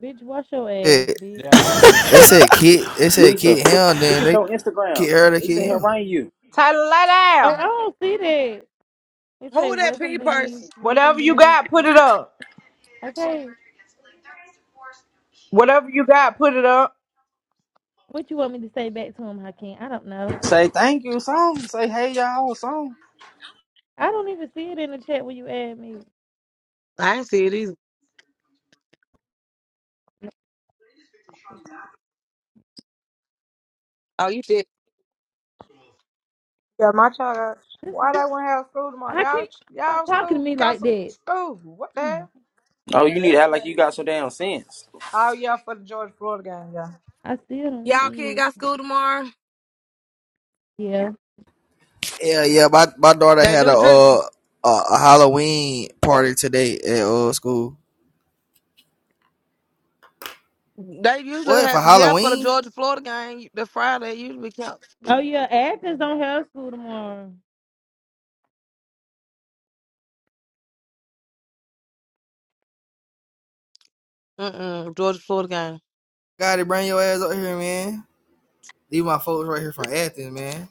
Bitch, wash your
Yeah.
ass, bitch.
That one too.
They said kid. They said
Lisa,
kid him.
look, look
Then
at
they
your Instagram.
kid her. They
They say
kid
here
him.
writing you.
Tyler, lay
Oh, I
down.
don't see that. It say,
who that P
welcome, Denise.
person?
Welcome,
Whatever you
Denise.
got, put it up.
Okay.
Whatever you got, put it up.
What you want me to say back to him, Hakeem? I don't know.
Say thank you, song. Say hey y'all, song.
I don't even see it in the chat when you add me.
I ain't see it either. Oh, you did.
Yeah, my child. Got, why they want to have school tomorrow?
How can
Y'all,
you stop
y'all
talking to
school,
me like
cancel
that?
school. What the
Hmm.
hell?
Oh, you need to act like you got some damn sense.
Oh yeah, for the Georgia Florida game. Yeah.
I still don't
Y'all
see
kid
it.
got school tomorrow?
Yeah.
Yeah, yeah. My my daughter
They
had
do
a
drink.
uh a, a Halloween party today at uh school.
They usually
What for
have, yeah, for the
Halloween?
Georgia Florida game, the Friday usually counts.
Oh yeah, Athens don't have school tomorrow.
Mm-mm, Georgia Florida game.
Got to bring your ass up here, man. Leave my folks right here from Athens, man.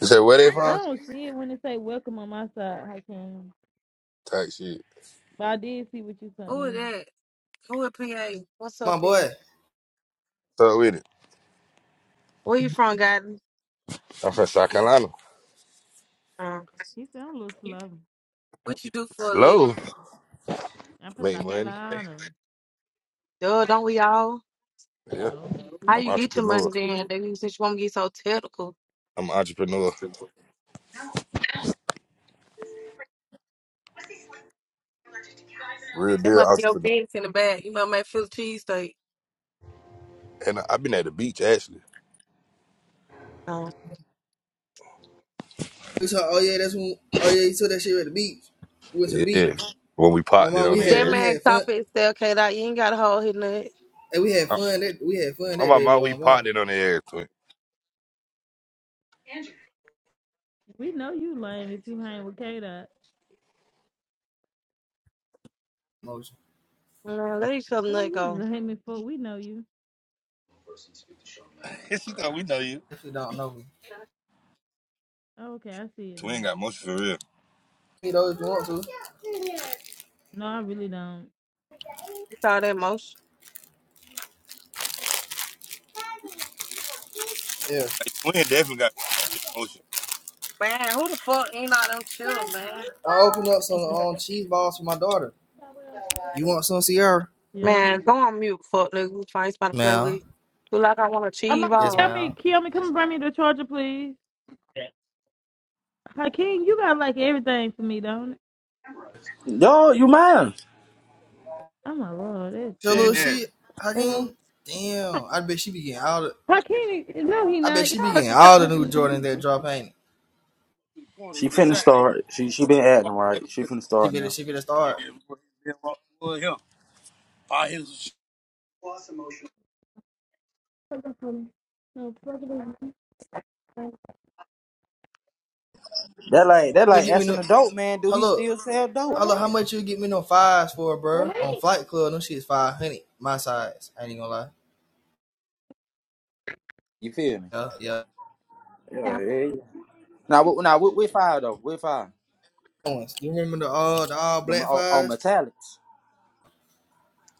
You said where they
I
from?
don't see it when they say welcome on my side. I can,
Type shit.
but I did see what you sent
Who is
me.
that? Who is PA? What's up,
My
P.A.?
boy.
So with it.
Where you from, Gotten?
I'm from South Carolina.
Uh,
He sound a little slow.
What you do for a living?
Low.
I'm from
Make
South
money.
Carolina.
duh, don't we all?
Yeah.
No, we
How
I'm an
you
said
get your money
entrepreneur.
then? They you since you want to get so technical.
I'm an entrepreneur. Real
That
deal
must be your
entrepreneur.
fence in the back. You might make Philly cheesesteak.
And I've been at the beach actually.
We saw. Oh yeah, that's when. Oh yeah, you took that shit at the beach. We went to the
Yeah.
beach.
When we
My
popped it
mom.
on
We
the
That
had
air.
we
man
had
cop
fun.
it say, okay, that you ain't gotta hold his nut.
And we had
I'm
fun that we had fun
I'm
that
about
day,
my
boy.
we
My
popped
mom.
it on the air, twin.
we know you lame if you hang with K Dot.
Motion.
Man,
What,
let each other
what are
nut
you
go.
lame for? We know you.
she thought we know you.
If don't know me,
Oh, okay, I see it now.
Twin got motion for real.
you know if you want to.
No, I really don't.
All that motion.
Yeah.
Like, twin definitely got motion.
Man, who the fuck ain't all them chill, man?
I opened up some um, cheese balls for my daughter. You want some, Sierra?
Yeah.
Man, go on mute, fuck nigga. Who find somebody to play
Mal.
with? Who like I wanna
I'm
cheese
like,
Yes,
ball.
Kiyomi,
Mal.
Kiyomi, come bring me the charger, please. Hakeem, you got like everything for me, don't it?
Yo, you mind?
Oh my lord, that's
Your
Shit.
little
crazy.
shit,
You know?
Hakeem? Damn. I bet she be getting all the
Hakeem, no, he
I bet
not.
she be
Y'all have
getting
to
all the new Jordans that drop ain't it?
Twin,
She finna start. She she been acting right. She finna
She
start
better
now.
she better start.
No,
That like that
She'll
like
get me
asking
no
a dope man, do he
hello.
still sell dope?
Hello, how much you get me no fives for, bro? On Flight Club, no shit's five hundred. My size. I ain't even gonna lie.
You feel me?
Yeah, yeah.
Yeah, yeah, yeah. Now what now with with fire though, with fire.
Ones. You remember the all the all
The
black
on, on
fives?
metallics.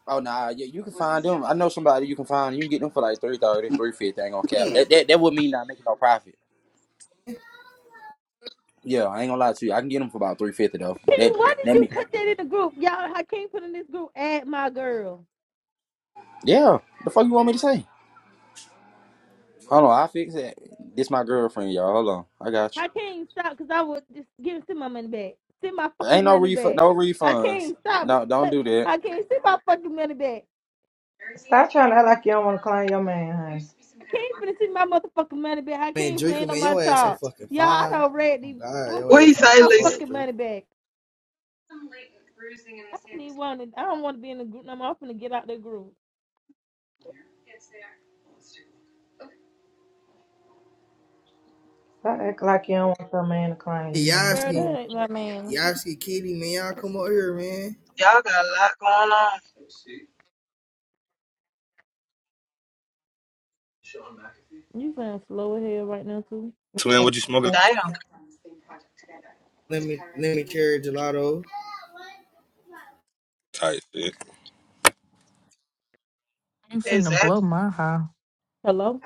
Oh nah, yeah, you can find them. I know somebody you can find. You can get them for like 330, 350 Ain't gonna cap.
Shit.
That that that would mean not making no profit. Yeah, I ain't gonna lie to you. I can get them for about three fifty though.
Hakeem,
That
why did
that
you
me.
put that in the group? Y'all, Hakeem put in this group, add my girl.
Yeah. The fuck you want me to say? Hold on, I fix it. This my girlfriend, y'all. Hold on, I got you.
Hakeem, stop, because I would just give send my money back. Send my
Ain't
fucking
no
money
refund.
back.
No refunds.
Hakeem, stop.
No, don't do that.
Hakeem, send my fucking money back.
Stop trying to act like you don't want to claim your man, honey.
I can't finna see my motherfucking money back. I
Man,
can't
Draco,
plan on
man,
my
your ass so
talk,
fucking
Y'all, I
fine.
don't read
Oh
these. I
god,
can't
your
see
ass fine as
my
fuck,
fucking
Draco.
money back. I don't even want to. I don't want to be in the group no more. I'm finna get out the group.
Stop acting like you don't want your man to claim
Hey,
you,
Girl,
Yasky.
that
honey.
ain't my man.
Y'all see Kitty, man. Y'all come out here, man.
Y'all got a lot going on.
You sound slow as hell right now too.
what you smoking
Please.
like?
Damn.
Let me let me carry gelato.
Tight shit.
You finna blow
Exactly.
my high.
Hello.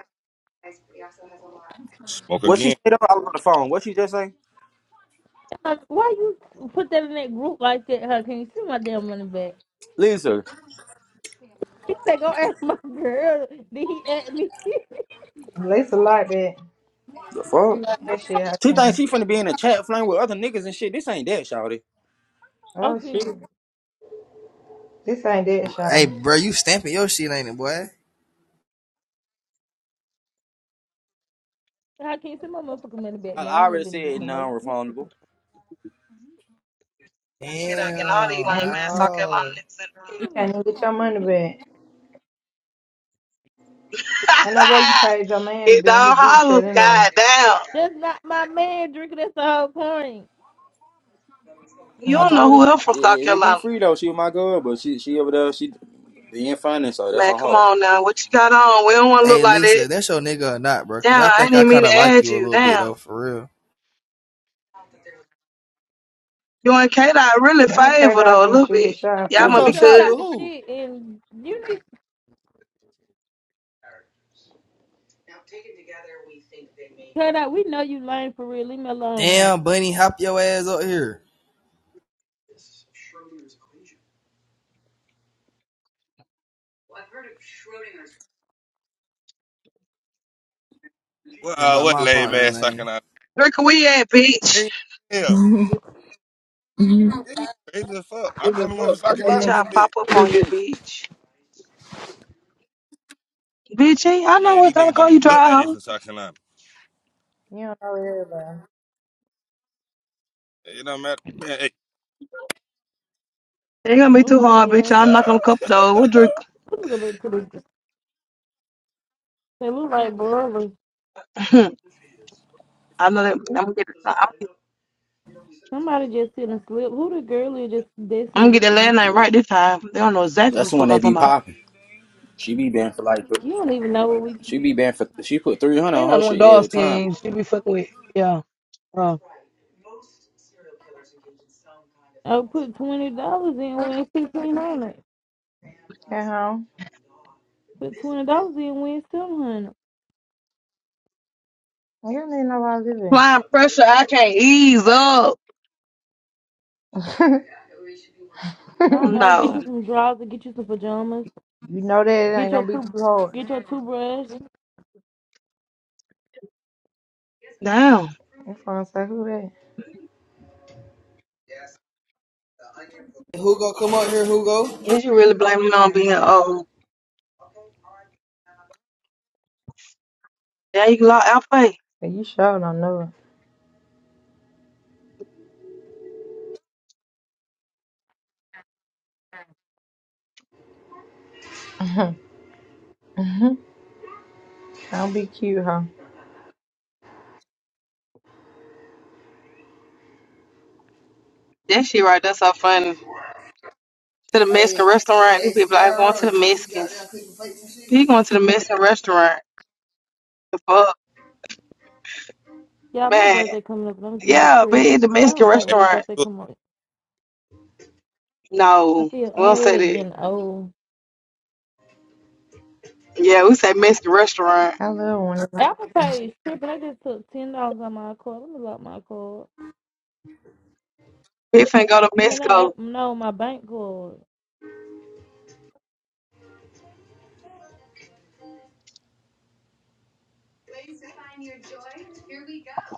Smoke
What she
again.
said? I was on the phone. What she just say?
Um, why you put that in that group like that, Huh? can you See my damn money back.
Lisa,
He said, go ask my girl. Did he at me?
Lisa like that.
the
You
fuck?
like that shit, I
She
think.
thinks she finna be in a chat flame with other niggas and shit. This ain't that, shawty.
Oh
Okay.
shit.
can
This ain't that,
Hey,
y'all.
bro, you stamping your shit, ain't it, boy?
Hakeem, see my motherfucking money back,
I
man. I
I
don't want
already
to be in the group
said
no more. you
non-refundable.
Kid, I can all these
Damn,
lame
And
ass South Carolina
no.
niggas in the room.
you can't
stupid.
even get your money back. And that way you paid your man to
it
be in
all
his group
hollers.
chat anyway.
Goddamn,
That's not my man, drinking. That's the whole point.
You
I
don't
Mm.
know
told her
who else
it,
from South
it would be
Carolina.
free though. She was my girl, but she she over there. She being funny, so that's
Man,
on
come
her.
on now. What you got on? We don't want to look
Hey,
like that.
Lisa, that's your nigga or not, bro? Cause
Damn,
I
I
think
didn't
I
even mean
kind
to
of like
add
you a
you.
little bit
Damn.
though, for real.
You and Kayla I really
Not crazy
favor
I
though a
finna
little
shoot his
bit.
I'm
shot in
not
Y'all
finna
Shoot
front
must
of
be
your
shoot
you.
your
shot
good.
shot
with
to
who?
shit, and you need to cut out. We know you lame for real. Leave me alone now.
Damn, Bunny, hop your ass up here
Well,
and
uh,
by
what
my
lame
partner
ass South
lane.
Carolina?
Where can we at, bitch?
Yeah. Yeah, he crazy as fuck. I'm the only one from South Carolina
Bitch,
in
I'll
this bitch.
pop up on you, bitch. Bitch, ain't- I know
Man, these
what's gonna
niggas don't
call you
even look
dry
like they
hoe.
from South Carolina.
You don't know everybody.
It don't matter. Man, hey.
Ain't gonna be too
Oh,
hard, bitch.
yeah.
I'm not gonna cup though. We'll drink.
Let me go back to the. They look like brothers.
I know that I'm gonna get I'm
Somebody just sitting a slip. Who the girl is just Destiny
gonna get
just
that
sitting a
last name
slip?
right this time. They don't know exactly what
That's
the
the one
fuck I'm
they be
talking about.
popping. She be banned for like th-
You don't even know what we.
she be banned for she put three hundred
Ain't
on
no
her
one
shit
dog
every time.
skin she be fucking with. Yeah. آه.
I put twenty dollars in, win fifteen hundred.
At home.
Put twenty dollars in, win seven hundred.
You don't need nobody
Applying pressure, I can't ease up.
living.
I don't know. Get
No.
you some drawers, and get you some pajamas,
you know that it
get
ain't
your
gonna be
two,
too hard.
get your toothbrush.
Damn.
That's why I say who that?
Who go come out here? Who go?
Is you really blaming it on being old? Yeah, you can lock out pay.
But you sure don't know it. don't be cute, huh?
That shit right, that's so funny. To the Mexican
Hey,
restaurant, these
hey,
people like going to
Sierra, you
the
still be out
Mexicans.
there cooking plates and shit?
He going to the Mexican restaurant. The fuck,
Yeah, my
man.
birthday coming up, and I'm getting
Yeah, but
depressed.
at the
I don't
Mexican
like
Hey,
when my
restaurant.
birthday
look,
come up. I
No,
feel
we don't say
already
that.
getting old.
Yeah, we say Mexican restaurant.
I love one of them.
Apple Pay is tripping. I just took ten dollars on my card. Let me lock my card.
He finna go to
I mean, not
Mexico.
Apple, no, my bank card.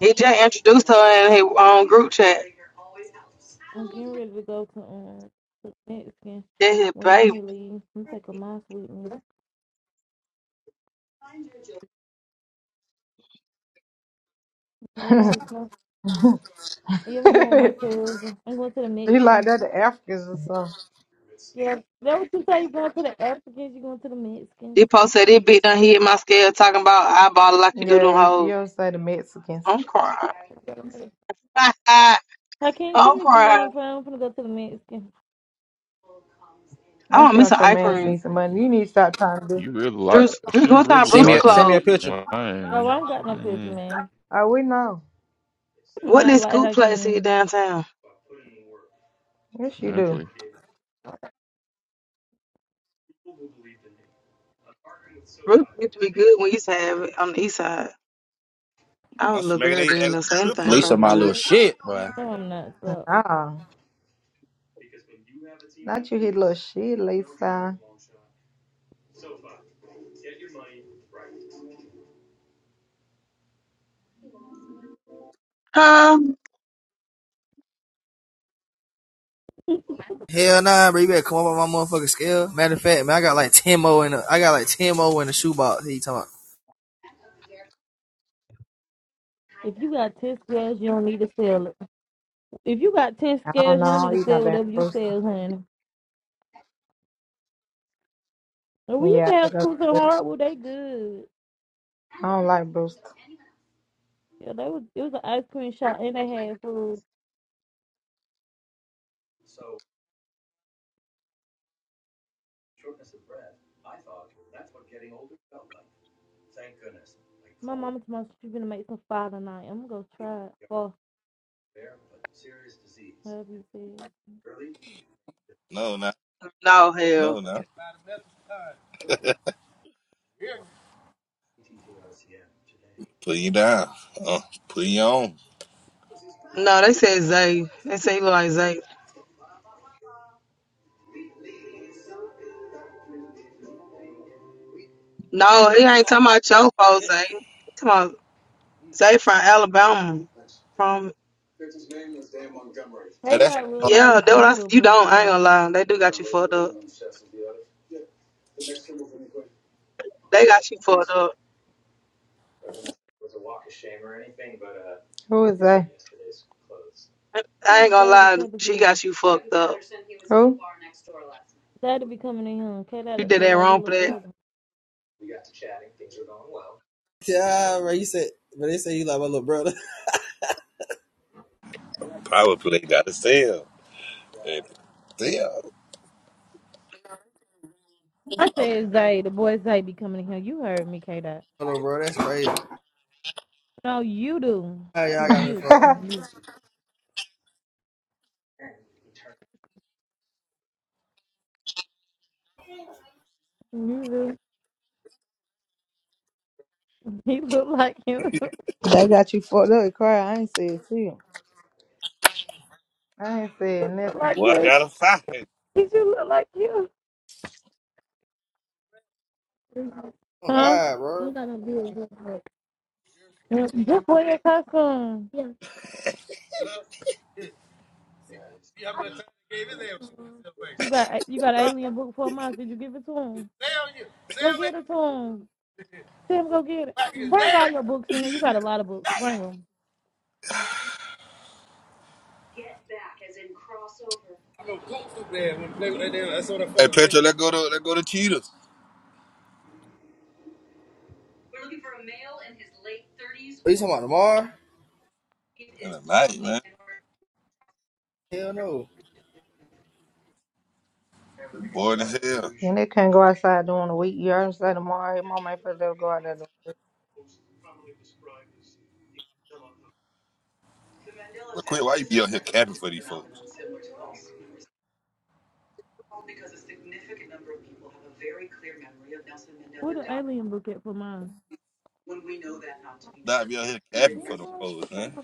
He just introduced her in his own group chat.
I'm getting ready to go to um to Mexican
That's his
when
baby.
Yummy leaves. I'm taking mine with me. Yeah, that'll be cool. Yeah, I'm going with my cousin. I'm going to the
You like
Mexicans.
that the Africans or
Yeah, that what you say. You going to the Africans? You going to the Mexicans?
He posted that bitch done hit my scale talking about I bought it like
something.
you do them
Yeah, you
hoes.
don't say the Mexicans.
I'm crying.
I can't send
I'm
me some money. I'm
crying.
gonna go to the Mexican.
I
Not
want
you
me
want
some
your
ice
man to
You
see
cream.
some money. You need to stop trying to do.
you really
Drew,
like?
Drew,
She
what time
really
Send me
Brewster
a
liking
send me a
closed?
picture.
No,
mine.
I don't got no picture,
Mm,
man.
Oh, we know.
I do
What
not
this
like
scoop place here
Hakeem.
downtown?
Yes, you
man,
do.
please.
Brewster used to be good when we used to have it on the east side. I was
I'm
a little
smacking
girl
their ass
then
like
though, so
strip.
anything
Lisa my
probably
little
good.
shit, boy.
No, I'm not. So.
Nah. Not you hit little shit, Lisa.
Huh?
Hell nah, bro. You better come up on my motherfucking scale. Matter of fact, man, I got like ten more in the, I got like ten more in the shoebox. He talking. about
If you got 10 scales, you don't need to sell it. If you got 10
I don't
scales, you don't
know.
need to
He's not
sell
damn
whatever you
boost.
sell, honey. And we used
Yeah,
to
I
have
got
schools in
boost.
Hardwood, they good.
I don't like boost.
Yeah, they was, it was an ice cream shop and they had food. My mama told me she's gonna make some fire tonight. I'm gonna go try it. For whatever you said.
No, no,
No, hell.
no, no. Put you down. Uh, put you on.
No, they said Zay. They say he look like Zay. No, he ain't talking about your folks, Zay. He talking about Zay from Alabama. From
Hey,
Hey,
that shit
that look
hard.
like
yeah, that what
Zay
I s-
little
you
brother,
don't, I ain't gonna
y'all.
lie. They do got you fucked up. They got you fucked up.
Who is
That
I ain't
was
gonna
Zay the
lie,
type of
she
cousin.
got you fucked up.
Zay to be coming in here. K
You
Dot
did that
look like his
wrong for
little
that.
brother.
Yeah, bro, you said, but they say you like my little brother.
Power play got to sell. Hey, Sell.
I said Zay, the boy Zay be coming in here. You heard me, K Dot.
My little brother, that's crazy.
No, you do.
How y'all got me
You.
for?
You. You do. He look like you.
they got you fucked up, cry. I ain't said shit. I ain't said
He look
nothing.
like
Boy, I
you.
got to fight. Hey,
He should look like you.
Oh
Huh?
God,
I'm
bro.
gonna be a Mm, Just wear your costume. Yes. You got you got an alien book for a month. Did you give it to him? Go get it to him. Tim, go get it. Bring all your books in here. You got a lot of books. Bring them.
Petro, let go to let go to Cheetahs.
What you talking about tomorrow?
In the night, man.
Hell no. You
Bored as hell.
And they can't go outside during the week. You heard him say tomorrow. His mama ain't supposed to let him go out there.
But quit, why you be out here capping for these folks?
Where the alien book at for mine?
Nah, be out here capping for
I'm
them folks, man.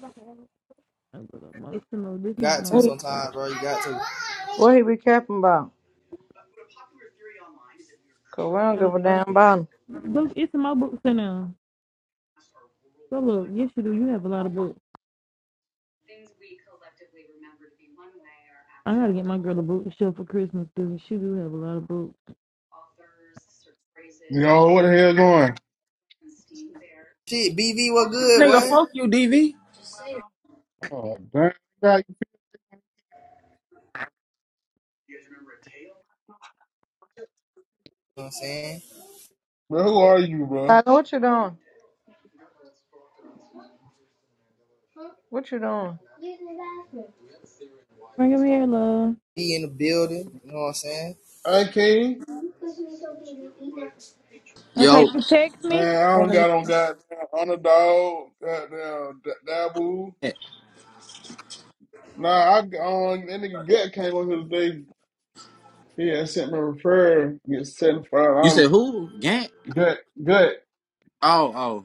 emotional. This not
Got to
no.
doing-
uh,
sometimes, bro. You got to.
What he be capping about? Cause we don't give a damn about him.
Look, it's in my books in there. So look, yes you do. You have a lot of books. I gotta get my girl a boot show for Christmas, dude. She do have a lot of boots.
Yo, what the hell going?
Shit, BV, what good,
Nigga,
boy? You know
fuck you, D V.
Oh, damn,
what I'm saying?
bro, who are you, bro?
What you doing? What you doing?
Bring them here, love.
Be in the building. You know what I'm saying?
I King?
Okay,
Yo
you text me?
Man, I don't got on goddamn underdog, goddamn D- Dabu. Nah, I on that nigga get came on here today. He had sent me a referral, get seventy five
you
dollars.
said who? Gant?
Gut, Gut,
Oh,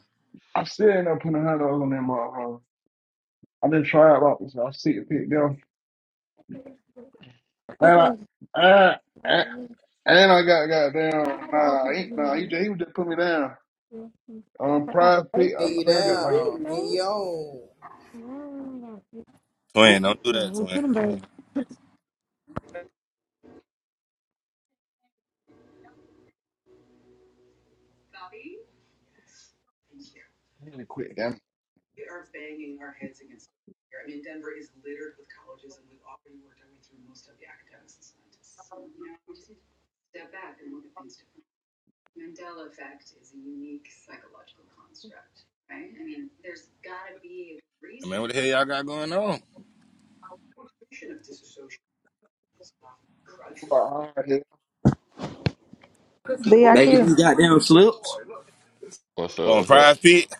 I'm still end up putting a hundred dollars on that motherfucker. I didn't try about this. I see it pick down. And I,
Okay.
and, and
Yeah,
and I got goddamn. Nah, he, nah, he, just- he was just put me down. Um, pride pick. I
Pin
I
you
think I got like a.
down. Pin you on.
Twin, don't do that,
we'll
twin.
put them
Hey,
back.
I'm gonna quit them.
Man, what the hell y'all got going on?
oh. Making these
DIQ.
goddamn slips.
What's
Well,
up?
on
What's up?
prize pit?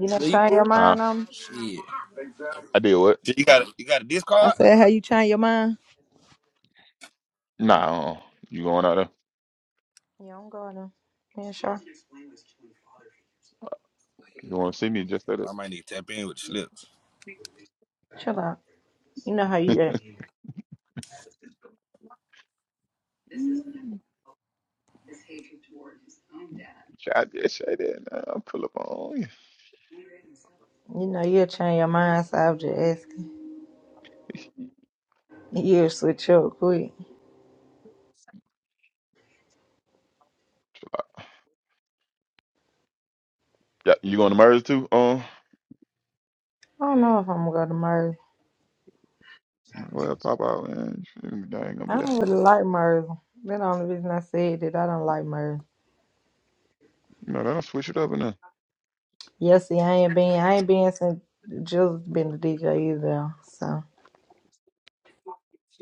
You done change your
Sleeper.
Huh?
mind on me?
Shit.
I did what?
Shit, you got a, you got a
I
discard?
said, how you change your mind?
Nah. Uh, you going out there?
Yeah, I'm going to. Yeah, sure.
You want to see me? Just at
Well,
it.
I might need to tap in with the slips.
Chill out. You know how you act.
Mm, I just say that. I'll pull up on you.
You know, you'll change your mind, so I'll just ask. You'll switch up quick.
Yeah, you going to merge too? Uh.
I don't know if I'm gonna go to Merle.
I'm like, Well, pop out and shoot, they ain't gonna be
I
that.
don't really like Merle. That's the only reason I said that I don't like Merle.
You know, they don't switch it up enough.
Yeah, see, I ain't been, I ain't been since Jill's been the DJ either. So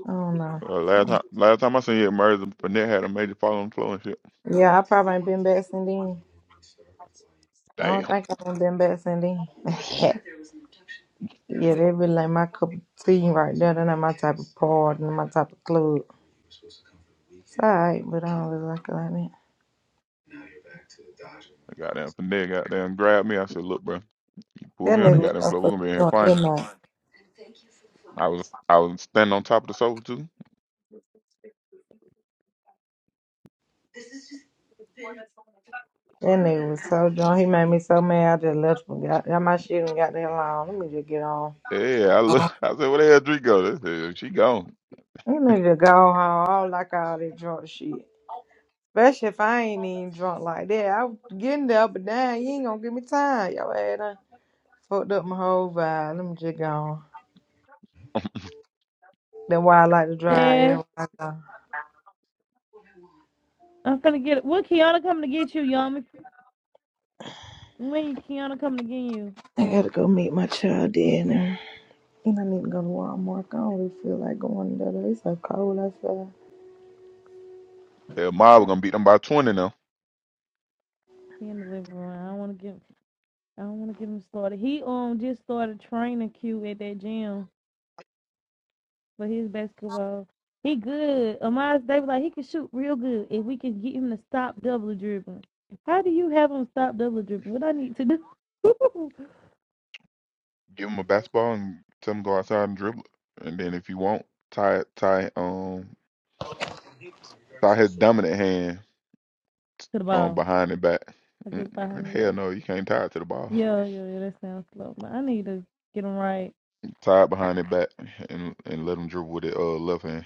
I don't know.
Uh, last time, last time I seen it, Merz and Fournette had a major fall on the floor and shit.
Yeah, I probably ain't been back since then. I
Damn,
don't think I've been back since then. yeah, they really like my cup of tea right there. They're not my type of party, not my type of club. It's alright, but I don't really like it like that.
the goddamn Fournette goddamn grabbed me. I said, "Look, bro, you pull
That
me on the
nigga was
goddamn
so
floor. We're
fucking
gonna be in here
drunk that
fine."
night.
I was, I was standing on top of the sofa too.
That nigga was so drunk. He made me so mad. I just left him. Got, got my shit and got the hell on. Let me just get on.
Yeah, I look. I said, "Where the hell Dree go?" They said, she gone.
You need to go home. I don't like all that drunk shit. Especially if I ain't even drunk like that. I was getting there, but damn, you ain't gonna give me time. Yo, ass done fucked up my whole vibe. Let me just go on. That's why I like to drive.
Yeah,
everywhere I go.
I'm gonna get it. When Kiana coming to get you, Yami? When Kiana coming to get you?
I gotta go meet my child dinner. And I need to go to Walmart. I don't really feel like going there. though. It's so cold outside.
Hell, Ma, we're gonna beat them by twenty now.
He in the living room. I don't want to get. I don't want to get him started. He um just started training Q at that gym. But his basketball, he good. Amaz Davis, like he can shoot real good. If we can get him to stop double dribbling, how do you have him stop double dribbling? What I need to do to
Give them a basketball and tell them go outside and dribble. it. And then if you want, tie, tie, um, tie his dominant hand
the
um,
ball?
behind the back.
I just
Mm,
behind the back.
Hell no, you can't tie it to the ball.
Yeah, yeah, yeah. That sounds slow, but I need to get him right.
Tie it behind the back and and let him dribble with it uh left hand.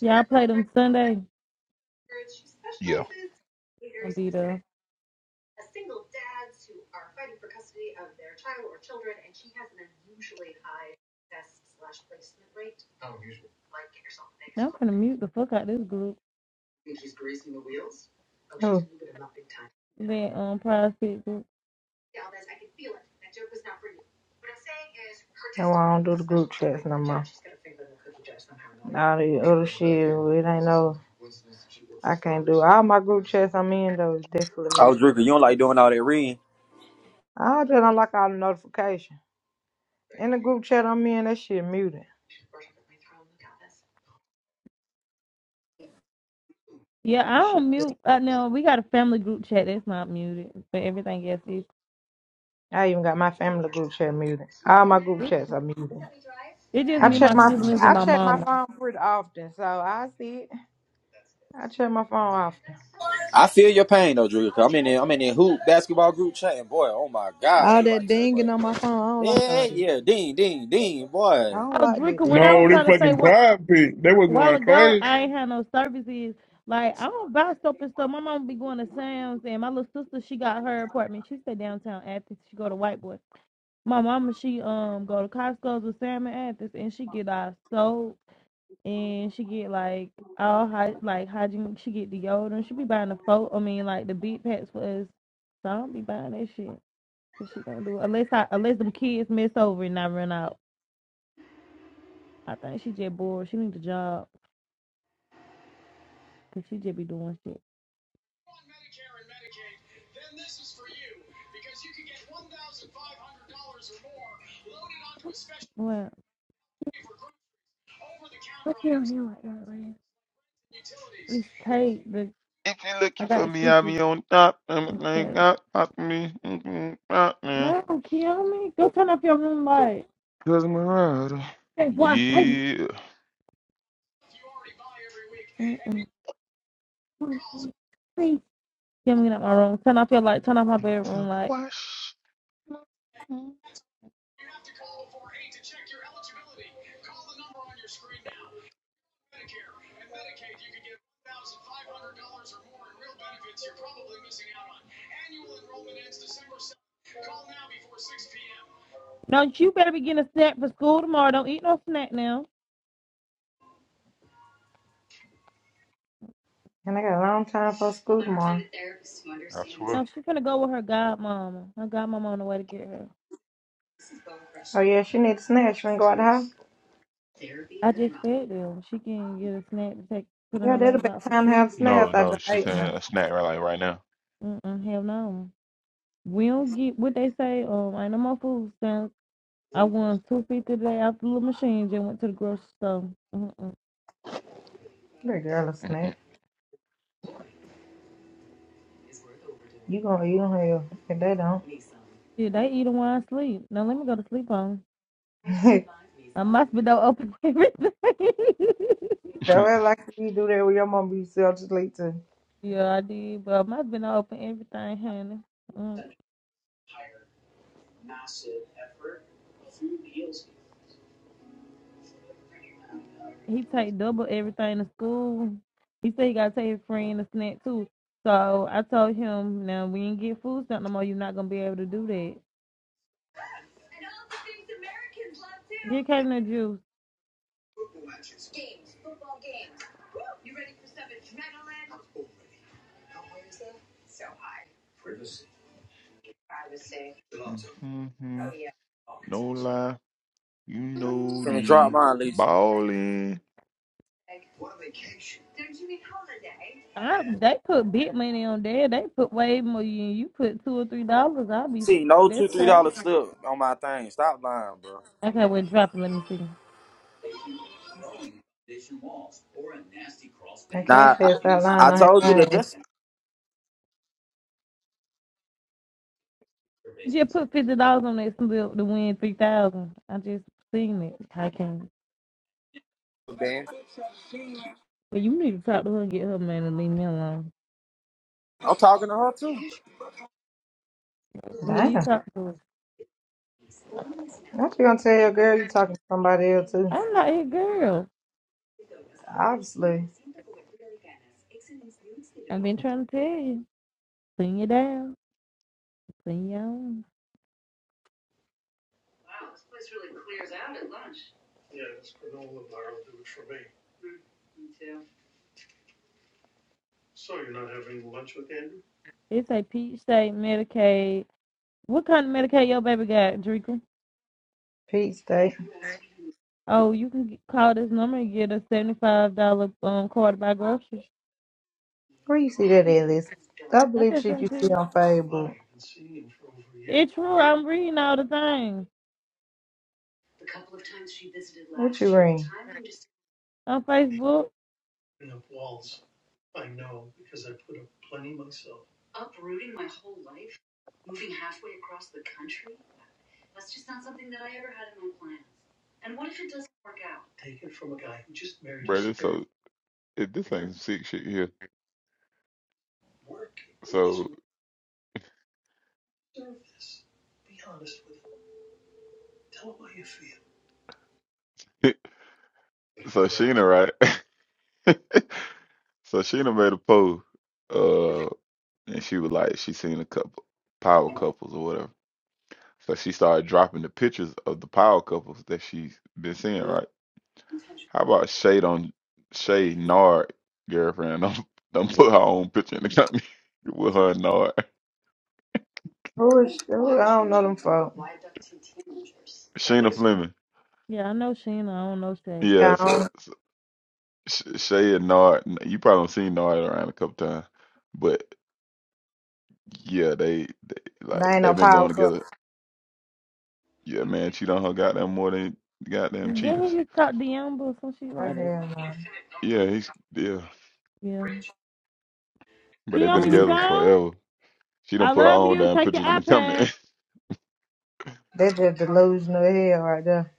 Yeah, I played him Sunday.
Yeah.
Gonna be there. Now I'm gonna mute the fuck out this group. That um prize pick group.
All the other shit, it ain't no. I can't do all my group chats I'm in though is definitely
Oh,
muted.
Drinker, you don't like doing all that reading.
I just don't like all the notification. In the group chat I'm in, that shit muted.
Yeah, I
Shit.
don't mute. Uh, no, we got a family group chat that's not muted, but everything else is.
I even got my family group chat muted. All my group chats are muted.
It's just
I
me,
check
my
my
Man, I'm, I'm
siblings, and
I
my
tired of
check my
mama.
that.
phone pretty often, so I see it. I check my phone often.
I feel your pain though, Drew. i am in there, I'm in there hoop basketball group chat, and boy, oh my god,
All
they
that
write so
dinging
much.
on my phone, I don't like all
Yeah,
that.
yeah, Dean, Dean, Dean,
I
boy.
don't
Oh,
like
Drinker, when
that.
I was
No, they
trying to say
fucking
what
pride pick. They was
a while
going
ago,
crazy.
I ain't had no services. Like I don't buy soap and stuff. My mom be going to Sam's, and my little sister she got her apartment. She stay downtown Athens. She go to White Boy. My mama she um go to Costco's with Sam and Athens, and she get our soap and she get like all hy- like hygiene. She get deodorant. She be buying the folk. I mean like the beat packs for us. So I don't be buying that shit. But she gonna do it unless I unless them kids miss over and I run out. I think she just bored. She need a job. Cause she just be doing shit. Well, what you on here like that, man? It's tape, but
If you're
I
looking for
got
me, I'll
switches
be on top.
and
Everything
tape.
got pop me. Mm-mm, pop me.
No, kill me. Go turn up your room light.
Cause I'm a rider.
Hey, what? Hey.
Yeah.
Please. Get me out my room. Turn off your light. Turn off my
Got
bedroom
to
light.
wash. Mm.
No, you better be getting a snack for school tomorrow. Don't eat no snack now.
And I got a long time for school
I swear.
No, she's gonna go with her godmama. Her godmama on the way to get her.
Oh yeah, she needs a snack. She wanna go out the house.
I just fed them. She can get a snack to take put in
Yeah,
her
that'll be
lunchbox for
time to
school.
have snacks.
No,
I
no,
don't
she's
ate
saying
now.
a snack right like right now.
Mm-mm, hell no. We don't get what they say. Um, I know my food stamps. I won two fifty today after the little machine just went to the grocery store. Mm-mm.
Little girl a snack.
Mm-mm.
You gonna eat them hell. If they
Yeah, they eat them while I sleep. Now let me go to sleep on.
don't.
I must be done open everything.
That way like you do that with your mom be self sleep too.
yeah, I did, but I must be done open everything, honey. Mm. He take double everything to school. He said he gotta take his friend a snack too. So I told him, now we ain't get food stamp no more. You're not gonna be able to do that. Here came the juice.
Mhm. No lie, you know
Finna drop
the
mine, Lisa.
ballin'.
I, they put big money on there. They put way more. You, you put two or three dollars. I'll be
See, no two
that's
three
crazy.
dollar stuff on my thing. Stop lying, bro.
Okay, well, drop it. Let me see.
Nah,
say
I,
it's
I
on his
told you that
name.
this
You just put fifty dollars on that slip to win three thousand. I just seen it. I can't.
man.
But you need to talk to her and get her man and leave me alone.
I'm talking to her too.
Please
Damn.
talk to her.
What you gonna tell your girl you talking to somebody else too?
I'm not your girl.
Obviously.
I've been trying to tell you. Clean you down. Clean your own. It's a peach state Medicaid. What kind of Medicaid your baby got, Draco?
Peach State.
Oh, you can get, call this number and get a seventy-five dollar um card by groceries.
Where you see that at, Lisa? That
I
believe
been
shit you
sent to
see
you.
on Facebook.
It's true. I'm reading all the things on Facebook.
Bro, this so it, this ain't some sick shit here. So so Sheena, right? so Sheena made a post, uh, and she was like, she seen a couple power couples or whatever. So she started dropping the pictures of the power couples that she's been seeing, right? How about Shade on Shay Nard girlfriend? Don't don't put her own picture in the company with her and Nard.
Who is who? I don't know them folk.
Sheena Fleming.
Yeah, I know Sheena. I don't know Shay.
Yeah.
Yeah,
I
so, so Sh- Shay and Nard. You probably done seen Nard around a couple times, but. Yeah, they, they
They
like
ain't no
they've been going
power couple.
together. Yeah, man, cheat on her goddamn more than goddamn
Then
cheaters.
he just talked to Yamba or some shit
Oh,
like that.
hell no.
Yeah, he's yeah,
Yeah.
but they've been
Yamba, you
together
gone?
forever. She
I
don't put her
love
own
you.
damn
Take your
pictures in the
iPad.
comment.
That's just delusional hell right there.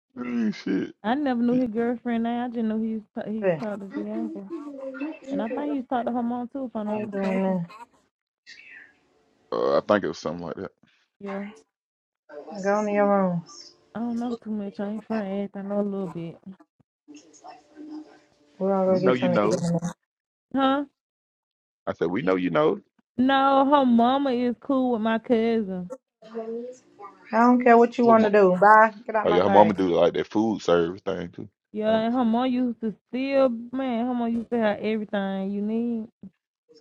Ooh, shit.
I never knew his girlfriend. Now I just knew he was ta- he was
Shit.
talking to Yamba, and I think he's talking to her mom too, if I'm
I
not
ain't
mistaken.
doing
Uh, I think it was something like that.
Yeah.
that. Go in your room.
I don't know too much. I ain't friends. I know a little bit.
I'll go
We know
get
you
something to
know.
eat.
Huh?
I said we know you know.
No, her mama is cool with my cousin.
don't care what you
Who?
want to
Mo-
do. Bye. Get out
oh
my
yeah, her
face.
mama do like that food service thing too.
Yeah,
Um,
and her mom used to steal, man, her mom used to have everything you need.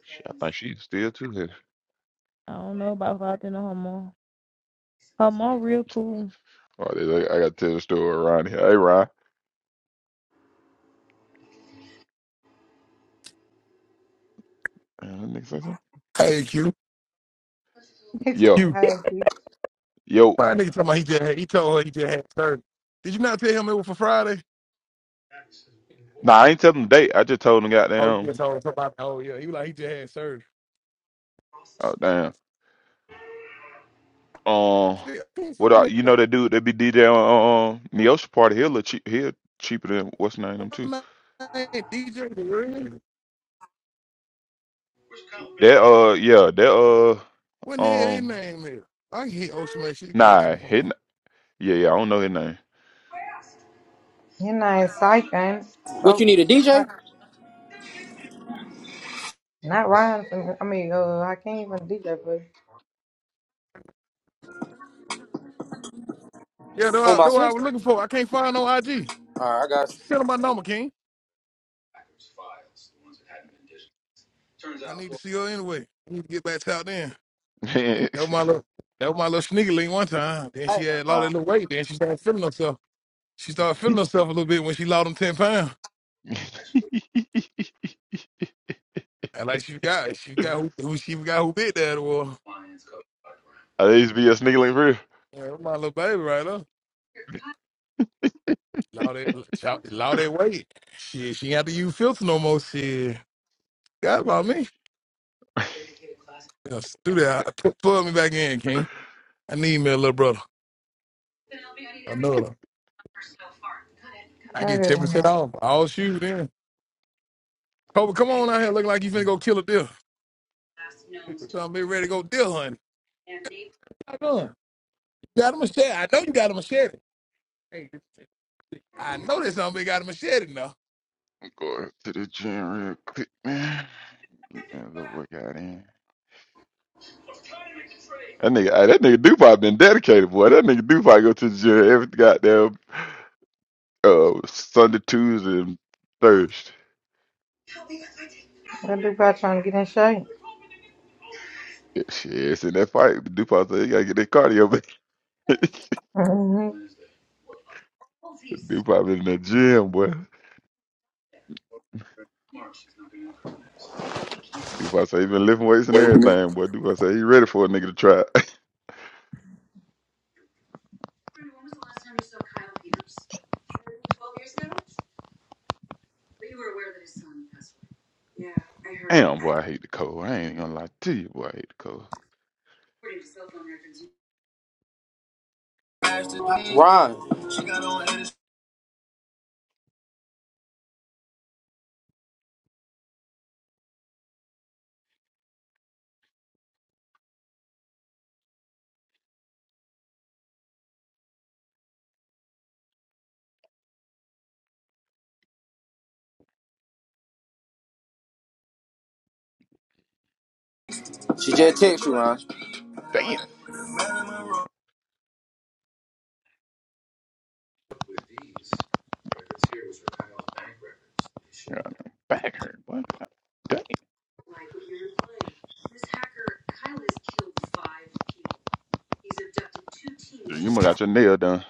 shit, I think she's still too here.
I don't know about Faulty or her mom. Her mom real cool.
Oh, they- I, I gotta tell the story around here. Hey, Ryan. Uh, that nigga say something?
Hey, Q.
Yo,
Q.
yo.
My nigga talking about he just had, he told her he just had surgery. Did you not tell him it was for Friday?
Nah, I ain't telling the date. I just told him
Oh, you
goddamn.
just told him somebody. Oh, yeah. He was like, he just had surgery.
Oh damn. Um,
See, I think
what
some
I, you
nigga,
know that dude that be DJ on um Neosha party? He'll look cheap. He'll cheaper than what's his name them too.
my man, DJ the Real.
That uh yeah that uh
What the hell his
um
name is? I can hit Ocean Man. She get
nah
some
his,
more.
n- yeah yeah I don't know his name.
What you need a DJ?
Not Ryan. for me. I mean, uh, I can't even do that, you.
Yeah, that's what I
Oh,
that's
my
I was
sister.
looking for. I can't find no IG.
All right, I got you.
Send her my number, King. I need to see her anyway. I need to get back to out then. That was my little, that was my little sneaker link one time. Then
I
she
ain't nothing
had lost a
wrong.
little weight. Then she started feeling herself. She started feeling herself a little bit when she lost them 10 pounds. And like she got, she got who, who she got who bit that was.
I used to be a sneaky link for real.
Yeah, my little baby right there. Loud that, shout- loud that weight. She she ain't have to use filter no more. She got about me. Just do that. Put, put me back in, King. I need me a little brother. Another. I get ten
Okay.
percent off. I'll shoot then. Cobra, come on out here looking like you finna go kill a deer. So I'm be ready to go deer hunting. How you doing? You got a machete. I know you got a machete. Hey, I know that somebody got a machete now.
Go to the gym real quick, man. Get me a little workout in. That nigga, ah, that nigga Dupont been dedicated, boy. That nigga Dupont go to the gym every goddamn uh Sunday, Tuesday, and Thursday.
That dude probably trying to get in shape.
Shit, it's in that fight, DuPont said he gotta get that cardio back.
hmm
DuPont been in that gym, boy. DuPont said he been lifting weights and everything, boy. DuPont said he ready for a nigga to try. it. Damn, boy, I hate the cold. I ain't gonna lie to you, boy. I hate the cold.
Ron, she just texted you, Ron.
Damn, your back hurt, boy. God Damn, you must got your nail done.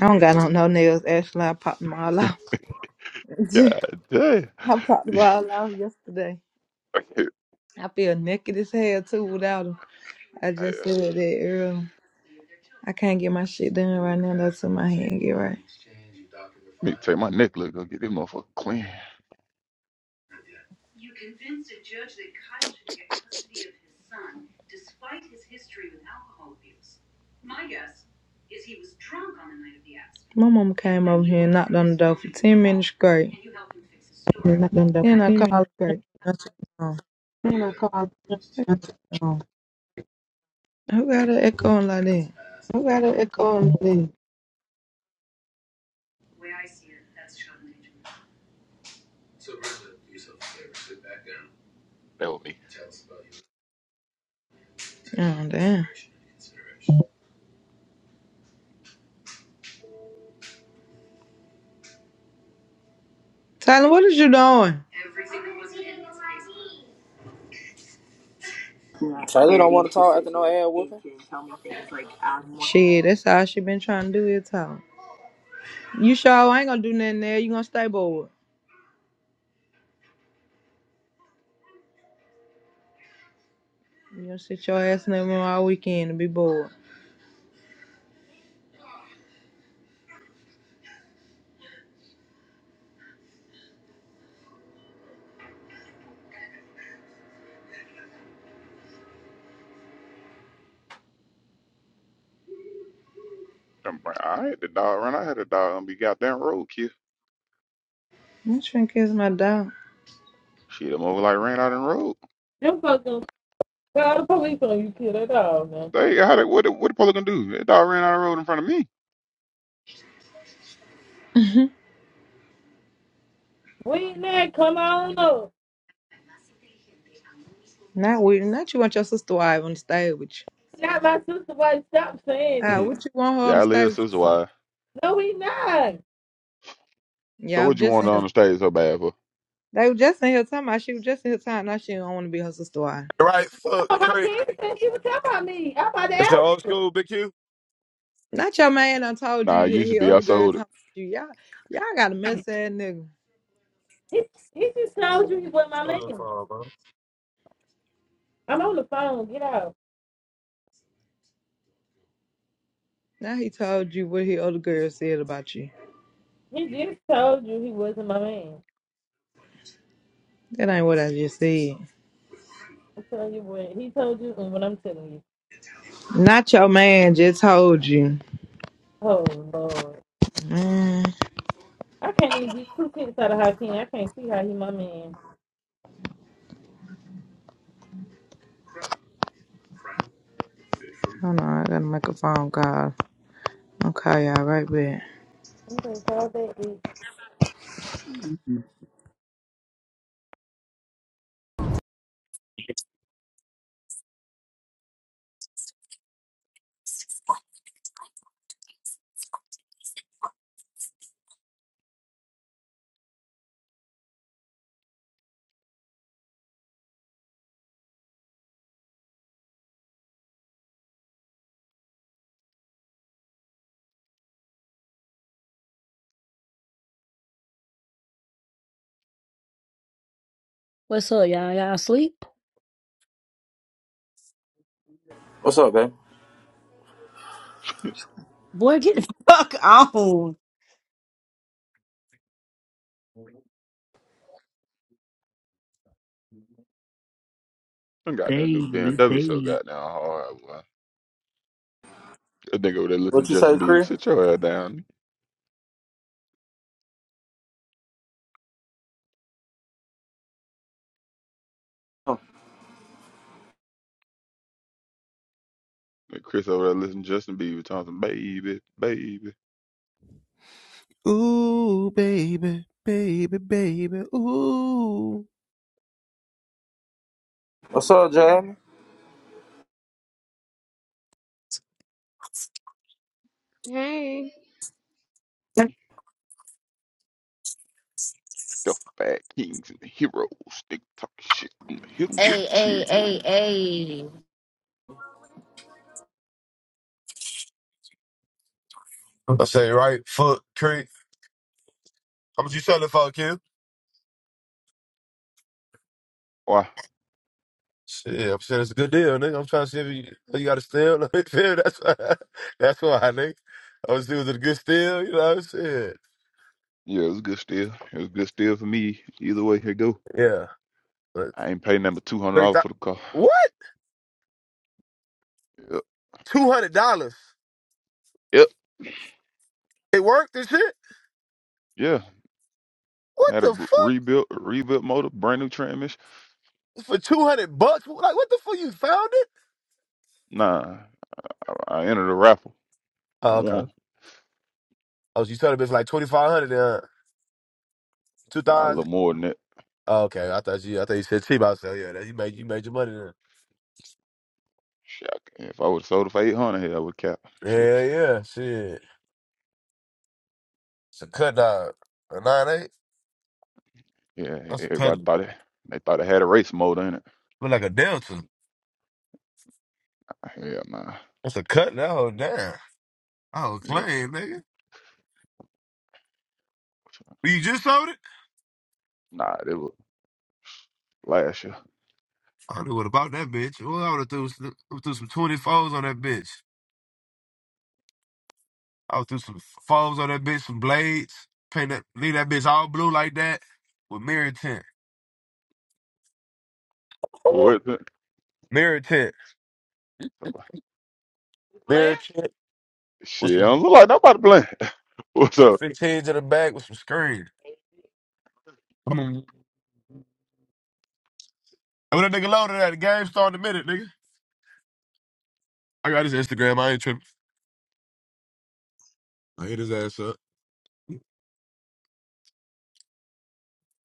I don't got no, no nails. Actually, I popped them all off. I
God damn.
popped them all off yesterday.
Yeah,
I feel naked as hell too without them. I just said that earlier. I can't get my shit done right now. That's in my hand. Get right.
I need to take my necklace, go get this motherfucker clean.
My mom came over here and knocked on the door for 10 minutes straight.
You And I done double
Then I
teaming.
called her
Great.
and said, "Oh,
And I called. I got
Who got her echoing like that?
an echo on me. That was me.
Oh, damn. Tyler, what is you doing?
Taylor don't want to talk after no ass whooping.
Shit, that's all she been trying to do is talk. You sure I ain't gonna do nothing there. You gonna stay bored. You gonna sit your ass in the room all weekend and be bored.
Them bra- I had the dog run. I had a dog and be goddamn roadkill.
I'm trying to kiss my dog.
Shit, the mother like ran out in the road.
Them fucking, well, the police on you, kid, at all, man.
They how they, what the- what the police gonna do? That dog ran out of the road in front of me.
We not, come on up.
not with not you want your sister wife on the stage with you.
Not my sister, why stop saying
Ah,
Mhm.
it?
what you want her on
yeah,
the
I
stage
live
with
sister wise.
No, we not.
you?
So
Yeah, I was
what you
just
want
in here
on the stage so bad for?
They were just in here talking about she was just in here talking now she don't want to be her sister wife.
Right foot
No, my
creek.
kid said she was talking about me. I'm about to
That's your
ask.
old school, Big Q?
Not your man done told you
Nah, it
he
used to
he
be I
other girl
sold
talking
it.
about you. Y'all y'all got a mess ass nigga.
He, he just told you he wasn't my man.
Selling for, bro.
I'm on the phone, get out.
Now he told you what his other girl said about you.
He just told you he wasn't my man.
That ain't what I just said.
I'm telling you what he told you and what I'm telling you.
Not your man just told you.
Oh Lord.
Mm,
I can't even get two kids out of Hakeem. I can't see how he my man.
hold on, I gotta make a phone call. Okay, y'all right back.
I'm gonna call that bitch.
there.
What's up, y'all? Y'all asleep?
What's up, babe?
Boy, get the fuck on.
I got that new
Baby,
BMW so
baby.
goddamn hard. boy. That nigga over there
What
listening to
you say,
Justin Bieber.
Chris?
Sit your ass down.
Huh.
And Chris over there listening to Justin Bieber talking some baby, baby.
Ooh, baby, baby, baby, ooh.
What's up, Jamie?
Hey,
The fat kings and the heroes. They talk shit. I'm gonna hit 'em with a
Hey, hey, hey,
Cheerio.
hey.
I say right foot creek. How much you selling for, Q?
Why?
Shit, I'm saying it's a good deal, nigga. I'm trying to see if you, if you got a steal. That's why, that's why, nigga. I was doing a good steal, you know what I'm saying?
Yeah, it was a good steal. It was a good steal for me. Either way, here go.
Yeah. But
I ain't paying number two hundred
three
dollars
thou-
for the car.
What?
Yep.
$200?
yep.
It worked and shit?
Yeah.
What
Had a
the
re-
fuck?
rebuilt rebuilt motor, brand new transmission.
For 200 bucks? Like, what the fuck? You found it?
Nah, I, I entered a raffle
Oh,
and
okay.
won.
Oh, so you selling it for like 2500 hundred? uh, Two
Nah, a
thousand.
little more than that.
Oh, okay, I thought you. I thought you said cheap. I said, "Oh, yeah, that, you made you made your money then.
Shit, I- if I would have sold it for eight hundred, hell, I would cap. Shit.
Yeah, yeah, shit. It's a cut dog. A nine eight.
Yeah, e,
That's a
everybody
cutlet.
thought it. They thought it had a race motor in it.
Look like a delta.
Hell nah.
That's a cut that whole damn. I was
Yeah.
playing, nigga. Well, You just sold it.
Nah, it was last year.
I knew what about that bitch. Well, I would have threw, some- threw some twenty fours on that bitch. I would threw some fours on that bitch, some blades. Paint that, leave that bitch all blue like that with mirror tint. Ooh,
What?
mirror tint. Mirror tint with
Shit, I
some
don't look like nobody playing. What's
some
up?
fifteens in the back with some screen. And when that nigga loaded that, the game started in a minute, nigga. I got his Instagram. I ain't tripping. I hit his ass up.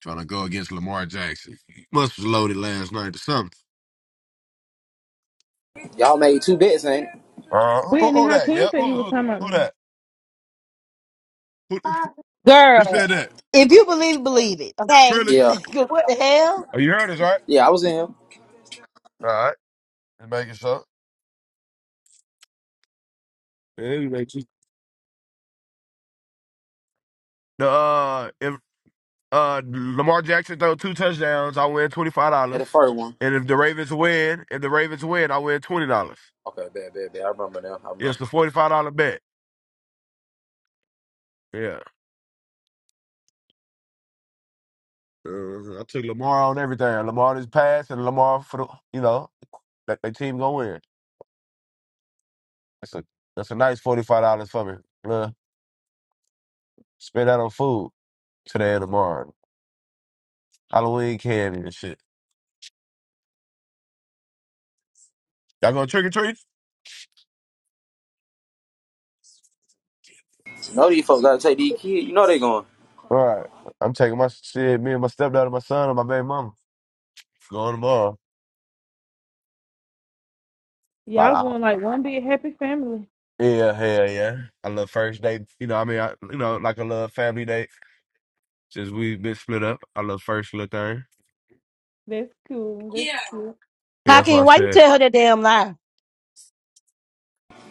Trying to go against Lamar Jackson. He must was loaded last night or something.
Y'all made two bets, ain't it?
Uh, who,
Whitney
who that?
Hakeem
Yep.
said
Who,
you was
who,
talking about
who
me.
that? Who, who
Girl,
said that?
if you believe it, believe it. Hey,
Trillis?
Yeah,
what what? the hell?
Oh, you heard us, right?
Yeah, I was in here
All right. Just making sure. Yeah, you make sure. The, uh, if uh, Lamar Jackson throw two touchdowns, I win $25.
at the first one.
And if the Ravens win, if the Ravens win, I win $20.
Okay, bad, bad, bad. I remember now. I
Yeah,
remember.
it's a $45 bet. Yeah. Uh, I took Lamar on everything. Lamar this pass and Lamar for the you know that they team gonna win. That's a that's a nice forty five dollars for me. Uh, spend that on food today and tomorrow. Halloween candy and shit. Y'all going trick or treat?
You know these folks gotta take these kids. You know they going.
All right. I'm taking my shit. Me and my stepdad and my son and my baby mama going tomorrow. About
Y'all
an hour.
going like one big happy family.
Yeah, hell yeah. I love first date. You know, what I mean, I, you know, like I love family date. Since we've been split up, I love first little thing.
That's cool. That's
Yeah.
cool.
Yeah,
How
that's what I
can why you
said.
tell her that damn lie?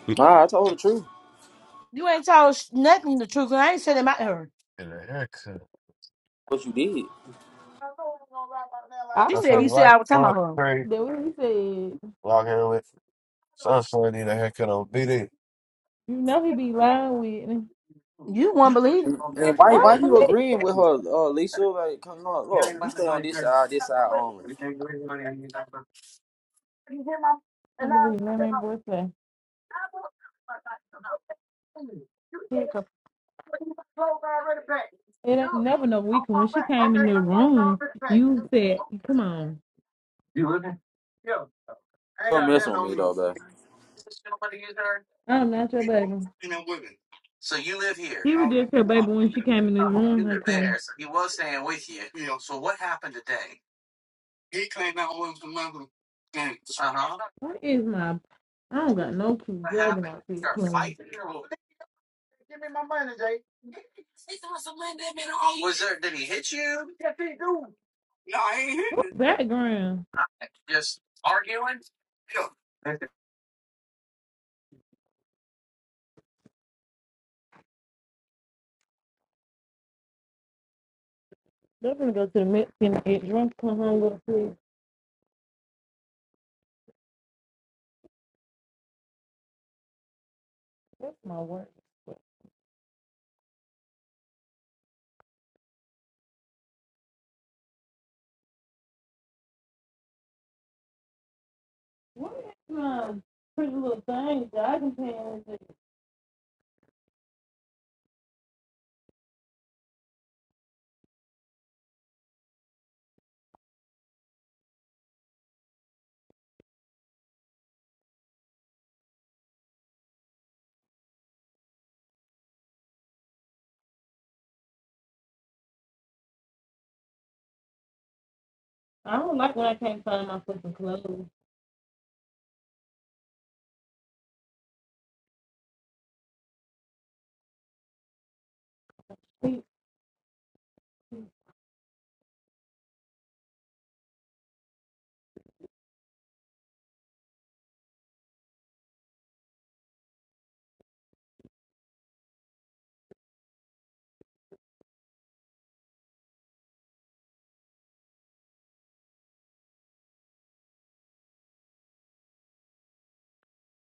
We-
Nah, I told the truth.
You ain't told sh- nothing the truth. 'cause I ain't said about her.
And a haircut.
What you did.
I
She
I
don't
said
say,
you
know
said
like,
I was talking about
fuck,
her.
pray,
that what he said.
lock in with Sunshine, need a haircut on BD.
You know he be lying, Whitney.
You won't believe
And
I
why why
don't
it.
you
believe
agreeing with her, uh, Lisa? Like, come on, look, you stay on this side, this side only.
You hear my
I
and
don't
I
believe none
leave it
man boy say.
You
Here
take
it
it
come.
close already back.
It
Good.
ain't never no
I'm
weekend. When
back.
she came
Do
in
it. Okay,
the
I close all
room,
this back.
you said, Come on.
Don't mess with me though, babe.
I'm not your baby. He rejected her baby when she came in his room, her king. What is my I don't got no cute Juggernaut fit clean. Background. They're gonna go to the Mexican and get drunk, come home with a food. That's my work. What is my pretty little thing, jogging pants? I don't like when I can't find my fucking clothes. See,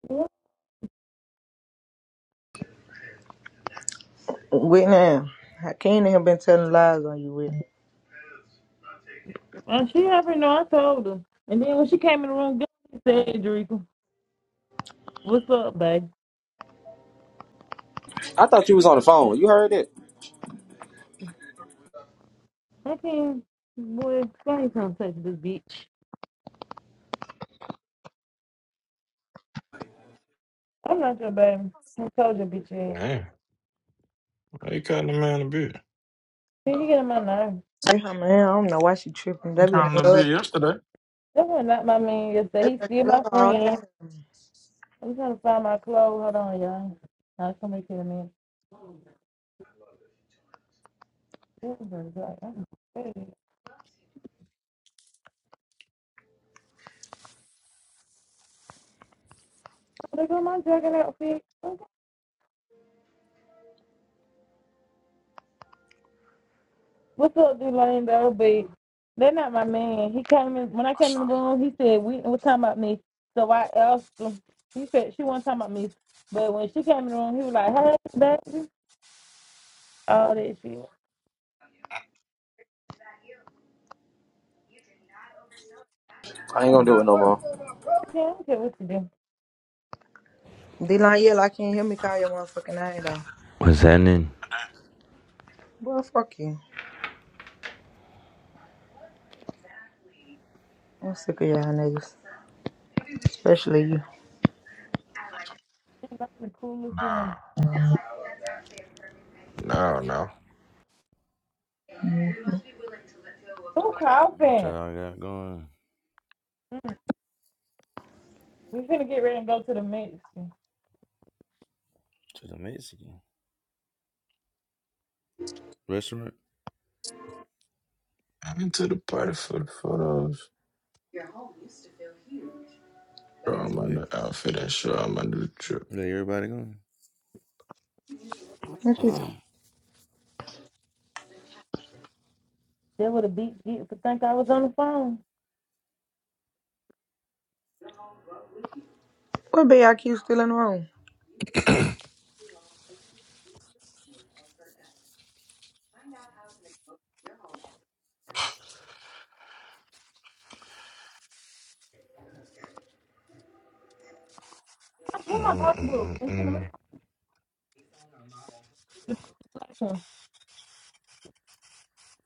what?
Whitney, Hakeem have been telling lies on you, Whitney.
And she already know I told her. And then when she came in the room, she said, Drika, what's up, babe?
I thought you was on the phone. You heard it.
I can't, boy, I ain't trying to touch this bitch. I'm not your baby. I told your bitch ass.
Damn. They caught the man a bit.
See, you get on my nerve.
Hey, her man, I don't know why she tripping.
I'm
They be in
kind of a bit
love.
yesterday.
That was not my man
They
yesterday. He
been
still
in love
my
all
friend.
day.
I'm trying to find my clothes. Hold on, y'all. Now somebody tell me. I don't know. Oh, they got my jacket outfit. What's up, Delane? Though, but they're not my man. He came in when I
I
came
saw
in the room. He said we was talking about me. So I asked him. He said she wasn't talking about me. But when she came in the room, he was like, "Hey, baby," all that shit.
I ain't gonna do it no more.
Yeah, I don't care what you do.
D-Line, yeah, I can't hear me call your motherfucking name, though.
What's happening?
that.
Boy, fuck you. I'm sick of y'all niggas, especially you.
She's like the coolest one.
Nah, no, no.
Who
What
coughing?
y'all got going
Mm. We finna get ready and go to the mix.
to the Mexican restaurant?
I went to the party for the photos. Show 'em my
Where,
new outfit and show 'em my new trip.
where everybody
What you
going?
talking?
That would have beat you to think I was on the phone.
What BIQ still in the room?
Who my pocketbook? It's in the
Mm-mm-mm-mm.
room.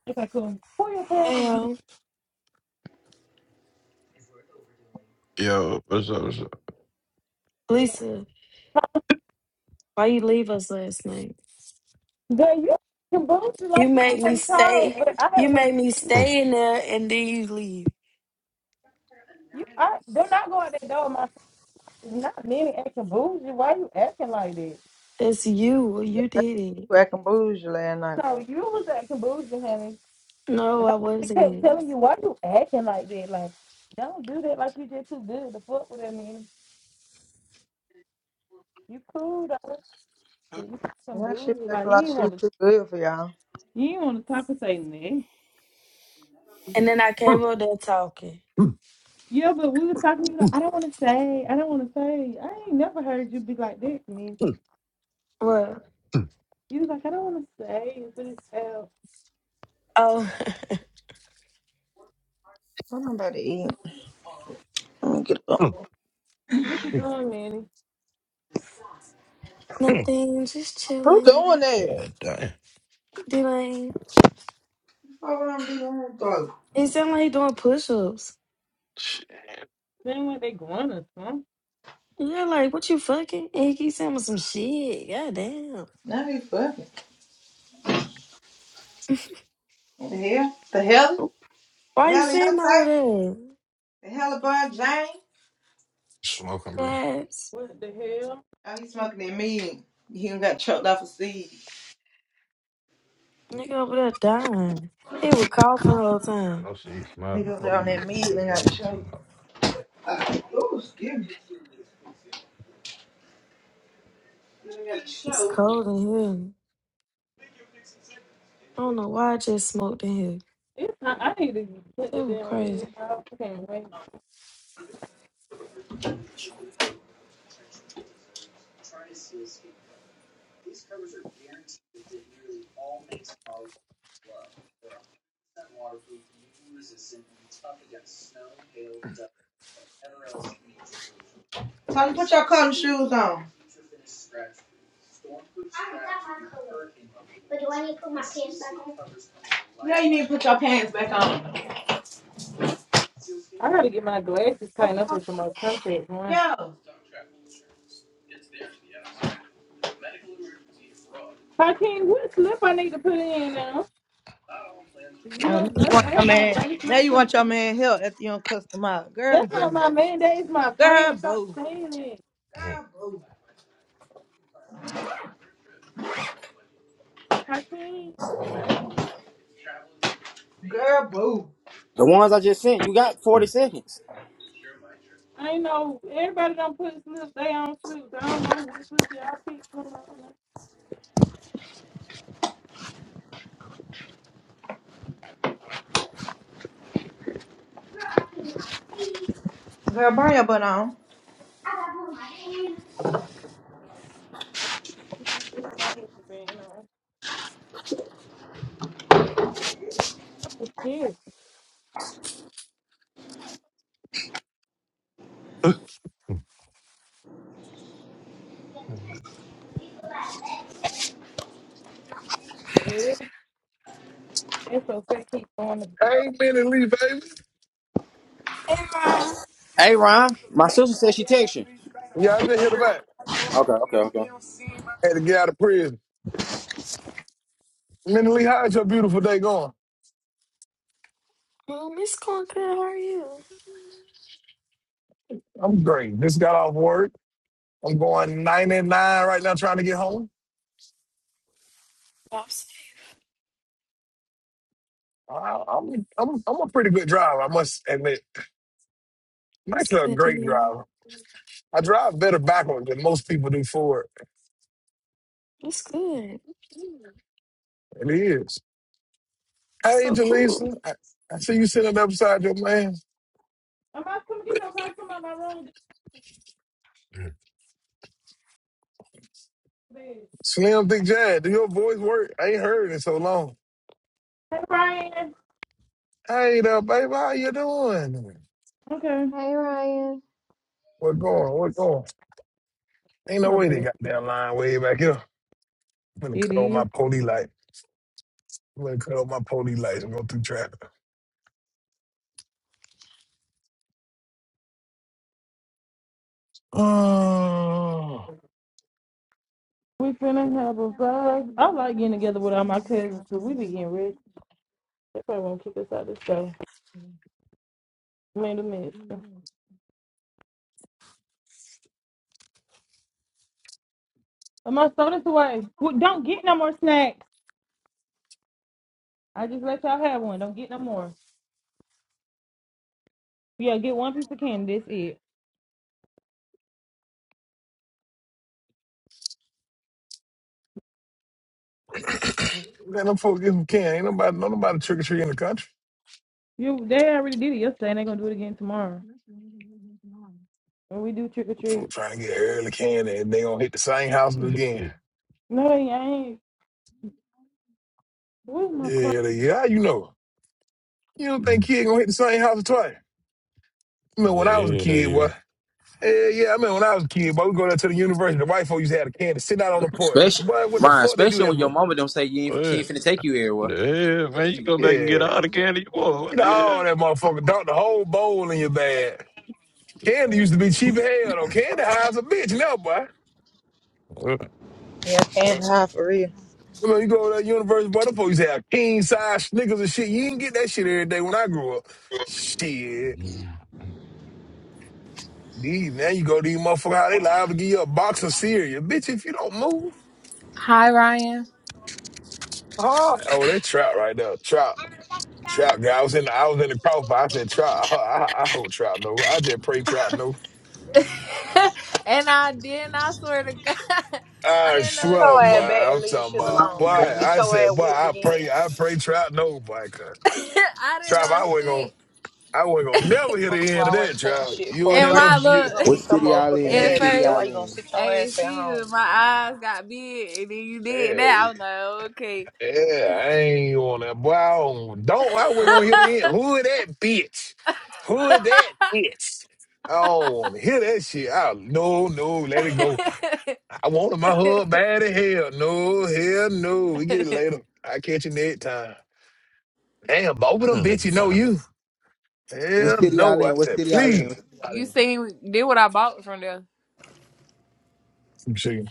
Okay, cool. Who your
Hey,
family?
yo,
Yo, what's up? What's up?
Yeah.
Lisa, why you leave us last night?
Girl, you can boost you
You
like you
made me
from town.
stay.
But I
You
had
made
went
me
Mm,
stay in there, and then you leave.
you I do not go out that door my not many acting bougie. Why you acting like that?
That's you. Well, You did it.
You acting bougie last night.
So you was acting bougie, honey.
No,
And
I
I kept
wasn't.
telling you why you acting like that. Like, don't do that like you just too good to fuck with that man. You cool though. But you some
Why shit
bougie.
acting
Like you
like
ain't
shit
want to
too good for y'all?
You ain't want to talk or say nothing.
And then I came
mm,
up there talking.
Yeah, but we was talking. You was like, I don't want to say. I don't want to say. I ain't never heard you be like that, man.
What?
You was like, I don't want to say. It's this hell.
Oh,
What I'm about to eat? Let me get up.
mm,
What you doing, Manny?
mm.
nothing. Just
Who's doing
chilling.
that?
God damn.
D-Lane.
Fuck what I'm doing throat.
It sound like he doing push-ups.
Shit.
Saying what they going or something.
Yeah, like, what you fucking? And he keep saying some shit. Goddamn.
Now he's fucking. What the hell? The hell? The
Why you
hell in her
saying all
tight?
of that?
The hell about Jane?
Smoking, bro.
Yes.
What the hell?
Oh, he's smoking that meat. He done got choked off a seed.
Nigga over there dying. He was coughing the whole
God,
time.
no shit. Smoking
Niggas on that
weed.
meat
What the
and
hell
got
you talking
choked.
about?
Ooh, excuse me.
It's cold in here. I don't know why I just smoked in here.
It's not, I need to put the
That was
damn weird
crazy.
out. I can't wait.
Tony, put your cotton shoes on. Yeah, you need to put your pants back on.
I gotta get my glasses tightened up with some more contacts, man.
Yeah.
Hakeem, what slip I need to put in now? You know,
Uh, now
they
you
don't
want
ask
your
about
man.
baby
Now
slips.
you want your man help after you don't cuss them out. Girl,
That's not
boo.
my mandate. It's my
Girl,
friend. Stop
boo.
saying it.
Mm,
Girl, boo.
Hakeem.
Girl, boo.
The ones I just sent, you got forty seconds.
I know everybody don't put slip they on slips. I don't know what slip y'all picked from.
Girl, burn your butt on.
I put my headband on. Oh shit,
mm,
the hell. It's so fat. Keep going to bed.
I ain't been in Lee, baby.
Hey, Ryan.
Hey Ryan, my sister said she text you.
Yeah, I just hit him back.
Okay, okay, okay.
Had to get out of prison. Mentally, how's your beautiful day going?
Mom, it's going good. How are you?
I'm great. Just got off work. I'm going 99 right now, trying to get home.
I'm safe.
I, I'm I'm I'm a pretty good driver, I must admit. I'm
It's
actually a
good to
great
hear.
driver. I drive better backwards than most people do forward.
It's good.
It is. Hey,
So cool.
Jaleesa, I, I see you sitting up beside your man,
I'm about to come get your car. Come out my room. get
mm,
to bed.
Slim Thick Jad. Do your voice work? I ain't heard it in so long.
Hey Brian.
Hey there, baby, how you doing?
Okay.
hey, Ryan.
What going? What going? Ain't no
I
way they
bet
got that line way back here. I'm gonna
it
cut on my
is.
police light. I'm gonna cut off my pony lights and go through traffic. Oh,
We finna have a vlog. I like getting together with all my cousins because we be getting rich. They probably won't kick us out of the store. Made a mess. I must throw this away. Well, don't get no more snacks. I just let y'all have one. Don't get no more. Yeah, get one piece of candy. That's it.
man, them folks get some can. Ain't nobody, no nobody trick or treat in the country.
You they already did it yesterday, and they gonna do it again tomorrow. When we do trick or treat.
Folks trying to get early can and they gonna hit the same houses again.
mm,
No, they ain't. Where's my car?
Yeah, they, yeah, you know. You don't think
mm.
kid gonna hit the same house twice? I mean, when
Yeah,
I was a
yeah,
kid,
yeah.
boy. Yeah, yeah, I mean, when I was a kid, boy, we go down to the university. The white folks used to have a can and sit out on the porch.
Especially
Boy, what the
Ryan,
fuck they do
especially
that
when your
for?
mama don't say you ain't,
yeah.
she ain't
What?
finna take you everywhere.
The hell, man? You go back and get
Yeah.
all the candy you want. What
You know,
the hell?
all that motherfucker dunked the whole bowl in your bag. Candy used to be cheap as hell, though. Candy high as a bitch now, boy.
What?
Yeah, I can't hide for real.
You know, you go to that Universal Butterfly, you say a king size Snickers and shit. You didn't get that shit every day when I grew up. Shit.
Yeah.
These, now you go to these motherfuckers, how they liable to give you a box of cereal. Bitch, if you don't move.
Hi, Ryan.
Oh, oh that trout right there. Trout. Trout guy. I was in the I was in the crossbar. I said trout. I, I, I hope trout no. I just pray trout no.
and I didn't, I swear to God, I
I
didn't
Put
know
swear,
your
boy.
ass
shit.
back and
I'm
leave
talking
shit
What's
about
going
boy.
alone.
on,
Before you
man?
get
I
your ass
said, boy,
whooped
I
again.
pray, I pray trout no, boy. 'cause
I didn't
Trout,
know
I wasn't gonna
shit.
I wasn't gonna never hear the
Folks you
end of that,
always touching
Trout.
shit
You
for
and
a
And
that
break
little
my
and shit.
you,
You gonna
What
look,
get your
city y'all
motherfucking
in? What
at
ass
Yeah,
city
beat. That's
first,
why
y'all
you gonna
in?
sit
I
your
didn't
ass at
see you,
home.
and my eyes got big, and then you did
yeah,
that. I'm like, okay.
yeah, I ain't on that. Boy, I don't, don't I wasn't gonna hear the end. Who is that bitch? Who is that bitch? I don't want to hear that shit. I, no, no, let it go. I wanted my hug bad as hell. No, hell no. We get it later. I catch you next time. Damn, both of them
Nigga,
bitches know
so.
you. Hell
What city y'all
no. I
in? What
said,
city y'all in?
please.
What city y'all
you
in?
seen, did what I bought from there.
I'm sure.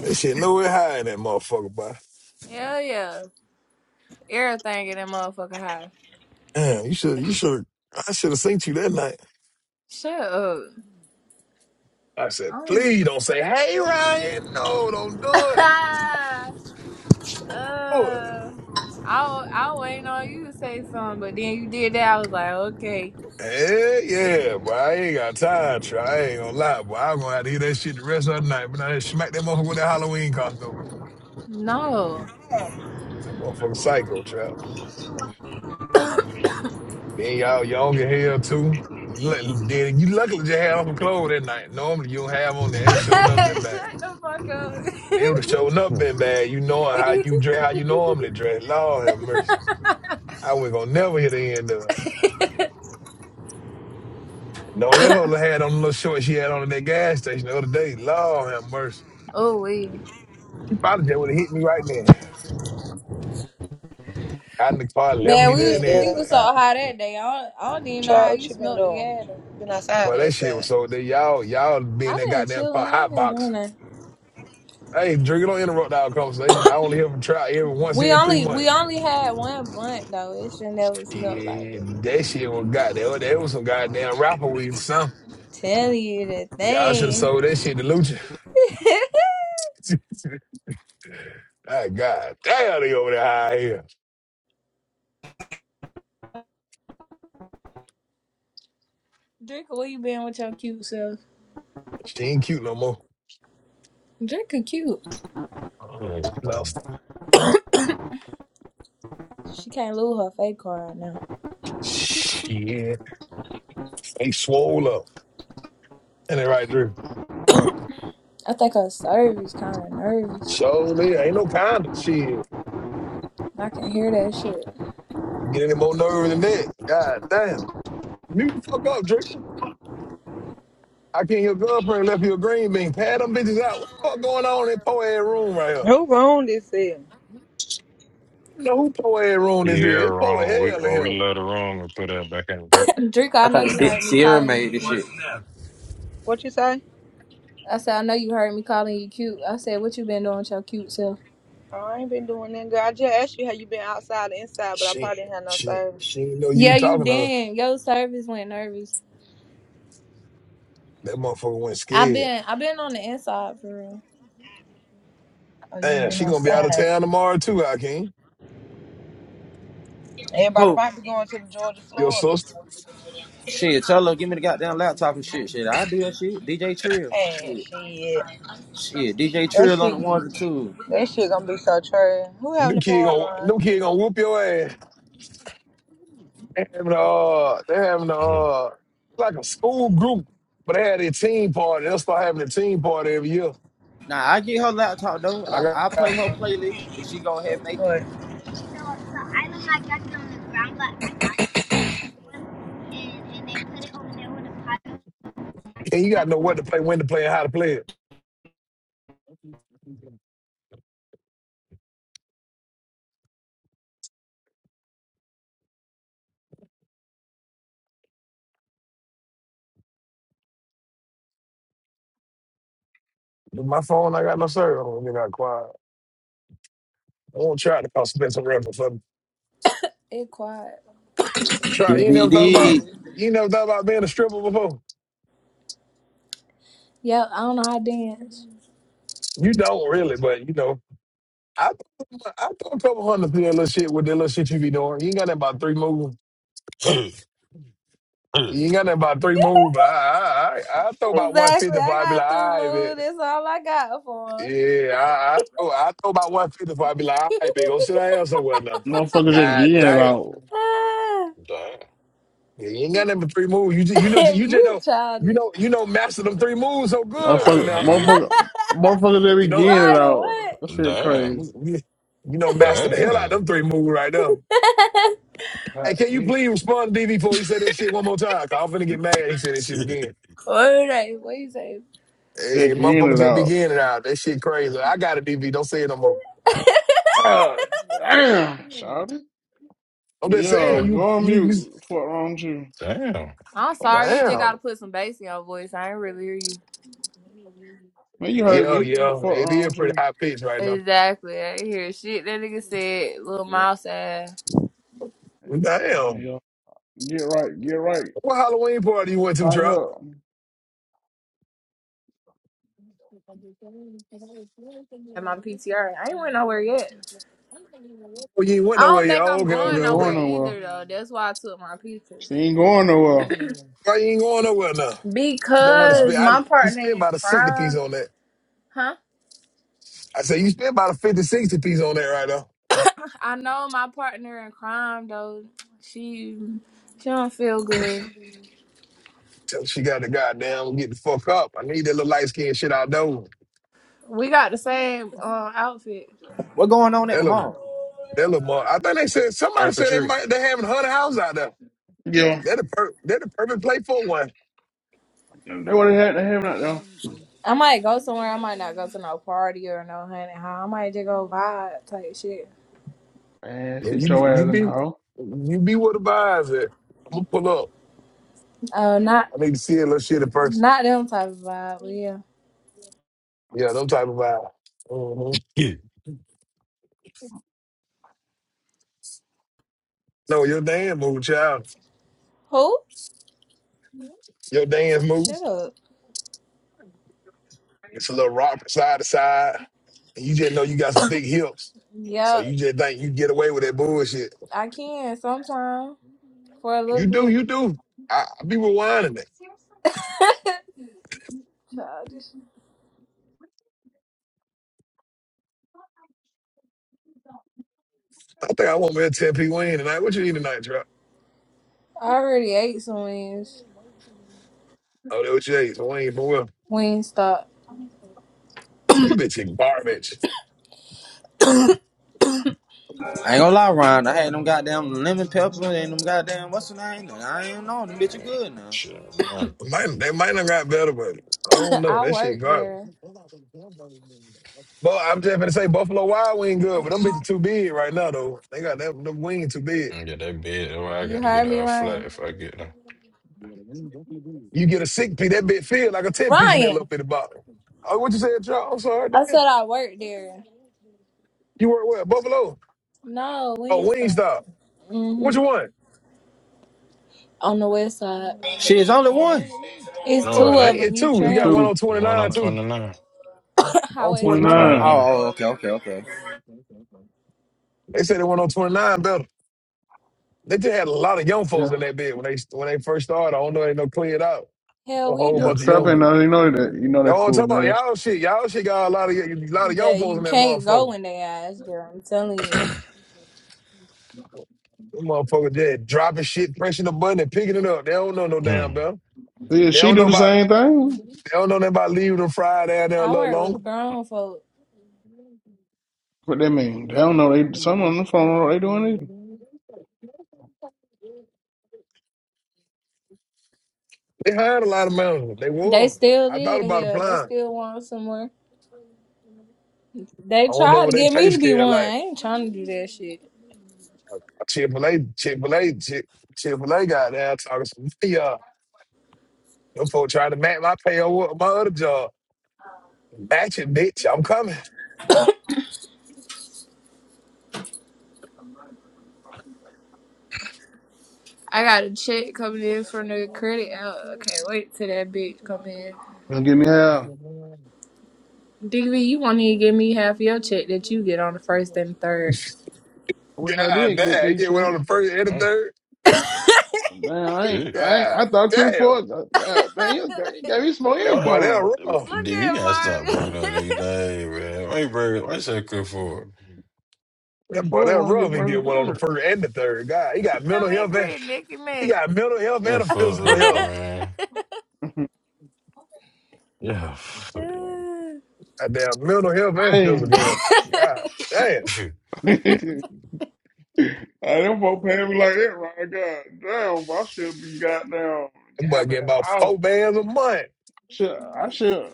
That shit nowhere high in that motherfucker, boy.
Hell yeah. Everything in that motherfucker high.
Damn, you should, you should, I should have seen you that night.
Shut up.
I said,
I
please don't say, hey, Ryan. No, don't do it.
don't-
Do it.
Uh, I I waiting on you to say something, but then you did that. I was like, okay,
Hell yeah, boy. I ain't got time, Trey. I ain't gonna lie, boy. I'm gonna have to hear that shit the rest of the night. But I just smack that motherfucker with that Halloween costume.
no,
That motherfucker psycho, Trey. Then y'all young as hell, too. Lu- Then you luckily just had on some clothes that night. Normally you don't have on that. It
shut
was showing up been bad.
the fuck
It would
up.
have showing up been bad. You knowing how you dress, how you normally dress. Lord have mercy. I wasn't gonna never hit the end of it. Don't let her had on the little shorts she had on at that gas station the other day. Lord have mercy.
oh we
She probably just would have hit me right then. Got in the car, left
man,
me
we
there and
was we
Yeah,
everything.
was so high that day. I don't, I don't even know
Charlie,
how you
what you been
smelt
doing?
together.
Been outside
Boy,
or
that shit was
inside?
so that y'all, y'all be in
I've
that
been
goddamn car
chilling. I ain't
hot
been
box.
doing that.
Hey, Drew, you don't interrupt our conversation. I only hear from Trout every once
We
every three
only we
months.
only had one blunt though. It should never smelt like
Yeah,
that.
that shit was goddamn. oh, That was some goddamn rapper weed or something.
Tell you the
Y'all should have
thing.
sold that shit to Lucha. Ah, God damn, they over there high here.
Drinker, where you been with your cute self?
She ain't cute no more.
Drinker cute.
Uh, she lost. it.
She can't lose her fake car right now.
Shit. They swole up. And they right there.
I think her service kind of nervous.
So man, ain't no kind of shit.
I can hear that shit.
Get any more nerve than that. God damn. Mute the fuck up, Drake. I can't hear girlfriend left you a green bean. Pad them bitches out. What the fuck going on in that poor ass room right here?
Who wrong this here?
You know who poor ass room this
Yeah,
is? It poor as
wrong. We
hell in
when we
here.
love the wrong and put that back in the dirt.
Draco. I
I
know
think
you
Si-
heard me
Sierra
calling you
made this shit.
cute.
What you say?
I said, I know you heard me calling you cute. I said, what you been doing with your cute self?
Oh, I ain't been doing that, girl. I just asked you how you been outside or inside, but I
She
probably didn't have no
she
service.
she didn't know you were
Yeah, you
talking to her.
did. Your service went nervous.
That motherfucker went
I
scared.
been, I been on the inside for real.
Oh, you ain't
Damn,
been
she gonna be out of
outside.
town tomorrow too, Hakeem.
Everybody
Who?
might be going to the Georgia,
Your
Florida.
sister.
Shit, tell her, give me the goddamn laptop and shit. Shit, I do that shit. DJ Trill.
Hey,
Shit.
shit.
Shit, DJ
That
Trill on
shit,
the one or two.
that shit gonna be so true. Who having
Them
the
kid
party,
gonna
Ron?
them kid gonna whoop your ass. They having a uh, they having a uh, like a school group, but they had a team party. They'll start having a team party every year.
Nah, I get her laptop though.
And I
I, I play
got,
her playlist if she go ahead and make it.
and you got to know what to play, when to play, and how to play it. With My phone, I got no service. I don't even got quiet. I won't try to call Spencer Ripper for me.
It quiet.
Try. You ain't never thought about
DVD.
you ain't never thought about being a stripper before.
Yeah, I don't know how to dance.
You don't really, but you know, I throw- I throw a couple hundred through that little shit with that little shit you be doing. You ain't got that about three moves. You ain't got nothing about three moves, but I I I, I throw about one
Exactly.
fifty before
I
I be like,
got three
all right, man.
moves. That's all I got for. her.
Yeah, I I throw, I throw about one fifty before I be like, all right, man, go sit down somewhere now.
Motherfuckers just
God
getting it
damn,
out.
Ah,
damn.
Yeah, you ain't got nothing but three moves. You just, you know you just
you
know you
childish.
know you know master them three moves so
Yeah, I
good though
Motherfucker,
heard
now.
DV.
motherfucker, motherfuckers they
You
be
know
getting it
Ryan,
out. That shit
Damn.
crazy.
you, you know master the
what?
hell out of
Damn.
them three moves right now. Hey,
God,
can you
me.
please respond to DV before he said that shit one more time? Cause I'm finna get mad. He said that shit
Shit.
again.
What is What you say?
Hey,
They
hey,
getting
motherfucker
it
just
out.
beginning out. That shit crazy. I got a DV. Don't say it no more.
Ah, damn, shouted.
I'm just
Yeah,
saying,
Damn.
you,
go on
you, you
mute. Fuck wrong with you.
Damn.
I'm
Oh
sorry, you just
shit.
damn.
gotta put some bass in your voice. I ain't really hear you.
Man, you heard
Yeah,
me.
yeah.
Fuck
It
wrong
is
with
pretty
you.
high pitched right now.
Exactly. I ain't hear shit. That nigga said little
Yeah.
mouse ass
Damn.
Yeah. Get right, get right.
What Halloween party you went to,
Tighten
Trump?
up.
and my PTR. I ain't went nowhere yet.
Oh, you ain't went
I
nowhere,
don't
yeah.
think
Oh,
I'm
okay,
She
okay,
going
ain't
nowhere
going
okay.
nowhere.
either though. That's why I took my pictures.
She ain't going nowhere.
Why you ain't going nowhere now? No one to
Because
spend.
Cuz.
I,
my
you
partner
spent
in
about a 60 piece
crime.
on that.
Huh?
I said, you spent about a 50 60 piece on that right now.
I know my partner in crime though. She she don't feel good.
Tell she got the goddamn get the fuck up. I need that little light skin shit out there.
We got the same uh, outfit.
What going on at
That
the
little,
mall?
that little more. I think they said, somebody
Trick or
said they
treat.
might, they having 100 house out there.
Yeah.
They're the, per, they're the perfect play for one.
And They what they had. They have not though.
I might go somewhere. I might not go to no party or no honey hole. I might just go vibe type shit.
Man,
Yeah,
sit
you be,
your
you
ass in the
be
hole.
you be where the vibes at. I'm gonna pull up.
Oh, not
I need to see a little shit in person.
not them type of vibe. But yeah.
Yeah, them type of vibe. hmm
Yeah.
No, your dance move, child.
Who?
Your dance moves.
Shut up.
It's a little rock from side to side, and you just know you got some big hips, so you
Yep,
just think you get away with that bullshit.
I can sometime for a little
You do,
bit.
you do. I, I be rewinding it.
Childish.
I think I want me a 10 p wing tonight. What you eat tonight, Trap?
I already ate some wings.
Oh, that what you ate? Wayne, boy.
Wingstop.
Them bitch is garbage.
I ain't gonna lie, Ron. I had them goddamn lemon pepper and them goddamn what's the name? I ain't know them bitch are good now.
Shit, no.
Might, they might not got better, but I don't know.
I
That shit
work
garbage.
there.
But I'm just gonna say Buffalo Wild Wing good, but them bitches too big right now though. They got that them wing too big.
I get that bed. Oh, I
You
gotta get
heard me,
a flat
Ryan.
if I get them.
You get a six piece, that bit feel like a ten piece in that
Ryan.
little bitty bottle. Oh, what you said, Charles? I'm sorry. Damn.
I said I work there.
You work where? Buffalo.
No,
Oh,
Wingstop.
Wingstop. What you
Mhm.
want?
On the west side.
Shit, it's only one.
It's
No,
No,
it
two
it ain't
of
ain't.
them.
it
You
two.
You
You got one
trim.
too.
on
The
twenty
one
nine
on
Oh,
too.
29.
On
Highway
Twenty
twenty
I'm
nine,
nine.
29.
29.
oh, okay, okay, okay.
they said they went on twenty nine better. They just had a lot of young folks
Yeah,
in that bed when they when they first started. I don't know they no cleared out
Hell,
a
we
whole
yeah.
do
bunch of
Strap
young.
in
too.
now. You know that. You know
That's
that
what I'm talking
fool
about.
nest.
Y'all shit. Y'all shit got a lot of a lot of young
That
folks
you
in that
can't go
motherfucker.
in their eyes, girl. I'm telling you.
Them motherfucker dead dropping shit, pressing the button and picking it up. They don't know no
Hmm.
damn
Mm,
better.
Yeah,
They
she
don't
do
know
the
about they
same thing.
don't know nothing about leaving them fried down there a
I
little
work
longer.
with grown folk.
What that mean? They don't know. They some on the phone. Know What they doing either?
They hired a lot of managers. They
They
were.
still
I thought
live
about
hell. They
applying.
still want somewhere. They
I don't know
tried to
what they
get
pay
me to be
scale
one. I
like.
ain't trying to do that shit.
Chick fil A, Chick fil A, Chick fil A got there talking some y'all. Them folks trying to match my pay over my other job. Match it, bitch. I'm coming.
I got a check coming in from the credit. Oh, I can't wait till that bitch come in.
Don't give me hell.
DV, you won't even give me half your check that you get on the first and third.
I wish I
God
did get
damn. You
three
get one on
checks.
the first and the third.
Look at
Man, I ain't,
Shit.
I ain't,
God
I thought pretty
damn.
four. Man, man, you, got- you gave me some more
That
What?
boy, that
income.
Dude,
rough.
we gotta stop bringing
Marvin.
up nigga name, man. Why you bring? Why you say Chris Ford?
Pretty
That boy,
four,
that
want to
rough.
get
He
first
get
and
one on the
third.
first and the third. God, he got mental
I'm at
health and
credit, Nicky
he
Mac.
got mental health
Yeah,
and a
fuck
physical
up,
health.
man. Yeah. fuck
Goddamn, mental health and physical health. God damn.
it.
Hey. I don't want to pay me like that, right? God damn, I should be goddamn
That boy
having
get
an
about
hour.
four bands a month.
Shit, I should,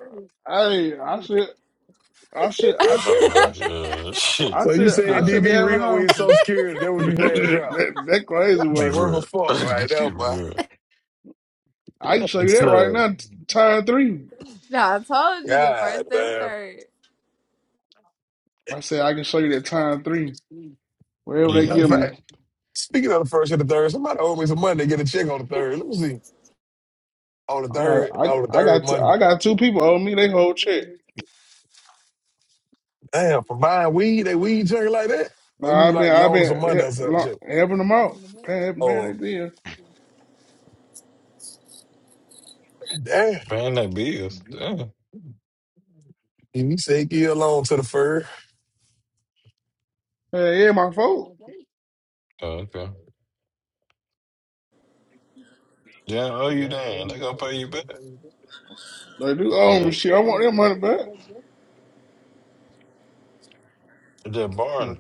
I, I should, I should, I should,
Oh my
I should,
god,
I
shit.
So you
should,
Chill
I
saying
should be
out,
DV
having a
bro.
re-up with
house.
his Social Security? That what you saying, Trout?
that, that
That
crazy
ain't
word.
worth a
Bruh.
fuck right now, boy.
Bruh.
I can
Yeah,
show you
it's
that right
uh,
now, t- time three.
Yeah, I told you the
God
first and
damn.
the
I said I can show you that time three. Wherever they
Matter of
give
yeah.
fact,
me,
speaking of the first and the third, somebody owe me some money to get a check on the third. Let me see. On the
I got,
third,
I,
on the
I
third
got, t-
Monday.
I got two people owe me they whole check.
Damn, for buying weed, they weed drinking like that?
Now
Or you
I've been,
like
I've
loaning some
been
money or
he-
some
lo-
shit?
helping them out, paying, paying their
Oh,
bill.
damn.
Paying that bills.
And
Damn.
you say give a loan to the fur.
Hey, yeah, my fault.
Oh, okay. Yeah, I owe you then. They gonna pay you back.
They do own me.
But
Shit, I want their money back.
that barn.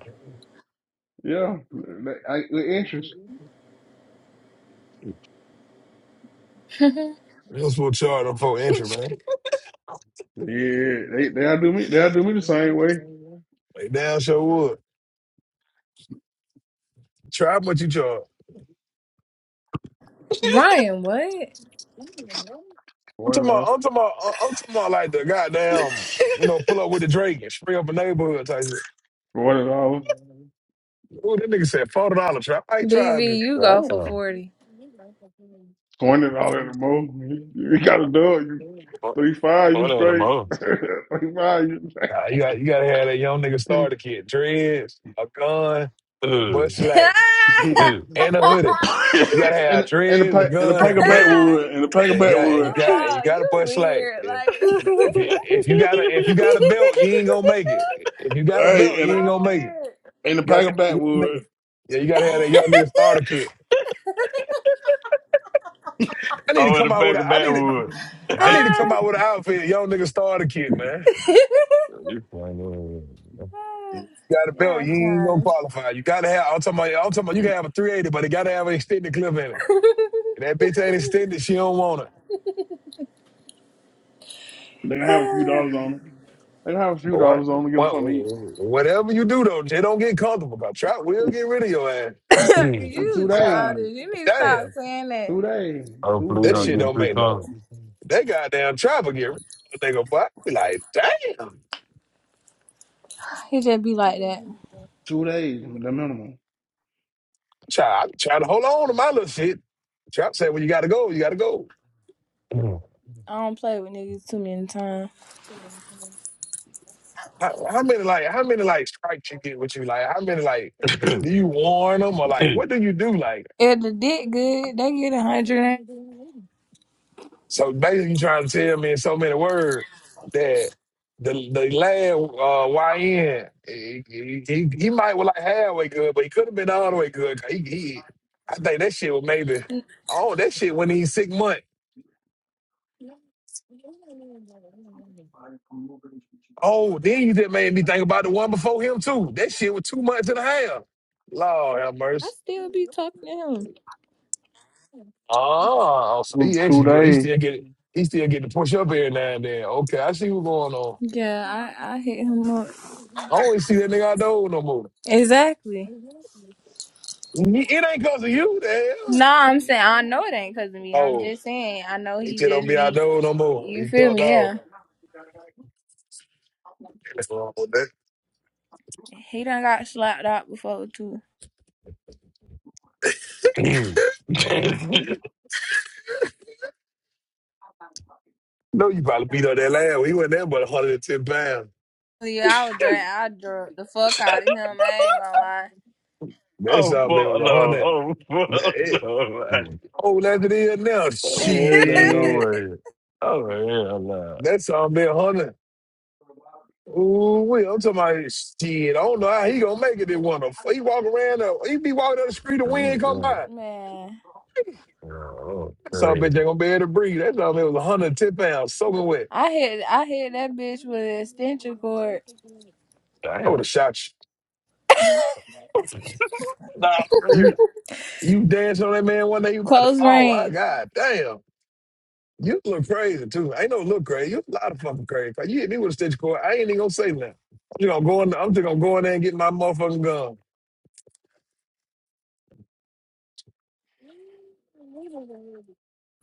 Yeah, they, I, the interest.
third.
you was supposed to charge them for entry, man.
Yeah, they they'll do me. They'll do me the same way.
Like damn sure would. Try what you charge.
Brian, what?
I'm
Forty
talking about
dollars,
I'm talking about I'm talking about like the goddamn, you know, pull up with the Drake and spray up a neighborhood type shit.
forty dollars,
Ooh, that nigga said forty dollars trap. I ain't trying
BV,
to
you go for
Wow.
40.
twenty dollars at the most. You, you got a dog. You three five. You
One of them
straight.
all.
three five. You straight.
Nah, you got you gotta have that young nigga starter kit. Dreads, a gun, and
Ugh.
butt
Chill
slack.
Ugh.
And a hoodie. You gotta have
and and the
dreads, a
pack and the
gun,
pack
and
of
butt
backwood and the pack
Yeah,
of
you got and you
backwood.
got and you
out.
got to
You
push slack.
weird.
if
Like,
if you if you got a if you got a belt, you ain't gonna make it. If you got
you
a
are
belt,
Hey, and
you
a
ain't
so
gonna make it.
weird.
and the
You gotta
pack
have
of
the young
backwood.
nigga. Yeah, you gotta have that young nigga starter kit. I need to
Oh, in
come
the
out with
back
a
of
I need
Baton
to
Rouge.
They
I need to come
Ah.
out with an outfit, young nigga starter kit, man.
You funny.
If you got a
yeah,
belt,
I'm
you ain't gonna
childish.
qualify. You gotta have I'm talking about I'm talking about you can have a three eighty, but it gotta have an extended clip in it. If that bitch ain't extended, she don't want it.
gonna have a few dollars on them. They gonna have a few
But what,
dollars on them to give them
what
something to eat
whatever you do though, they don't get comfortable. But Trap will get rid of your ass.
Mm.
in two
you
God
days.
childish. You need to stop
damn,
saying that.
Two days. Two
Hopefully, we
that
don't
shit
days.
get
don't
too
make no.
common.
That goddamn travel get rid of that nigga, boy. I be like, damn,
He just be like that.
Two days, the minimum.
try, I be trying to hold on to my little shit. Trap said, well, you gotta go, you gotta go.
I don't play with niggas too many times.
How, how many like, how many like strikes you get with you? Like, how many like, do you warn them or like, what do you do? Like.
If the dick good, they get a hundred.
So basically, you trying to tell me in so many words that the the lad uh, YN he, he, he he might was like halfway good, but he could have been all the way good. 'Cause He, he I think that shit was maybe oh that shit when he's six months. Oh, then you just made me think about the one before him too. That shit was two months and a half. Lord have
I
mercy.
still be talking to him.
Oh, so
Two,
he
two
actually good. He
days.
still get he still get to push up every now and then. Okay, I see what's going on.
Yeah, I I hit him up.
I don't even see that nigga out there no more.
Exactly.
It ain't cause of you, the hell.
No, I'm saying I know it ain't cause of me. I'm
Oh,
just saying I know
he
he
just don't
just
be out
be.
there no more.
You
He
feel
ducked
me?
off.
Yeah.
That's wrong with that.
He done got slapped out before too.
No, you probably beat up that lad. when He went there but 110 pounds.
Yeah, I would drag, I drug the fuck out of him. I ain't gonna lie.
That's
oh,
all
fuck
man was
no.
100.
Oh,
That
fuck
it.
no.
Oh, that's it is now.
I'm wearing that no
Shit.
way. Oh, hell no.
That's all man 100. Ooh, wee. I'm talking about shit. I don't know how he gonna make it in one of them. He walk around, uh, he be walking down the street, the wind come
Mm,
by.
Man,
yeah. Oh,
That's all bitch
crazy.
ain't gonna be able to breathe. That's all man was 110 pounds, soaking wet.
I hit I hit that bitch with an extension cord,
I
Damn.
would have shot you.
Nah, for real.
You you dance on that man one day, you about to
close
fall. I
range.
god damn. You look crazy too. I ain't no look crazy. You a lot of fucking crazy. Like, you hit me with a stitch cord. I ain't even gonna say nothing. You know, gonna go in I'm just gonna go in there and get my motherfucking gun.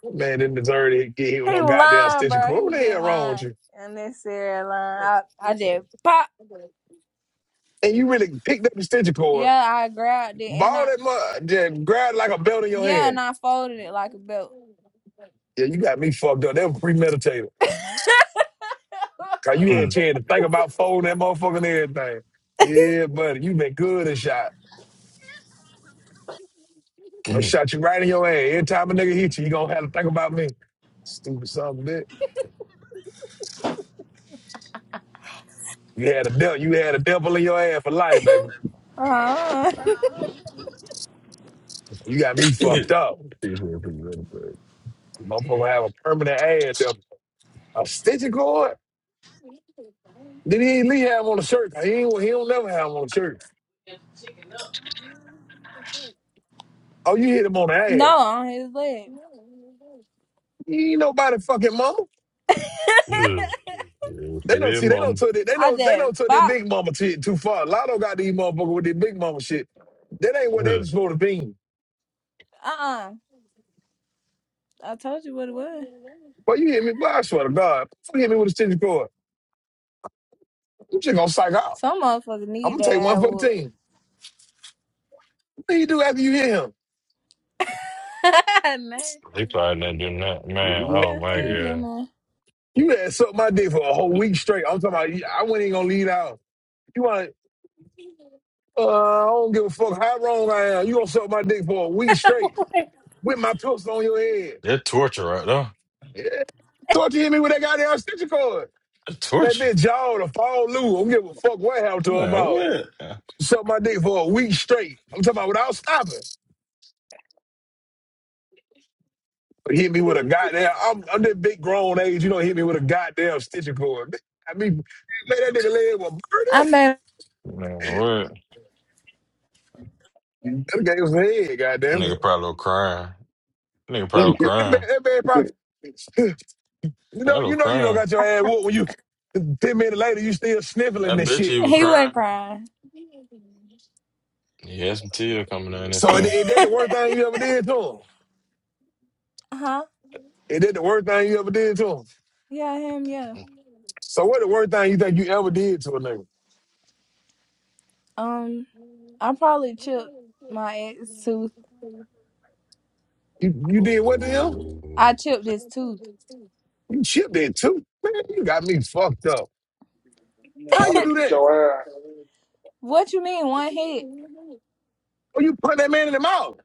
That Man didn't deserve to get hit with
He
no
was
goddamn
lying,
stitch
bro.
cord. What
He
the hell
just
wrong with
lying.
you?
Unnecessary lying. I, I just pop.
And you really picked up the stitch cord,
Yeah, I grabbed it and
ball
I
that mud, then grabbed like a belt in your
yeah,
hand.
and I folded it like a belt.
Yeah, you got me fucked up. That was premeditated. Cause you had a
Mm,
chance to think about folding that motherfucking everything. Yeah, buddy, you been good and shot. I
mm,
shot you right in your ass. Every time a nigga hit you, you gonna have to think about me. Stupid son of a bitch. You had a devil. You had a devil in your ass for life, baby.
uh-huh.
You got me
mm.
fucked up.
These were pretty good, but-
Motherfucker gonna have a permanent ad devil. A stitching cord? Did he ain't Lee have on the shirt? He ain't, he don't never have on the shirt. Oh, you hit him on the ass.
No, on his leg.
He ain't nobody fucking mama.
Mm. Yeah,
They don't
yeah,
see. They don't took it. They
I
don't. They don't
just
took their
pop.
big mama shit too far. Lotto got these motherfuckers with their big mama shit. That ain't what they
mama.
was supposed to be.
Uh uh I told you what it was.
But you hit me, boy, I swear to God, you hit me with a stitch cord. You just gonna psych out.
Some motherfucker
I'm
need
gonna
that
take one
ass
for the
whoop.
team. What do you do after you hit him?
Man.
They probably not doing that. Man, oh
Yeah, he
my
Man,
ain't doing
God.
that.
You had sucked my dick for a whole week straight. I'm talking about. I wasn't even gonna lead out. You want? Uh, I don't give a fuck how wrong I am. You gonna suck my dick for a week straight with my pistol on your head?
That torture right there.
Yeah. Thought you hit me with that goddamn stitcher cord.
That
That
torture.
bitch jaw to fall loose. I don't give a fuck what happened to her
Man,
mouth.
what?
Suck my dick for a week straight. I'm talking about without stopping. hit me with a goddamn. I'm, I'm this big grown age. You don't hit me with a goddamn stitching cord. I mean, man, that nigga leg was
I made
Man, what?
burning. That guy was head. Goddamn.
Nigga
That
probably was crying. Nigga probably was
you
man,
crying.
that man probably. You know,
Probably
you
was
know, you don't
crying.
got your ass whooped when you. Ten minutes later, you still
I
sniffling this
bet you he
shit.
was
he wasn't
crying.
crying.
He had some tears coming down his
So it,
face.
it did the worst thing you ever did to him.
huh?
It did the worst thing you ever did to him.
Yeah, him, yeah.
So what the worst thing you think you ever did to a nigga?
Um I probably chipped my ex tooth.
You you did what to him?
I
Ooh.
chipped his tooth.
You chipped it too. Man, you got me fucked up.
know,
How
I
you
would have
do
beat
that?
your ass.
What you mean one hit?
Well, you punch that man in the mouth.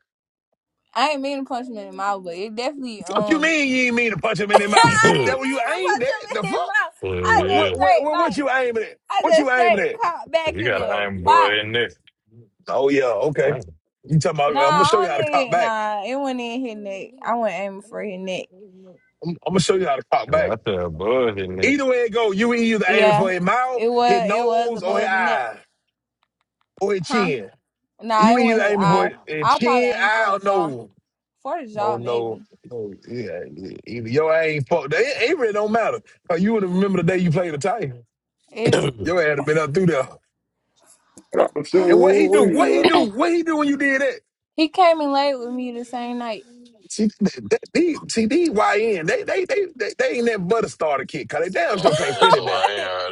I ain't mean to punch him in the mouth, but it definitely um
Fuck you mean you ain't mean to punch him
I
in the mouth? That
didn't
what
but
you
mean to
aimed
punch
at?
him
The
in his
fuck?
mouth. I
What
yeah,
just
what what
straight
what, what
like
you aiming at?
I
What you
just
aiming
straight
at?
caught back
you
and
got an
just
iron
pop.
boy in there.
Oh yeah, okay.
Dang.
You talking about?
Nah,
I'm gonna show you
I don't
how to cop
need
back.
nah, it wasn't in his neck. I wasn't aiming for his neck.
I'm, I'm gonna show you how to cop
and I
back.
feel a buzz in there.
Either way it go, you either aiming
Yeah.
for his mouth,
It
his
was it was
nose, or his
above the neck.
eye, or his
Huh?
chin.
Nah,
You
it
either
wasn't his
aiming for
eye.
his his
I probably
chin,
aimed
eye,
for
or
the jaw.
nose.
For the
Oh
jaw
no,
maybe.
no, yeah, yeah. either your ass ain't fucked. It, it really don't matter. 'Cause you would have remember the day you played the Titan.
I
It
don't
Your ass have been up through there.
But I'm
And what he
assuming
do?
we
What he
will.
do? What he do when you did that?
He came in late with me the same night.
See, that, that, these, see, these YN, they, they, they, they, they ain't that butter starter kid. Cause they damn sure
think
can't
that's
finish
all
that.
I
Wait.
am right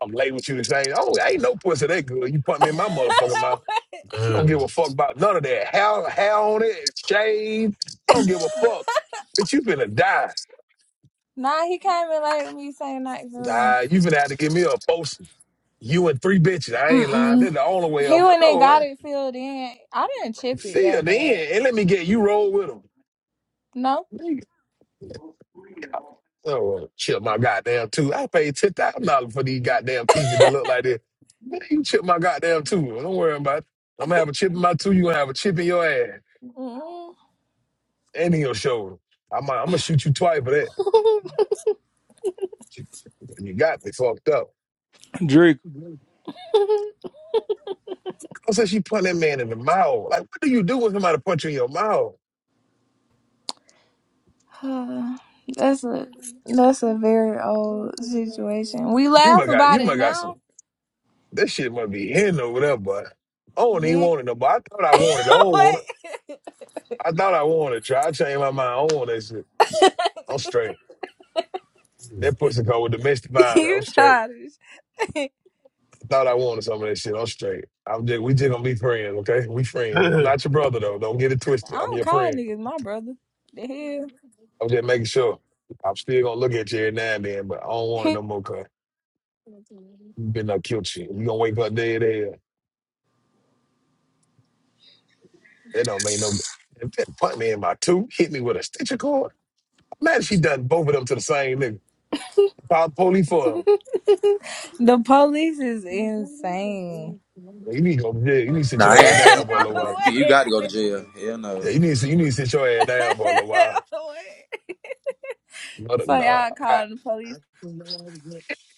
I'm late with you this thing. Oh, I ain't no pussy that good. You put me in my motherfucking mouth.
Wait.
there.
You don't give a fuck about none of that. How, how on it? Shave. Don't give a fuck. Bitch, you finna die.
nah, he came in late with me same night for real.
Nah, you finna have to give me a post You and three bitches. I ain't lying.
Mm-mm.
That's the only way
He
I'm.
went and
No,
got
eh.
it filled in. I didn't chip it
see you
that bad.
then, and let me get you roll with them.
No.
Nigga. Oh, chip my goddamn tooth. I paid ten thousand dollars for these goddamn teeth that look like this. Man, you chip my goddamn tooth. Don't worry about it. I'm gonna have a chip in my tooth. You gonna have a chip in your ass
Mm-mm.
and in your shoulder. I'm I'm gonna shoot you twice for that. You got me fucked up.
Drake,
I said she punched that man in the mouth. Like, what do you do when somebody punch you in your mouth?
that's a that's a very old situation. We
You
laugh
must got you
about it
must got some
now.
That shit must be hidden over there, but I don't even
Man.
want it no but I thought I wanted it. I don't want it.
Wait.
I thought I wanted it. Try I changed my mind. I don't want that shit. I'm straight. That pussy called with domestic violence. I'm
you
straight.
childish. I
I thought I wanted some of that shit. I'm straight. I'm just we just gonna be friends, okay? We
I
friends.
ain't
I'm
gonna
not your brother though. Don't get it twisted. I'm
don't
your
call
friend.
niggas my brother. The
I'm just making sure. I'm still gonna look at you every now and then, but I don't
hell.
want it no more cause you been up killed you. You gonna wake up dead as hell. That don't make no if that put me in my tooth, hit me with a stitcher cord. Imagine she done both of them to the same nigga. Pop polyfoil.
The police is insane.
You need to go, yeah, you need to sit
Nah, I
your ass
ain't, I
down for
ain't
a little
lying. yeah.
while.
You, you
Wait.
got to go to jail. Hell
Yeah,
no.
you need to sit- you need to sit your ass
Wait.
down for a little while. No, no,
So
no.
y'all
I,
call the police.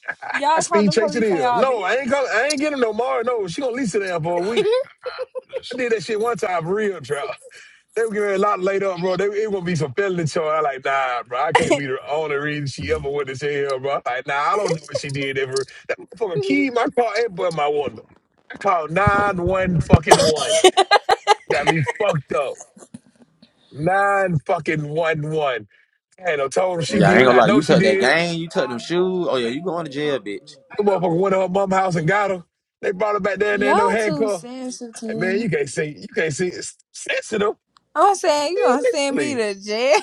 I, I
Y'all call
speed
the
chase it
police on
in.
y'all
No, I ain't call, I ain't getting no more. No, she gonna lease sit down for a week.
bitch.
cry for
I did that shit one time, for real trap. They were getting a lot laid up, bro. They, it gonna be some felony charge. I like, nah, bro. I can't be the only reason she
this.
ever went to jail, bro. Like, nah, I don't know what she did ever. That motherfucker keyed my car and but my window. I called nine one fucking one. Got me fucked up. Nine fucking one one. And I told him she
Yeah, I ain't
did.
gonna
I
lie.
know
You
she
took that
did it.
game. You took them shoes. Oh yeah, you going to jail, bitch.
The motherfucker went to her mom's house and got her. They brought her back down there in
y'all
no
too
handcuff. Like, man,
sensitive.
you can't see. You can't see. It's sensitive.
I'm saying you
Man,
gonna
nigga,
send me
please.
to jail.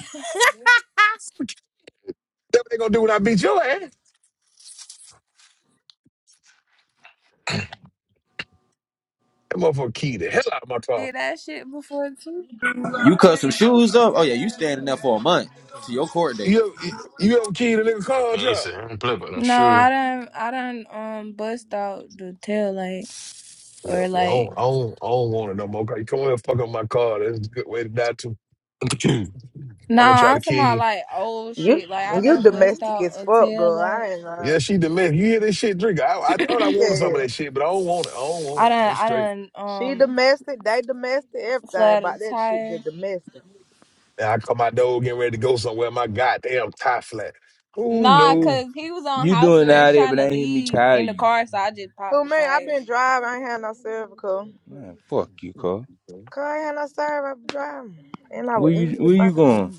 That's what they gonna do when I beat your ass. That motherfucker keyed the hell out of my car.
Did that shit before too.
You cut some shoes up. Oh yeah, you standing there for a month to your court date.
You ever, you ever keyed a nigga car or
Can you
truck?
say I don't play about no
No, I
shoe?
don't I don't um bust out the tail light
Yeah, I
or like
don't, I don't, I don't want it no more. You come here and fuck up my car. That's a good way to die too.
no,
I'm gonna try to
I'm talking
kill you.
about like old
You,
shit. Like I
you
done bust
domestic
out
as
a
fuck,
tail
girl.
light.
I ain't
Yeah,
lying.
she delicious. You hear this shit, drink. I, I
Hell
thought I wanted some of
Yeah.
that shit, but I don't want it. I don't want
I
it.
done
I'm
I
straight.
done
She
um
domestic, they domestic, everything
flat a
about that shit
tire.
just domestic.
Now I come my dog getting ready to go somewhere. My goddamn tie flat. Who
Nah,
knew?
cause he was on
you
house
doing out
arrest
there?
trying
but I
to
ain't hear me
leave
call
in the
you.
car, so I just popped
Who,
the
man, I
tire.
been driving. I ain't had no service, cause
Man, fuck you, cuz.
I ain't had no service. I been driving. And I
Where
would end
you
the
where you
same thing.
going?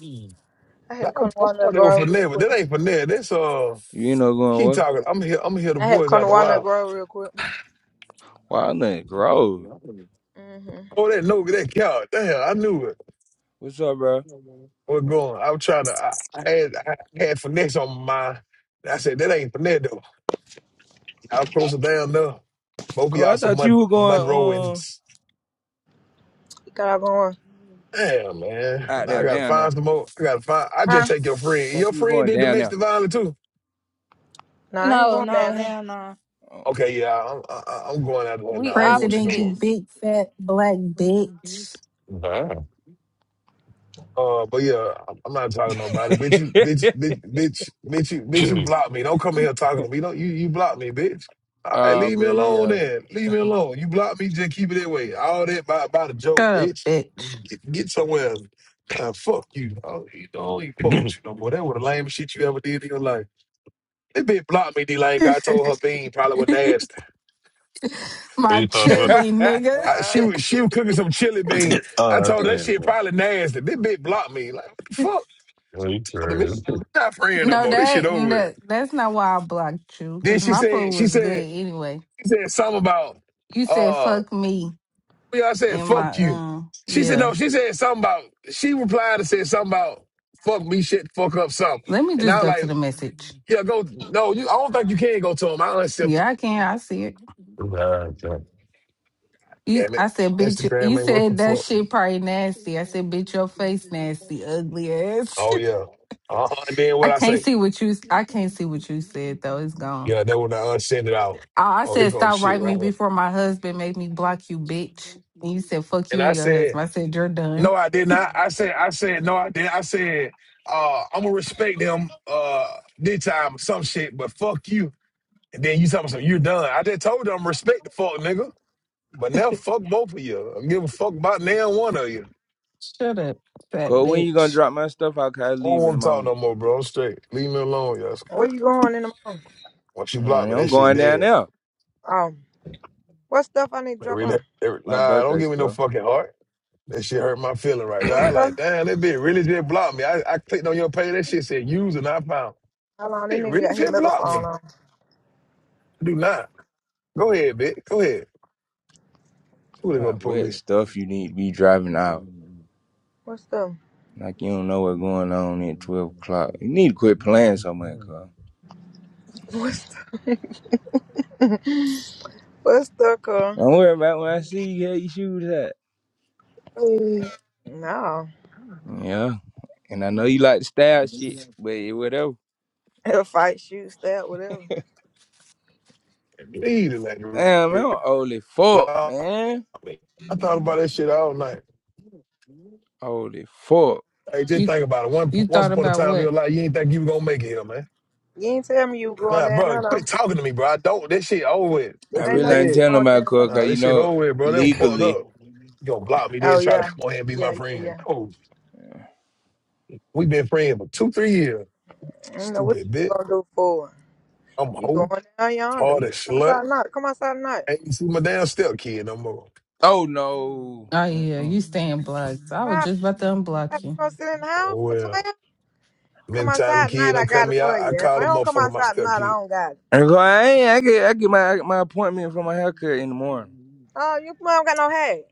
I had
I,
to come to
I
one of
thought
the
they were
girl real
Finnair, but
quick.
that ain't Finnair. That's uh,
You ain't no
keep
going
talking. I'm here. I'm hear the
I had to
voice
come to
after a
Walnut
while.
Grove real quick.
what? Wildland Grove.
Mm-hmm.
Oh, that no, that cow. Damn, I knew it.
What's up, bro?
was going? I was trying to. I, I had I had finesse on my mind. I said that ain't Finnair though. Y'all closer down though. Both of
Cuz
y'all
I
some
thought you
Mon-
were going um
Monroeans.
You got going.
Damn, man.
out
Now I
there,
gotta
down
find
there.
some more. I gotta find. I
Huh?
just take your friend.
Thought
Your
you were
friend
going
did
down there.
domestic violence too.
Nah, I ain't
No,
going
no,
down there.
hell no. Nah.
Oh.
Okay, yeah, I'm I, I'm going out the window. I
We
don't want you no
President, you
more.
opposites.
big fat black bitch.
Wow.
Uh, but yeah, I'm I'm not talking to nobody. Bitch, you bitch bitch bitch bitch you bitch you
what
block me. Don't come in here talking to me. Don't you you block me, bitch. All right,
uh,
leave me
but
alone
yeah.
then. Leave me alone. You block me, just keep it that way. All that by by the joke,
Shut up,
bitch.
bitch.
Get, get somewhere. Uh, fuck you. I don't, I don't even fuck with
you
you no more. That was the lamest shit you ever did in your life. This bitch blocked me, D Lane. I told her bean probably was nasty.
My
thought of it?
chili nigga.
I, she was she was cooking some chili bean.
oh,
I
I
told her that
think.
shit probably nasty. This bitch blocked me. Like, what the fuck?
Oh, you
to me.
crazy.
We're not friends no
No,
more. This shit
that,
over with.
that that's not why I blocked you,
Then
cause
she
my
said,
food
she
was good
said,
anyway.
she said something about
You said
uh
fuck me
yeah, I said,
in
fuck
my
you.
um
She said,
yeah.
no, she said something about she replied and said something about fuck me shit, fuck up something.
Let me
And I
just
was
go to the
like,
message.
yeah, go no, you I don't think you can go to him. I don't accept him.
Yeah, I can. I see it.
Nah, I
You,
Damn it.
I said, bitch. You you
Instagram ain't working
said that
for.
shit probably nasty. I said, bitch, your face nasty, ugly ass.
Oh yeah. Uh-huh. And then
I
what I
can't
say?
see what you. I can't see what you said though. It's gone.
Yeah, that when I unsend it out.
I I
Oh, here
said,
go the
stop
shit
writing me
right here.
before my husband made me block you, bitch. And you said, fuck
And
you
I
and your husband. I
said,
said, you're
no,
done.
I did not. I said, I said, no, I didn't. I said, uh, I'm gonna respect them uh this time or some shit, but fuck you. And then you tell me something, you're done. I just told them respect the fuck nigga. But now fuck both of you. I'm giving a fuck about now one of you.
Shut up, fat
Cuz when you gonna
bitch.
drop my stuff out? Cause I
I don't
leave in the
want to talk
morning.
no more, bro. I'm straight. Leave me alone, y'all.
Where you going in the morning?
Once you block me,
Mm,
that
I'm
shit
going down
dead.
there.
Um, what stuff I need to
Man,
drop
really,
off?
every-
My
nah, don't
birthday
give me no
stuff.
fucking heart. That shit hurt my feeling right
What
there. I
stuff?
like, damn, that bitch really just blocked me. I, I clicked on your page. That shit said user not found.
How long this
It
nigga
really
got his
just blocked me.
megaphone
I
on?
Do not. Go ahead, bitch. Go ahead. Who they go
My
to
wet
police?
stuff you need to be driving out.
What stuff?
Like you don't know what's going on at twelve o'clock. You need to quit playing so much, Carl.
What stuff? What stuff, cuz?
Don't worry about when I see you how your shoes at.
No.
Yeah. And I know you like the style shit, but it whatever.
It'll fight, shoot, stab, whatever.
Leave the
Damn, man,
lady
I'm old as fuck,
block
man.
me. I thought about that shit all night.
Old as fuck.
Hey, just
You
think about it. One,
you
once
thought
upon a
about
time in your
what?
life, you ain't think you were gonna make it here, man.
You ain't tell me you were going
Nah,
down
bro,
there, though.
quit talking to me, bro. I don't. That shit over with.
I
That
I ain't
shit
know
really
you
ain't
were
telling
dead.
going
about
down
Carl,
there.
Nah,
cause you
this shit
know
over with, bro. That was fucked
legally.
up. You gonna block me, then
Oh,
try to
yeah.
come on here and be
Yeah,
my
yeah, yeah.
friend. Oh, we been friends for two, three years.
I ain't know what
Stupid
you
bitch.
gonna do for.
I'm
You
old,
going down yonder.
hard
You
as
come
slut.
outside tonight. Come outside tonight.
Ain't even see my damn step kid no more.
Oh no.
Oh yeah,
Mm-mm.
you staying blocked. I was
Wow.
just about to
You
unblock you.
gonna sit in the house
Oh
for 12?
well.
Come
Many time them
outside tonight,
kid
I
don't cut
got it
me
for
out,
you.
I
If
call
I
the
don't come
motherfucker my
outside
step
tonight, I
kid.
don't got it.
And Carl, I ain't, I get I get my my appointment for my haircut in the morning.
Oh, your mom got no hair.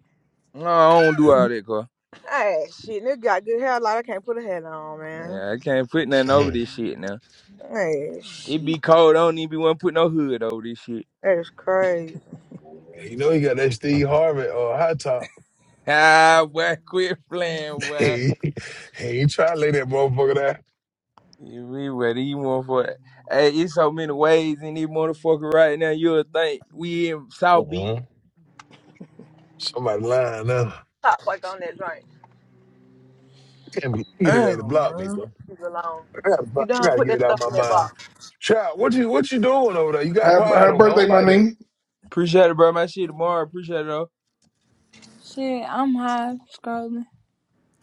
No, I don't do all that, Carl.
Hey, shit, nigga got good hair, like I can't put a hat on, man.
Yeah, I can't put nothing over
think.
this shit now.
Hey,
It
shit,
be cold. I don't even want to put no hood over this shit.
that's crazy.
Yeah, You know he got that Steve Harvey or high top.
Ah, boy, quit playing, boy.
He he ain't trying to lay that motherfucker down.
You be what you want for it. Hey, it's so many ways in this motherfucker right now. You'll think we in South Beach.
Uh-uh.
Somebody lying now.
Stop fucking on that drink.
Can't be kitty lady
Damn,
block me,
man.
bro.
Leave it alone.
I gotta, fi-
You
I
done
gotta
put
get
that
it out
stuff
of
in
my
that
mind.
box.
Child, what you what you doing over there? You got
Happy,
quiet
happy
on me. I don't
birthday, my
like that.
nigga.
Appreciate it, bro. My shit tomorrow. Appreciate it, though.
Shit, I'm high scrolling.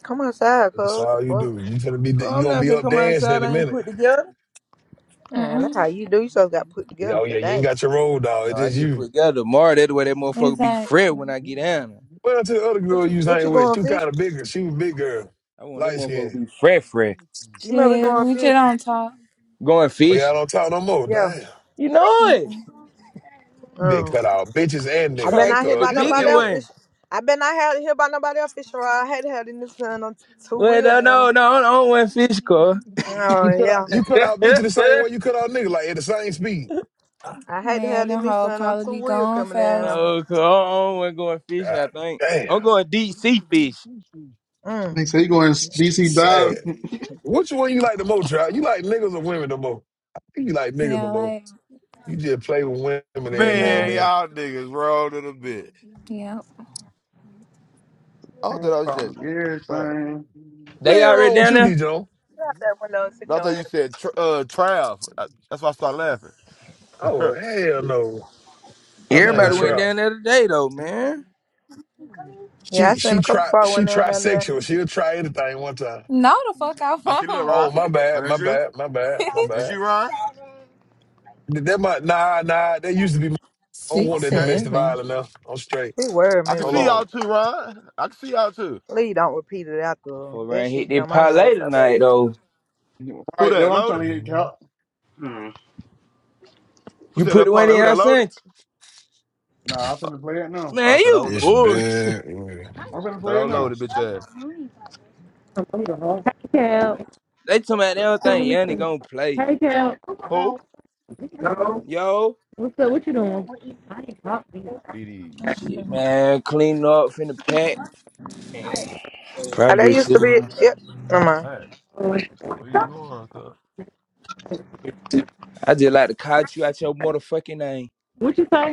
Come outside,
It's
cuz. What the
all you
fuck?
do. You gonna be
Cause
you
I'm
gonna
not
be
finna
up
come
dancing
outside.
in a
I ain't
minute.
put together.
Man, that's how
Mm-mm.
you do. You supposed got put
Yeah,
together
Oh yeah, you ain't
today.
got your roll dog.
No,
It's
I
just
get
you.
put together tomorrow. That's the way that motherfucker be fresh
Exactly.
when I get down there.
Well, to the other
What
girl
you,
you was
what you
hanging with,
going
she was kind
fishing?
of bigger. She was big girl,
I want that
light
motherfucker
skin.
to be fresh, fresh.
You might be
Shit,
going
we just
fishing.
don't talk.
Going
Oh yeah, I
fishing.
don't talk no more.
Yeah.
Damn,
You know it.
Mm-mm.
big
um,
cut out bitches and
I've
nigga.
been
They
Trying
out
to
here
catch the
cut
by
hell,
nobody
bigger
else
hell.
one.
fishing. I've been out here, here by nobody else fishing. rod. I hate to have this new son on two
Well,
wheel
no,
down
no,
there.
no, I don't want fish, car.
Oh
You cut out,
yeah,
you cut
no,
out bitches the same way you cut out nigga, like at the same speed.
I hate to have
Man,
this
them
new
hoe
son on
probably
two
be
wheel
going
coming down
faster.
cause I don't want going fishing.
God
I think
damn,
I'm going deep sea fish.
there. Mm.
They say you going to
this shit
DC
sad.
dive.
Which one you like the most, Trout? You like niggas or women the most? I think you like niggas the
Yeah,
most.
like,
You just play with women every now and
yeah,
Man,
then.
y'all niggas wrong in a bit.
yeah.
I
Everything.
thought I said trap.
Right
They
Nothing
already
wrong with
down
you, DJ?
there.
Get out that window and sit
No, I
your
thought
ass.
you said tr- uh Trav. I- That's why I started laughing.
Oh hell no, her
I
name
Everybody
love
went
Trout.
that.
down there today, though, man.
Yeah, I
She
seen
she
a couple
tri
folk
she
went down there. and done-
trisexual. She'll try anything one time.
No, the fuck I
I see look,
won't.
Oh
Ron.
my
Oh,
bad, my
that's you?
bad, my bad, my
That's
bad.
you, Ron?
That might nah nah. That used to be. My, I don't want
Six
that
Okay.
domestic
seven.
violence now. I'm straight.
She worried
I
me
can
with
Hold
see
that
on.
shit.
y'all too, Ron. I can see y'all too.
Please don't repeat it after her.
Before
that
around
shit
hit
get on
that
my
parlay
nerves so bad.
tonight, though.
Who
that's
that
what I'm trying
loaded?
to hit, Cal.
Who
You
said
put
that
the one
part?
in,
Who
I
that loaded?
sent
Nah, I'm
I
finna play it
you.
now.
I
Man,
thought I
you
was,
It's
bullshit.
bad.
I'm finna
I thought
play
I
it
was
now.
loaded, bitch ass.
Hey, Cal.
They talking about they don't
Let
think
me
Yanni
see.
gonna play.
Hey, Cal.
Who?
Hello.
Yo,
What's up? What you doing? I ain't talking.
D D's?
shit, man, clean up, finna pack. and
Oh,
Probably
that
just
used to
sit
be
around.
yep. Come on,
Hey, where you going, cuz?
I just like to call you out your motherfucking name.
What you say?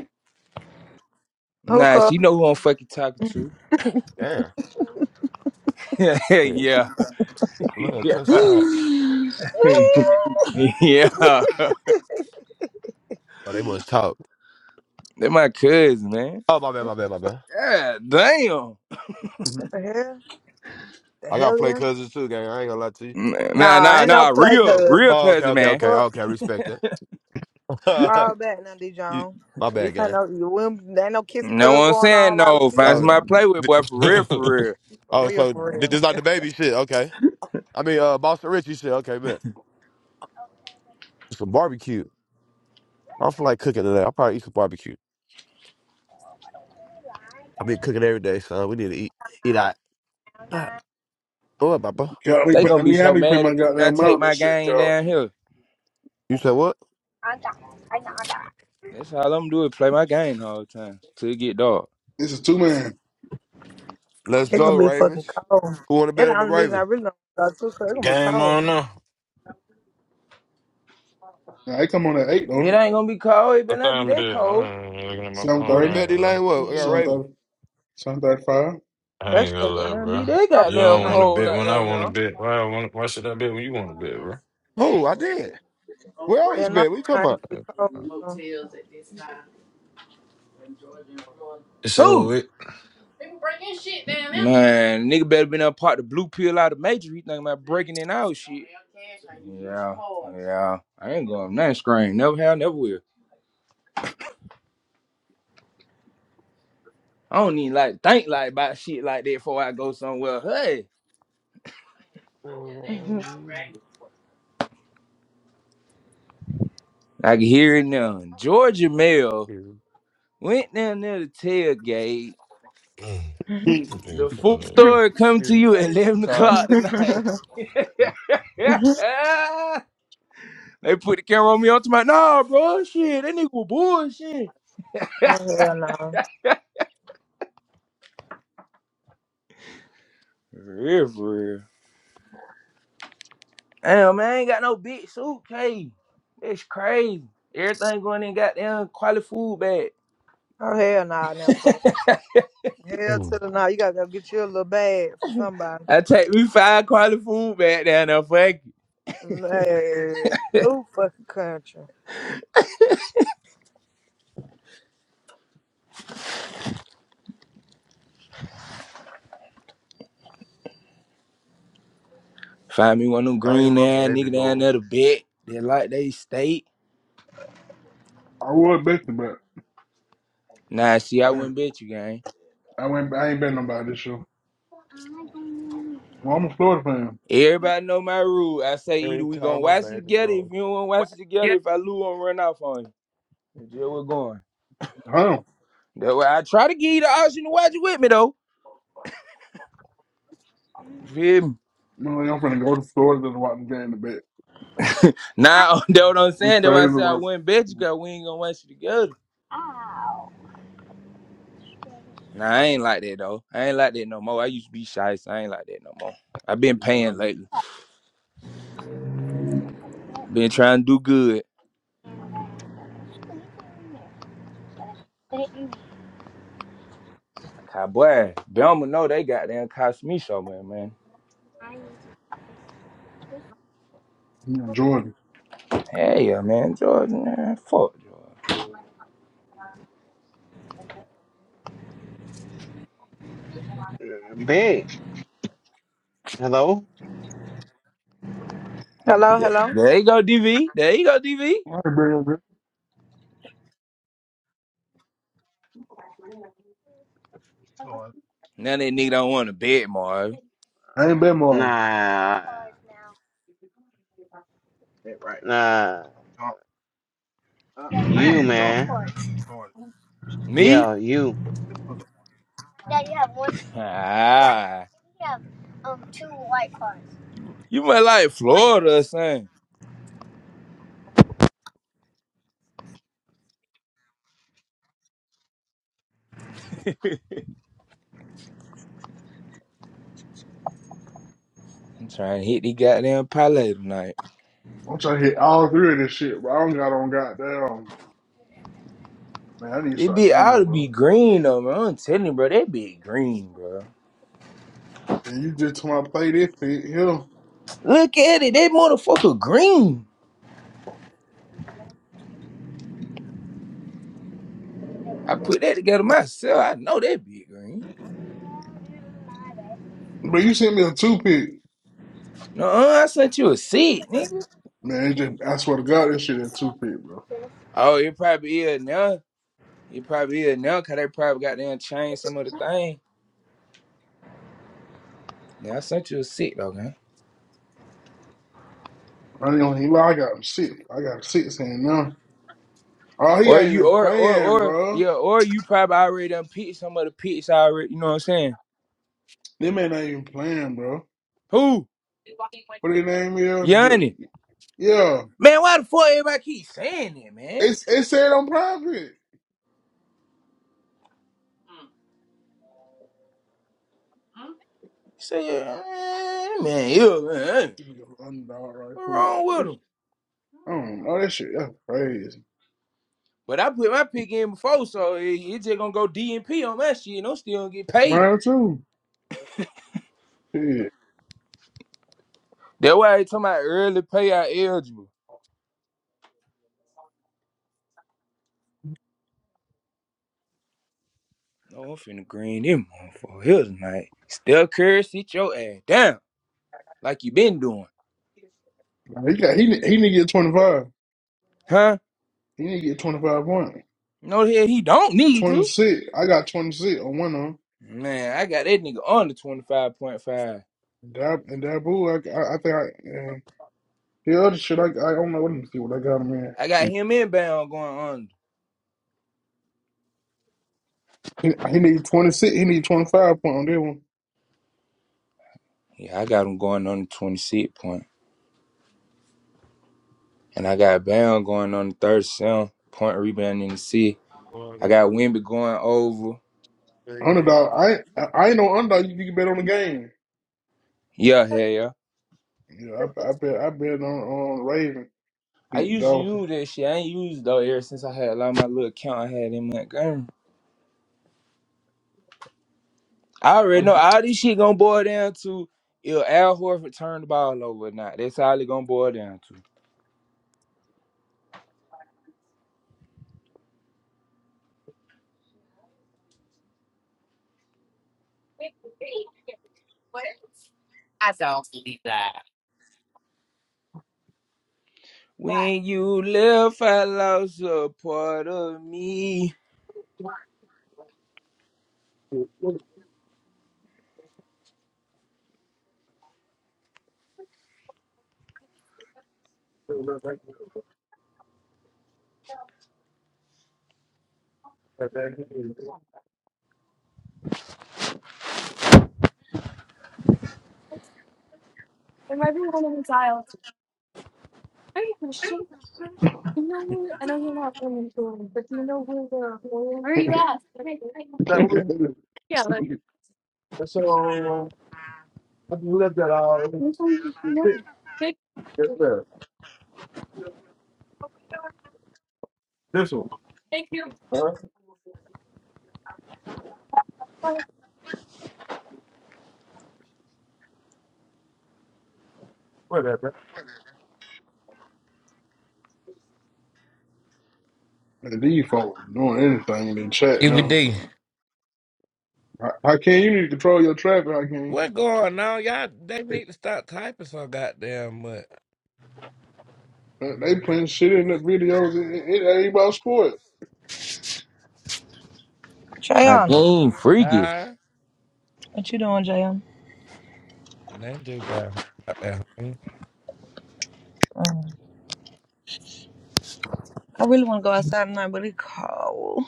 Nah,
hookah.
she know who I'm fucking talking to.
Damn.
yeah,
Look,
yeah,
cuss tired.
yeah.
Oh, they must talk.
They're my cousin, man.
Oh, my bad, my bad, my bad.
Yeah, damn.
Mhm.
What the hell? The
I got play
hellion?
cousins too, gang. I ain't gonna lie to you.
Nah,
Nah,
nah,
ain't no
nah.
play
Real,
cuz.
real
Oh, okay,
cousin,
okay,
The
man.
okay,
fuck?
okay. I Respect that.
Fall back now, D.
you,
John.
my
This
bad,
ain't
gang.
no you wouldn't- there ain't no kiss
No
cuz
one
going on
saying
like
no.
what you
Find
got
Oh,
going
somebody to
on.
play with,
th-
boy. For real, for real.
For
oh,
real,
so
for
th-
real.
this not the baby shit. Okay. I mean, uh, Boston Richie shit. Okay, man. Some barbecue. I feel like cooking today. I'll probably eat some barbecue. I've been cooking every day, son. We need to eat. Eat out. What, Papa?
Cal, let me
They
put-
gonna
let
be
me have
so
me print
mad
my
at me when I
goddamn
take
mouth this
my
shit,
game
Cal.
down here.
You said what?
That's all I'm do is play my game the whole time till it get dark.
This is two man.
Let's
It's
go,
gonna be fucking
Ravens.
cold.
Who want to
That's
bet
the
on the
only reason I
Raven?
really don't go to cause it's gonna be
Game
cold.
on now.
Now, they come on at 8 on
It
it.
ain't gonna be cold. It better
What
not be
time it
that
is? I
cold.
ain't looking at my phone.
seven
You want to
thirty,
I ain't
bet,
gonna lie.
Elaine? What? I got
seven
Yeah.
Raven.
thirty, seven thirty-five.
I
That
ain't
shit
gonna
Better
not
lie,
not be
bro.
that
cold
You
All
goddamn
don't
tonight.
right.
want to
cold
bet
out
when I
there
want to
now.
bet. Why? I wanna, why should I bet when you want to bet, bro?
Who? I did. We
Yeah,
always
night
been. What you talking
time
about?
gonna be cold. so.
It's over
Dude.
with.
Man, nigga better been up part the blue pill out of major. He thinking about breaking in out shit. Yeah, yeah. I ain't going nothing screen. Never have, never will. I don't even like think like about shit like that before I go somewhere. Hey, I can hear it now. Georgia Mel
Mhm.
went down there to tailgate. The full
Mm.
story come to you at eleven o'clock tonight. they put the camera on me on tonight. Nah, bro, shit, that nigga was bullshit.
oh hell no.
real, for real. Damn, man, I ain't got no big suitcase. It's crazy. Everything going in goddamn quality food bag.
Oh hell no now, cuz. Hell to
Mm.
the no. You gotta go get you a little bag for somebody.
I take me five quality food bag down there, fuck it.
Hey, who fucking country?
Find me one of them
I am
green
my
ass
baby
nigga down
girl.
there to bet. They like they state.
I would bet you, but
Nah, see, I
I,
wouldn't bet you, gang.
I went. I ain't bet nobody this year. Well, I'm a Florida fan.
Everybody know my rule. I say either
Every
we gonna
time my
watch it
baby
together. If
girl.
you don't wanna watch
What?
it together,
Yeah.
if I lose, I'm run off on you. That's just where we're going.
Hell,
That way I try to give you the option to watch it with me though. You feel me?
you know, I'm finna go to Florida to watch the game to bet.
Now that what I'm
We
saying. That's why I
crazy
said I
work.
wouldn't bet you because we ain't gonna watch you together. Nah, I ain't like that though. I ain't like that no more. I used to be shy, so I ain't like that no more. I've been
Um,
paying lately. I've been trying to do good. Cowboy, Belma know they goddamn cost me so much, man.
in Jordan.
Hey, yeah, man, Jordan, man, fuck Jordan.
That
Big. Hello?
Hello,
There,
hello.
there you go, DV. There you go, DV.
I ain't bet. no bet.
Retard.
Now that nigga don't want to bet, Marv.
I ain't bet more.
Nah. Nah. I You, man.
Me?
Yeah, you.
Ah, you, you might like Florida or something. I'm trying to hit the goddamn parlay tonight.
I'm trying to hit all three of this shit, but I don't got on goddamn. Man, I need to
They
start
be out
gambling,
to be
bro.
green though, man. I'm telling you, bro, they be green, bro.
And you just told me I play this pick, hell.
Look at it, they motherfucker green. I put that together myself. I know they be green.
But you sent me a two pick.
No, I sent you a seed, nigga.
Man, it just, I swear to God, this shit is a two pick, bro.
Oh, it probably is now. It probably is now, cause they probably got them changed some of the thing. Yeah, I sent you a seed though, man.
I don't even lie, I got him six. I got six in now. Oh, he
Or
ain't
you,
even
or or
playing,
or
bro.
yeah, or you probably already done picked some of the picks already. You know what I'm saying?
They man not even playing, bro.
Who?
What their name is? Ju-
Yanni.
Yeah,
Man, why the fuck everybody keep saying that, man?
it's it said on private.
He said, "Eh, man, you, eh,
This is the Underdog, right
what
quick.
wrong with
It's-
him?
I don't know Oh, that shit. That's crazy.
But I put my pick in before, so it, it just gonna go DNP on that shit, and I'm still gonna get paid.
Mine too. Yeah,
That's why they talking about early payout eligible. No, I'm finna green them motherfuckers here tonight. Steph Curry, sit your ass down like you been doing,
he got he ne- he need to get twenty five.
huh?
He need to get twenty five points.
No, hell, he don't need
Twenty
to.
six. I got twenty six on one of them.
Man, I got that nigga under 25.5.
Dab and Dabu. I, I I think I and the other shit. I I don't know. Let me see what I got him in.
I got him inbound going under.
He, he need twenty six. He need twenty five point on that one.
Yeah, I got him going under 26.5. And I got Bam going on the third sound, point rebound in the C. I got Wimby going over.
Underdog. I I I ain't no underdog. You can bet on the game.
Yeah, hell yeah.
Yeah, I, I bet I bet on on Raven
I
beat the
used to
Dolphins.
use that shit. I ain't used it though ever since I had a lot of my little account I had in Montgomery. I already
I,
know all this shit gonna boil down to if Al Horford turned the ball over or not. That's all it gonna boil down to. When you left, I lost a part of me.
one. So I just left that all over. there. This one. Huh? Whatever.
and these folks doing anything in the chat now.
DVD.
How how can you need to control your traffic? How can
What going on? Y'all, they need to stop typing so goddamn much.
they they playing shit in the video? It, it ain't about sport.
My
Jayon.
game freaky.
Huh?
What you doing, Jayon?
They do that. Goddamn.
I really want to go outside tonight, but it's cold.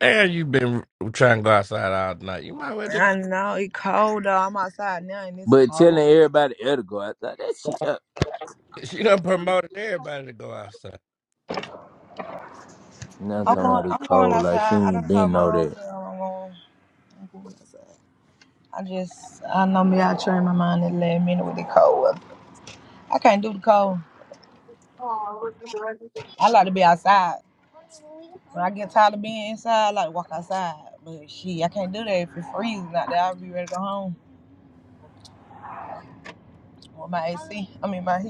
And you been trying to go outside all night. You might as well just
I know it's cold though. I'm outside now and it's
But
cold.
telling everybody else to go, I thought that shit up.
She done promoted everybody to go outside.
Now I'm
I'm
talking
going.
about it
I'm going
cold, like she
outside. I
ain't
don't talk
been
my
know that.
homegirl. I'm going. I'm going outside. I just. I know me. I train my mind in let me know with the cold weather. I can't do the cold. I like to be outside. I get tired of being inside. I like to walk outside. But shit, I can't do that if it's freezing out there. I'll be ready to go home with my I mean my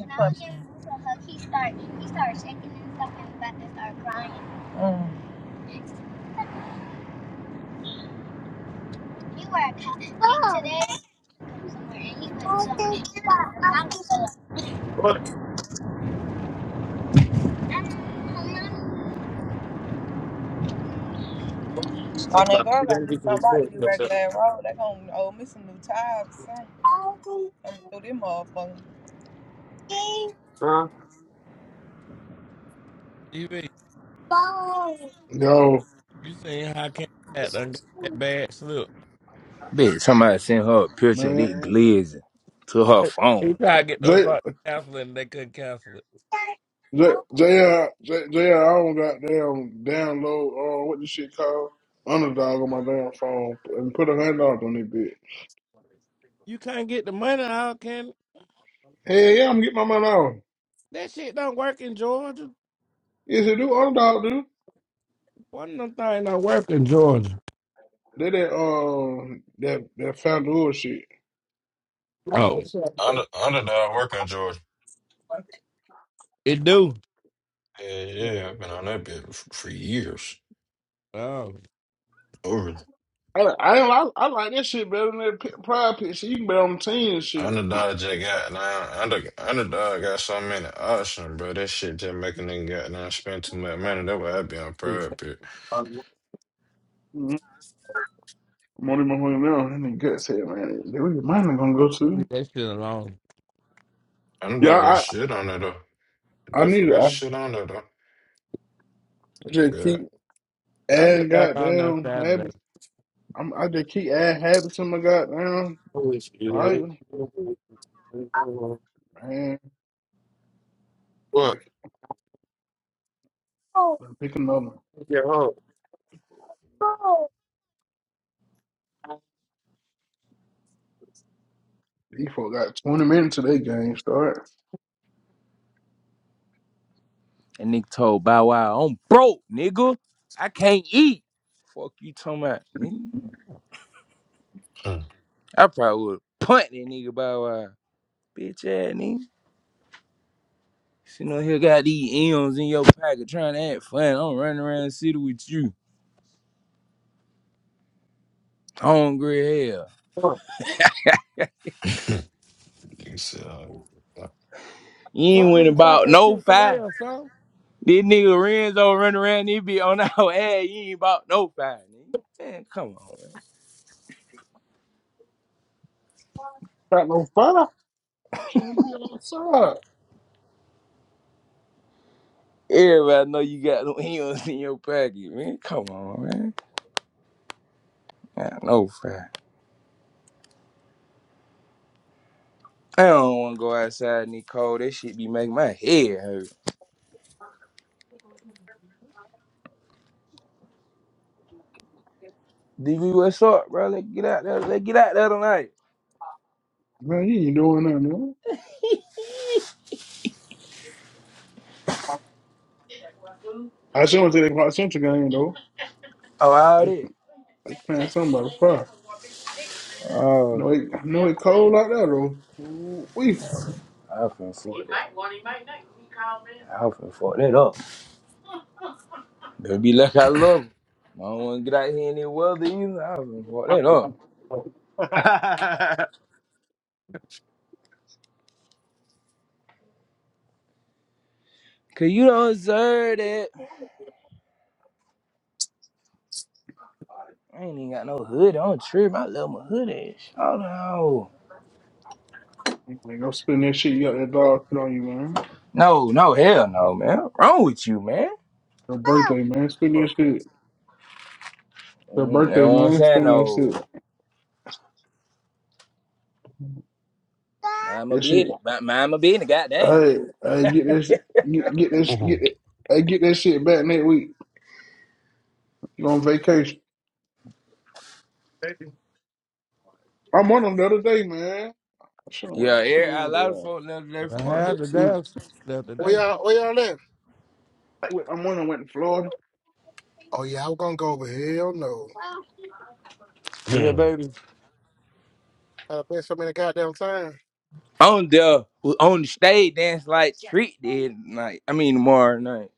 What?
Why
I'm
that
not.
girl
You
gotta
don't
do
get to
something
this
about
thing.
these
That's it.
regular road? They gonna owe me some new tires. and threw them off on
Huh?
TV,
Yo,
you seen how King Cat done got that bad slip.
Bitch, somebody sent her a picture of
man,
this glizzy to her phone.
He tried to get those
J
fuck counseling and they couldn't cancel it.
J J J J I don't got damn download uh, what this shit called underdog on my damn phone and put a hundred dollars on that bitch.
You can't get the money out, can
Hey, yeah, I'm getting my money off.
that shit don't work in Georgia.
Yeah, It's a new underdog, dude.
One of them things don't work in Georgia.
They that um that that FanDuel shit.
Oh,
Under Underdog work on George.
it do.
Yeah,
I
yeah, I've been on that bit f- for years.
Oh,
Over
I I, I like that shit better than that pi- pride pit shit. You can bet on the team and shit.
Underdog just got now. Under Underdog got so many options, bro. That shit just making them got now spend too much money. That's why I be on
Please.
private bit.
I'm
Mm-hmm. I'm now. That nigga gut said, man, where your mind gonna go
leave
to?
that shit alone.
Yeah,
Underdog got
I
shit on there though.
I need
Definitely
to.
got
I
shit on there though. I'm
just keep
good.
I
adding
get back on there
goddamn
Saturday.
habits. I'm I just keep adding habits to my goddamn.
always
Like
feeling.
man,
What?
like I'm picking up.
Yeah. Oh.
These folk got 20 minutes to their game start.
And nigga told Bow Wow, I'm broke, nigga. I can't eat. Fuck you talking about, nigga.
Hmm.
I probably would punt that nigga Bow Wow. Bitch ass nigga. You know, here got these M's in your pocket trying to act fun. I'm running around the city with you. Hungry as hell.
Oh.
You can see how.
You ain't
Fuck
went
nigga, stop
about
at
no
Chick Fil A
five.
or something.
This nigga Renzo running around, he be on our ass. You ain't about no five, nigga. Man, come on, man.
Got no fire. Shouldn't be outside.
Everybody know you got them heels in your pocket, man. Come on, man. I know, fact. I don't want to go outside in the cold. That shit be making my head hurt. DB, what's up, bro? Let's get out there. Let's get out there tonight.
Man, you ain't doing nothing, man. I sure went to that Park Central game, though.
Oh, all
They,
that.
they playing something about a fire.
Oh,
No, it, no, it cold like that, though. Ooh, We
I finna fuck that. I finna fuck that up. They be like I love him. I don't want to get out here in the weather either. I finna fuck that up.
Oh.
Cause you don't deserve that. I ain't even got no hood on trip. I love my hood ass. Oh no.
Man, go spend that shit. You got that dog shit on you, man.
No, no, hell no, man. What wrong with you, man?
Your birthday, man. Spend
Oh.
that shit. Your
Mm, You
birthday,
know what I'm
man.
saying?
Spend that
No.
shit.
Mind my
That shit.
business. Mind mind my business, goddamn.
Hey, hey, get that shit. Get, get that shit. Get
Mhm.
that. Hey, get that shit back next week. You on vacation?
Baby.
I'm on them the other day, man. I should have went.
Yeah,
I should
every-
have went
a
with the.
lot of
Uh,
folks left there
I
from up
had
here
the
too.
damn shit the other
where
day.
y'all, where y'all at?
I am on them. Went to Florida.
Oh, yeah, I was going to go over. Hell no.
Yeah,
Hmm.
baby.
I played so many goddamn times.
On the on the stage dance like treat did night. I mean tomorrow night.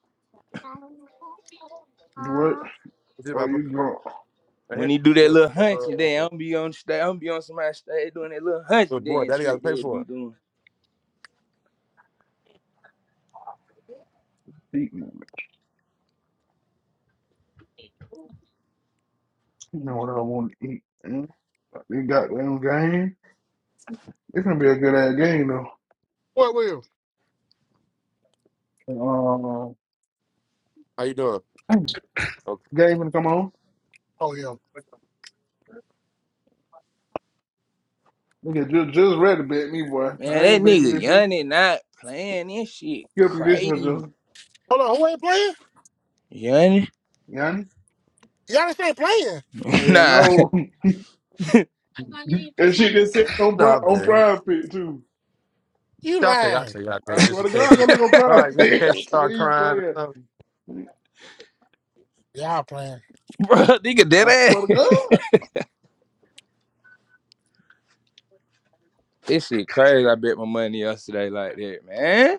Do What?
Is it
Oh,
my
you drunk?
Right
When he do that
here?
little hunch and
Good. Uh,
then I'm be on stage, I'm be on somebody's stage doing that little hunch and
good boy.
then
Daddy got to
treat
pay
did
for
be
it.
doing.
Eat moment. You know what I want to eat. Mm, You got them game. It's gonna be a good ass game though.
What will?
Um,
How you doing? Okay.
game gonna come on.
Oh, yeah.
Nigga, just just ready to bet me, boy.
Man,
I
that
ain't bet you
nigga
this. Year.
Yanni not playing this shit
Skip you this one,
crazy.
just
Hold on, who ain't playing?
Yanni.
Yanni.
Giannis ain't playing.
Hell
nah,
no. and shit just sitting on
No,
pri-
I'm
on
good.
Pride Pit too.
You
I'll take, I'll
lying.
take, I'll
I
take. Just
swear to
in
God, I go
case.
look on
All right,
Pride
just in
Pit.
case. All
He's
right.
playing.
Of
Y'all playing.
bro, nigga dead
I swear to
ass.
God.
This shit crazy. I bet my money yesterday like that, man.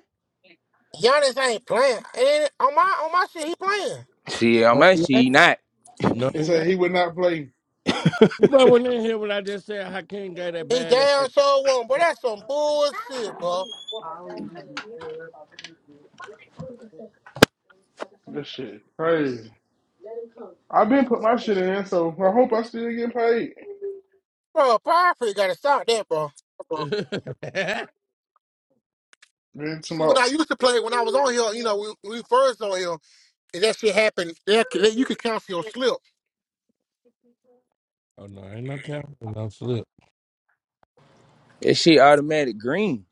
Giannis ain't playing. And on my on my shit, he playing.
See, I
No,
might
he
she
ain't.
not.
No,
He
he
said he
ain't.
would not play.
You might want to hear what I just said. Hakeem got that
He
bad ass.
damn sure won, but that's some bullshit, bro.
This shit crazy. I've been put my shit in, so I hope I still get paid.
Bro, Power Free gotta stop that, bro.
Man,
See, when
tomorrow
I used to play, when I was on here, you know, we, we first on here. If that shit happen, that, you could cancel your slip.
oh no, ain't no counting. No slip.
That shit automatic green.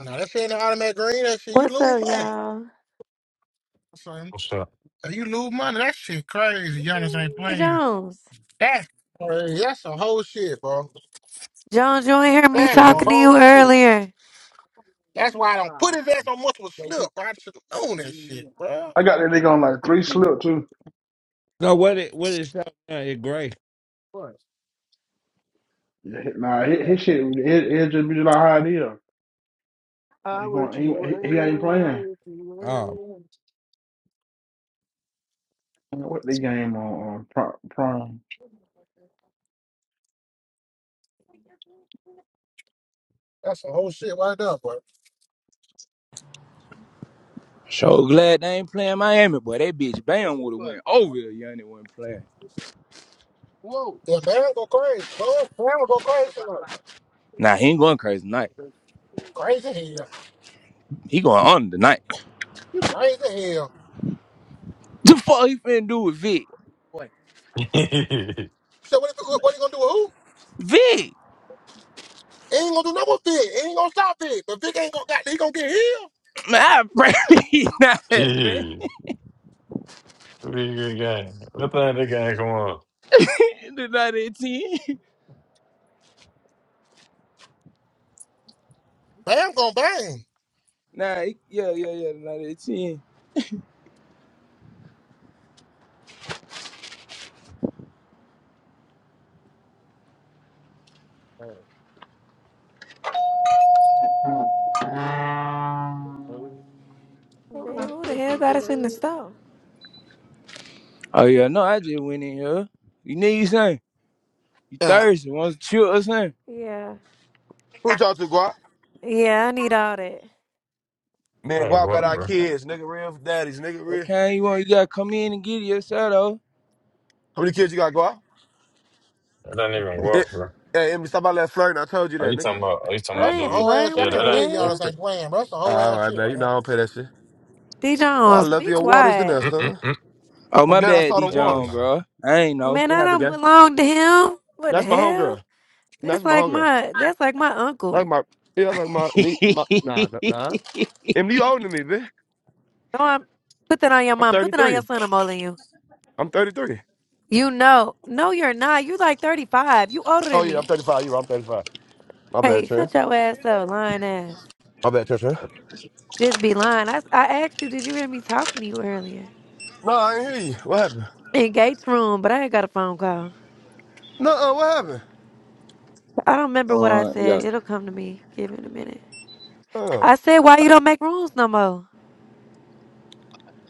No, that shit ain't an automatic green. That shit, you
What's
lose
up,
money.
y'all?
Son,
What's up?
If you lose money. That shit crazy. Giannis ain't
Hey,
playing.
Jones.
That's crazy. That's some whole shit, bro.
Jones, you ain't hear
I
me
That's
sure let
some
talking
you.
to
whole
you
shit.
earlier.
That's why I don't put his ass on multiple slip, bro. I should have known that shit, bro.
I got that nigga on like three slip too.
No, what it what it shot down? It gray.
course.
Yeah, hi- Nah, his,
Okay.
his shit,
man.
it, it just be like how it is.
I
He
would
going,
you
he, he he ain't playing.
wear, I would you wear.
Um.
Man, What the game on, on prime? prime.
That's some whole shit right there, bro.
So glad they ain't playing Miami, boy. That bitch Bam would have went over if Yanni wasn't playing.
Whoa.
Yeah, Baron go crazy, bro. Baron go crazy. bro.
Nah, he ain't going crazy tonight.
Crazy
Yeah.
hell.
He going on tonight.
You crazy hell.
The fuck he finna do with Vic?
Boy.
So what, if, what, what you gonna do with who?
Vic,
He ain't gonna do no more Vic. He ain't gonna stop Vic. But Vic ain't gonna got he gonna get healed.
man, I pray he not, man.
Gee, Pretty good game. What thing that game come on?
the night at
Bam gonna bang.
Nah, he- yeah, yeah, yeah, the night at
All right. Well, we-
Damn, who the hell got us in the store?
Oh, yeah, no, I just went in here. You need something? You
Yeah.
thirsty? Want to chill or something?
Yeah.
Who you talk to, Guap?
Yeah, I need all that.
Man,
I ain't
Guap got
walk,
our
Man,
bro.
kids. Nigga real daddies. Nigga real.
Okay, you want you gotta come in and get it yourself though.
How many kids you got, Guap?
I don't even
Eh,
walk, bro.
Hey, Emmy, stop about that flirting. I told you
Are
that,
you
nigga.
talking about? Are you talking
Well,
I
about
That's a
ain't
DV?
whole ass.
flirting.
I
Yeah,
What
can't
the
that
believe y'all
hell?
just ain't playing. Bro. That's a whole
All
ass
right,
shit
man. You
right
know
now.
I don't pay that shit.
D
Well, I
Jones,
love
be
your waters in there,
quiet.
son.
ain't.
Oh
I'm
my
glad I
bad,
saw
D
the
Yeah,
John,
waters.
nah.
bro. I ain't know.
Man,
What
I
happened,
don't
guy?
belong to him. What the
That's my
hell?
homegirl.
That's
That's my
like
homegirl.
my that's like my
Like
uncle.
my, yeah, like my, knee, my nah, nah. nah. Em, you older than me, bitch.
No, I'm put that on your
I'm
mom. Put that on your
33.
son, I'm older than you.
I'm 33.
You know. No, you're not. You like thirty five. You older
Oh,
than
yeah, I'm
me.
35. You're right. I'm 35. My bad,
Hey,
Trent.
shut your ass up, lying ass.
My bad, Trent. Trent.
Just be lying. I I asked you, did you hear me talking to you earlier?
No, I ain't hear you. What happened?
In Gates' room, but I ain't got a phone call.
No, uh, what happened?
I don't remember what I
Uh,
said.
yeah,
It'll come to me. Give it a minute.
Oh.
I said, why you don't make rooms no more?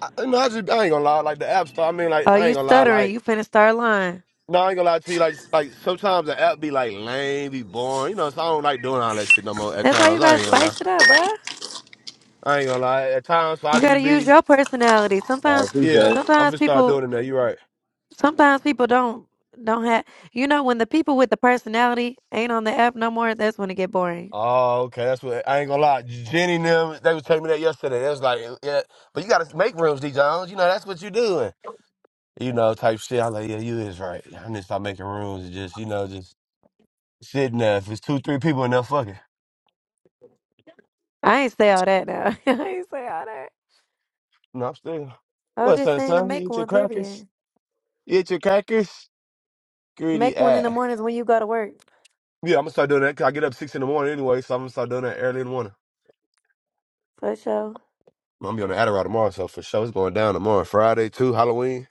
I, no, I just, I ain't gonna lie. Like, the app store, I mean,
Oh,
like, I
you
ain't gonna lie.
stuttering.
Like,
You finna start lying.
no, I ain't gonna lie to you. Like, like sometimes the app be, like, lame, be boring. You know, so I don't like doing all that shit no more at
That's why you
times. I
gotta
ain't gonna lie.
spice it up, bruh.
I ain't gonna lie. At times, so
You
I
gotta
just
use
be
your personality.
I
Sometimes,
appreciate
Yeah,
it.
I'm
sometimes
gonna start doing
people,
it now. You're right.
sometimes people don't don't have. You know, when the people with the personality ain't on the app no more, that's when it get boring.
Oh, okay. That's what I ain't gonna lie. Jenny and them, they was telling me that yesterday. They was like, yeah, but you gotta make rooms, D Jones. You know, that's what you doing. You know, type shit. I'm like, yeah, you is right. I need to start making rooms and just, you know, just sitting there. If it's two, three people in there, fuck it.
I ain't say all that now. I ain't say all that.
No, I'm still.
I was
What,
just
son,
saying to
son? You
make
eat your
one,
crackers?
period.
You eat your crackers? Greedy
Make one in the
ass.
mornings when you go to work.
Yeah, I'm gonna start doing that. Cause I get up six in the morning anyway, so I'm gonna start doing that early in the morning.
For sure.
I'm gonna be on the Adderall tomorrow, so for sure it's going down tomorrow. Friday too, Halloween.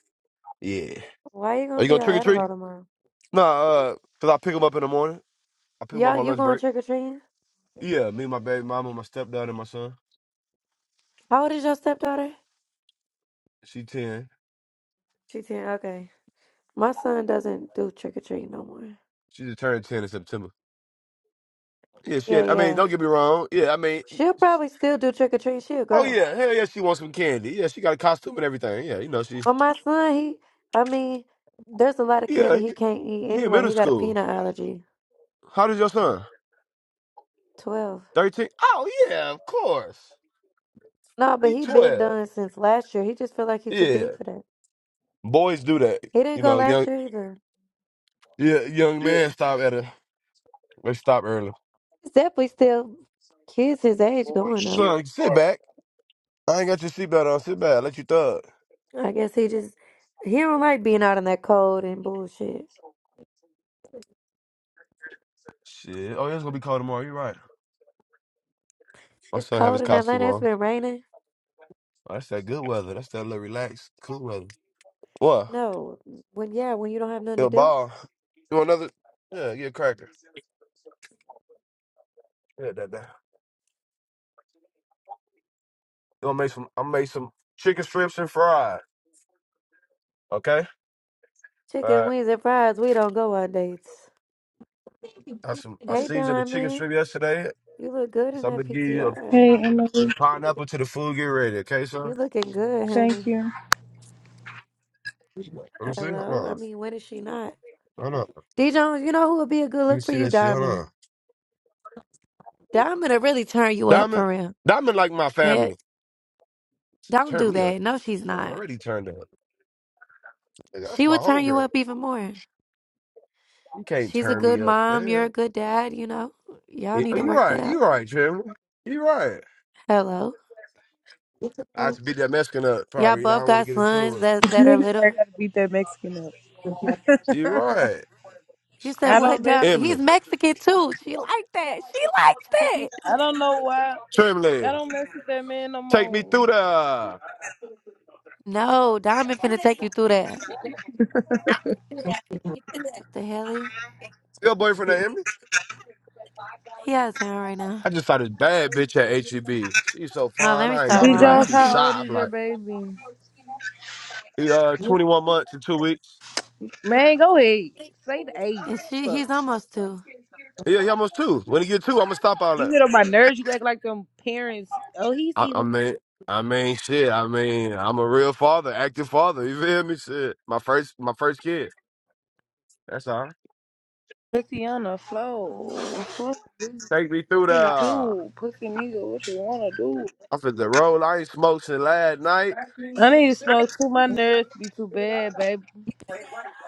Yeah.
Why you
Are
gonna
you
be
going
on
trick or
Adderall
treating?
tomorrow?
Nah, uh, cause I pick them up in the morning. I pick them up
Y'all,
on
you
lunch
going
break.
trick or treating?
Yeah, me, my baby mama, my stepdad, and my son.
How old is your stepdaughter?
She ten.
She ten. Okay. My son doesn't do trick or treating no more.
She just turned ten in September. Yeah, she.
Yeah,
Had, I mean,
yeah.
don't get me wrong. Yeah, I mean,
She'll probably still do trick or treating. She a
oh
girl.
yeah, hell yeah, she wants some candy. Yeah, she got a costume and everything. Yeah, you know she.
But my son, he, I mean, there's a lot of
Yeah,
candy he
he
can't eat
he in
anyway.
middle
He got a
school.
peanut allergy.
How does your son?
Twelve.
Thirteen. Oh yeah, of course.
No, but
He
he been
twelve.
done since last year. He just feel like he too
Yeah,
big for that.
boys do that.
He didn't
You
go
know,
last
young
year either.
yeah young man stop at a they stop early.
He's definitely still kids his age going though.
Bullshit.
Son, sit
boy.
back. I ain't got your seatbelt on. Sit back. Let you thug.
I guess he just he don't like being out in that cold and bullshit.
Shit. Oh, yeah, it's gonna be cold tomorrow. You're right. My
It's
son have
cold
his
in
costume
Atlanta. It's
on.
been raining.
Oh, that's that good weather. That's that little relaxed, cool weather. What?
No, when yeah, when you don't have nothing to
Yo,
do,
ball. You want another? Yeah, get a cracker. Yeah, that that. You want make some? I am make some chicken strips and fries. Okay. All
chicken
right.
wings and fries. We don't go on dates.
I some. I
Hey,
seasoned the chicken
Diamond,
strip yesterday,
you look good in
so I'm
that
gonna give you
PTR.
Hey
a,
Emily,
a pineapple to the food. Get ready, okay, sir?
You looking good,
thank
honey.
you.
Let me see. Hold
Hello. I
on.
mean, when is she not?
Hold on.
D Jones, you know who would be a good
Let me
look for
see
you,
that shit. Hold
Diamond.
on.
Diamond will really turn you up
Diamond.
for real.
Diamond like my
Heck,
family.
don't
Turn
do
me up.
that. No, she's
I'm
not.
already turned up. Nigga, That's
She
my
would turn you
homegirl.
up even more.
You can't
She's a
turn
good
me up.
mom. You're
Yeah.
a good dad. You know, y'all
Eh,
need
oh,
to
You
work that
right. You
out.
right, Jeremy. You right.
Hello,
I have to beat that Mexican up,
y'all
probably. You know, I
both
don't want to
got
get into it
sons
with him.
that that are
Niggas I
little.
gotta beat that Mexican up.
You right.
You said
I
what,
don't mess
Diamond? He's
Emily.
Mexican too. She liked that. She likes that.
I don't know why. I
Tremley.
don't mess with that man no
Take me
more.
through the
No, Diamond finna take you through that. What the hell? He,
your boyfriend of Emily.
he out of town right now.
I just saw this bad bitch at HEB. She's so
No, let
fine.
me
I ain't
start
I'll
B
be like, I'll
Jones,
lying.
be
how old
shy. I'm
is your
like,
baby?
he, uh, 21 months and two weeks.
Man, go ahead. Say the age.
and she,
Fuck.
he's almost two.
Yeah, he almost two. When he get two, I'm gonna stop all
You
that.
get on my nerves, you act like them parents. Oh, he's
I, I
eating
mean, I mean, shit. I mean, I'm a real father, active father. You feel me? Shit, my first, my first kid. That's all.
pussy on the floor. Fuck
Take me through the.
what you
I'm
do, pussy nigga, what you wanna do?
finna roll. I ain't smoked since last night.
I need to smoke too. My nerves be too bad, baby.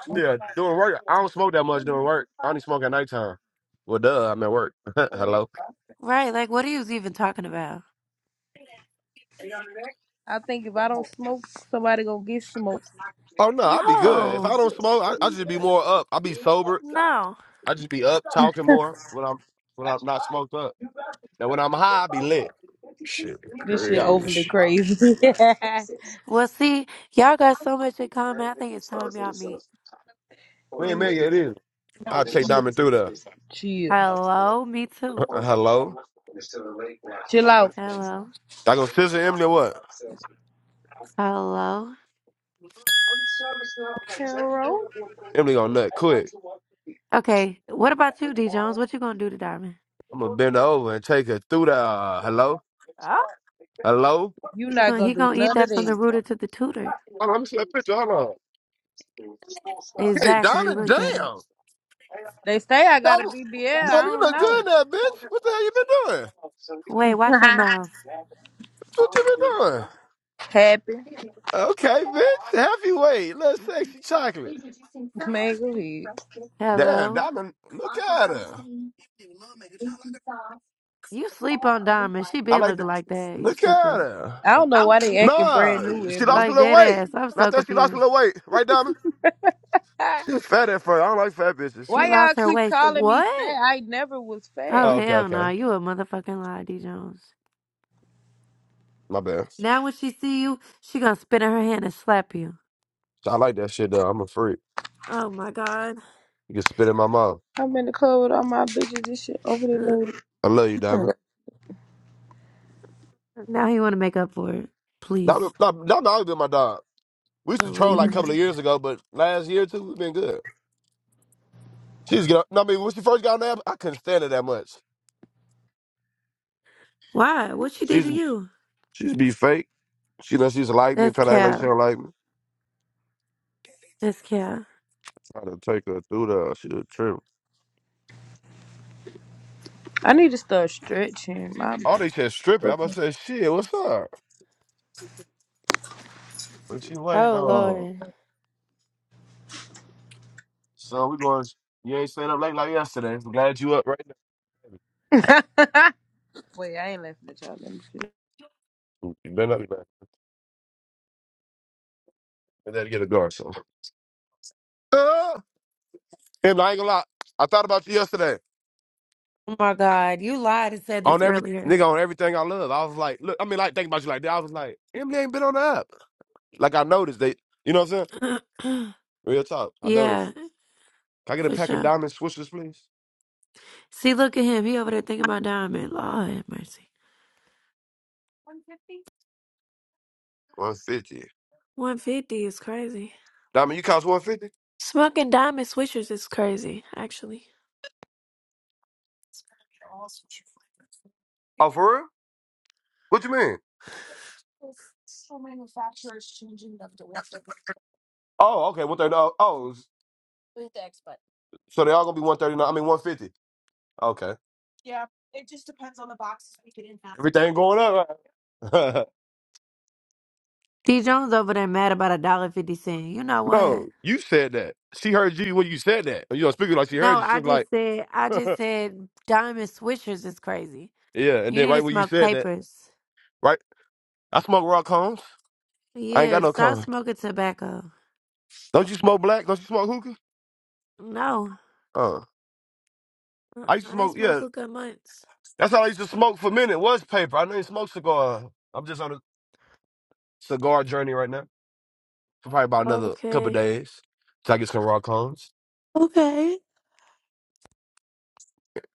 Yeah, doing work. I don't smoke that much during work. I only smoke at nighttime. Well, duh, I'm at work. Hello.
Right? Like, what are you even talking about?
I think if I don't smoke, somebody gonna get smoked.
Oh no, I be good. If I
No,
don't smoke, I, I just be more up. I be sober.
no.
I just be up talking more when I'm when I'm not smoked up. Now when I'm high, I be lit.
Shit,
This shit
Yeah,
overly
crazy.
crazy.
Well, see, y'all got so much in common. I think it's time y'all meet.
we ain't met
Emily,
yet either. I'll take
chill,
Diamond through the.
chill,
Hello, me too.
Hello.
chill out.
Hello,
I go scissor Emily or what?
hello.
Carol,
Emily gonna nut quick.
Okay, what about you, D Jones? What you gonna do to Diamond?
I'm gonna bend her over and take her through the. uh, hello.
Oh,
Hello.
you
you
not
gonna
gonna
he
do
gonna eat
none of
that from the
that.
rooter to the tutor?
Hold on, let me see that picture. Hold on. Hey,
Exactly.
Donna,
Look at him.
damn.
They say I got a
Donna,
BBL. I
Donna, you
don't
look
know.
good now, bitch. What the hell you been doing?
Wait, watch your mouth.
What you been doing?
Happy,
Okay, bitch. Happy weight. Little sexy chocolate.
man, go ahead.
Damn,
Hello,
Donna, look at her.
you sleep on Diamond. She
I
been
like the,
looking like that. You
look at
stupid.
her.
I don't know why they acting
Nah,
brand new,
she
Emily.
lost a
Like
little
dead
weight.
ass. I'm
Not
so
that she lost a
confused.
little weight. Right, Donna? She was fat at first. I don't like fat bitches.
She
why y'all
lost her
keep
waist.
calling me
What?
fat? I never was
Oh
fat.
Oh, okay,
hell
okay.
no! You a motherfucking lie, D Jones.
My bad.
Now when she see you, she gonna spit in her hand and slap you.
I like that shit, though. I'm a freak.
Oh my god.
You can spit in my mouth.
I'm in the club with all my bitches. This shit overly
Ugh.
loaded.
I love you, Diamond.
Now you want to make up for it. Please
Diamond, Diamond, Diamond always been my dog. We used to troll
believe
like a
it.
couple of years ago, but last year or two, we've been good. She used to get on, no, I mean, when she first got on the app, I couldn't stand her that much.
Why? What she
She
did to
used, to-
you?
she used to be fake. She know she used to like me and
That's
try to act like she
cap.
don't like me.
That's cap.
Try to take her through the she a trip.
I need to start stretching. My
All they said stripping. I must say, shit, what's up? But she waiting
Oh
on.
Lord.
So we going, you ain't staying up late like yesterday. I'm glad you up right now. baby.
wait, I ain't laughing at y'all. Let me see.
You better not be back. And then get a guard, so. Uh, and I ain't gonna lie. I thought about you yesterday.
Oh my God. You lied and said this
on every
earlier.
nigga on everything I love. I was like, look, I mean, like think about you like that. I was like, Emily ain't been on the app. Like I noticed they, you know what I'm saying? Real talk, I
yeah,
noticed. Can I get a
for
pack of
sure.
diamond swishers, please?
See, look at him. He over there thinking about diamond. Lord have mercy.
One fifty.
One fifty is crazy.
Diamond, you cost one fifty?
Smoking diamond swishers is crazy, actually.
Oh, for real? What you mean? Oh, okay, one thirty. Oh, oh, so they all gonna be one thirty nine. I mean, one fifty. Okay. Everything going up. Right?
D Jones over there mad about a dollar fifty cent. You know what?
no, you said that. She heard you when you said that. You know, speaking like she
No,
heard you. She
I
was like,
just said I just said diamond swishers is crazy.
yeah. And
You
then
need to
right when you
smoke
said that,
papers.
right? I smoke rock cones. I ain't
Yeah,
got no
stop
cone.
smoking tobacco.
Don't you smoke black? Don't you smoke hookah?
No,
Uh,
I
I used to
I ain't
smoke.
smoked
Yeah,
hookah in months.
that's all I used to smoke for a minute was paper. I didn't even smoke cigar. I'm just on a cigar journey right now for probably about another couple of
Okay,
days till I get some raw cones.
Okay.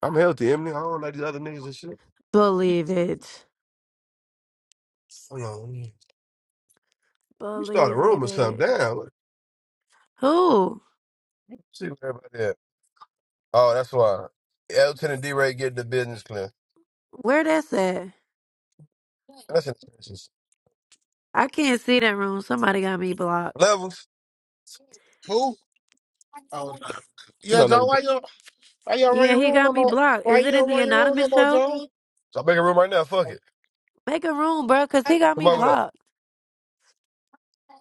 I'm healthy, Emily. I don't like these other niggas and shit.
believe it.
Hold on, let me let me start a
Believe
room
it,
or
bitch.
something. Damn, let
Who?
me see where everybody at. Oh, that's why Elton and D-Ray getting the business clear.
Where that's at?
That's in
I can't see that room. Somebody got me blocked.
levels.
Who? Oh no.
You
Yeah,
know,
John.
levels.
Why you? Why y'all run
Yeah,
your
he
room
got
no
me
more?
blocked.
Why
Is
you
it in
don't
the
run your room no
anonymous
more,
show?
John?
So I make a room right now. Fuck it.
Make a room, bro, cause he got
Come
me
over there.
blocked.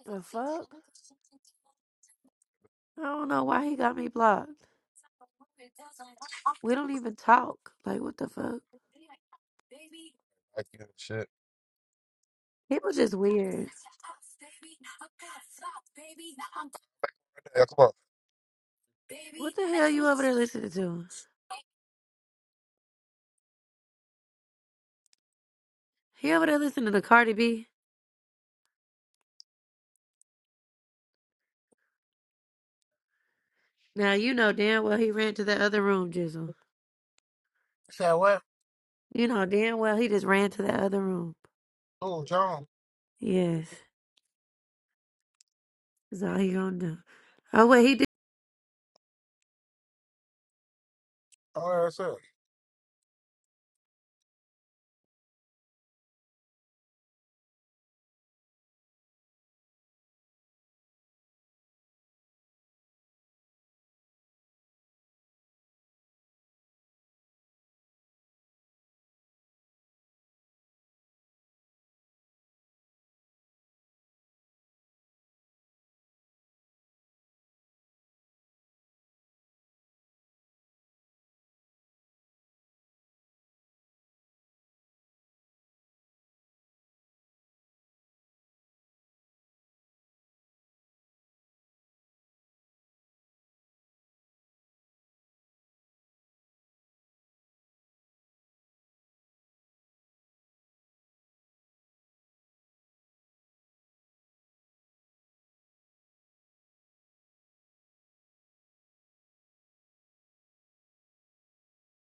The fuck? I don't know why he got me blocked. We don't even talk. Like, what the fuck?
I give a Shit.
People just weird.
Yeah, come on.
What the hell you over there listening to? He ever there to the Cardi B. Now you know damn well he ran to that other room, Jizzle.
Said what?
You know damn well he just ran to that other room.
Oh, John.
Yes, that's all he gonna do. Oh wait, he
Oh, that's it.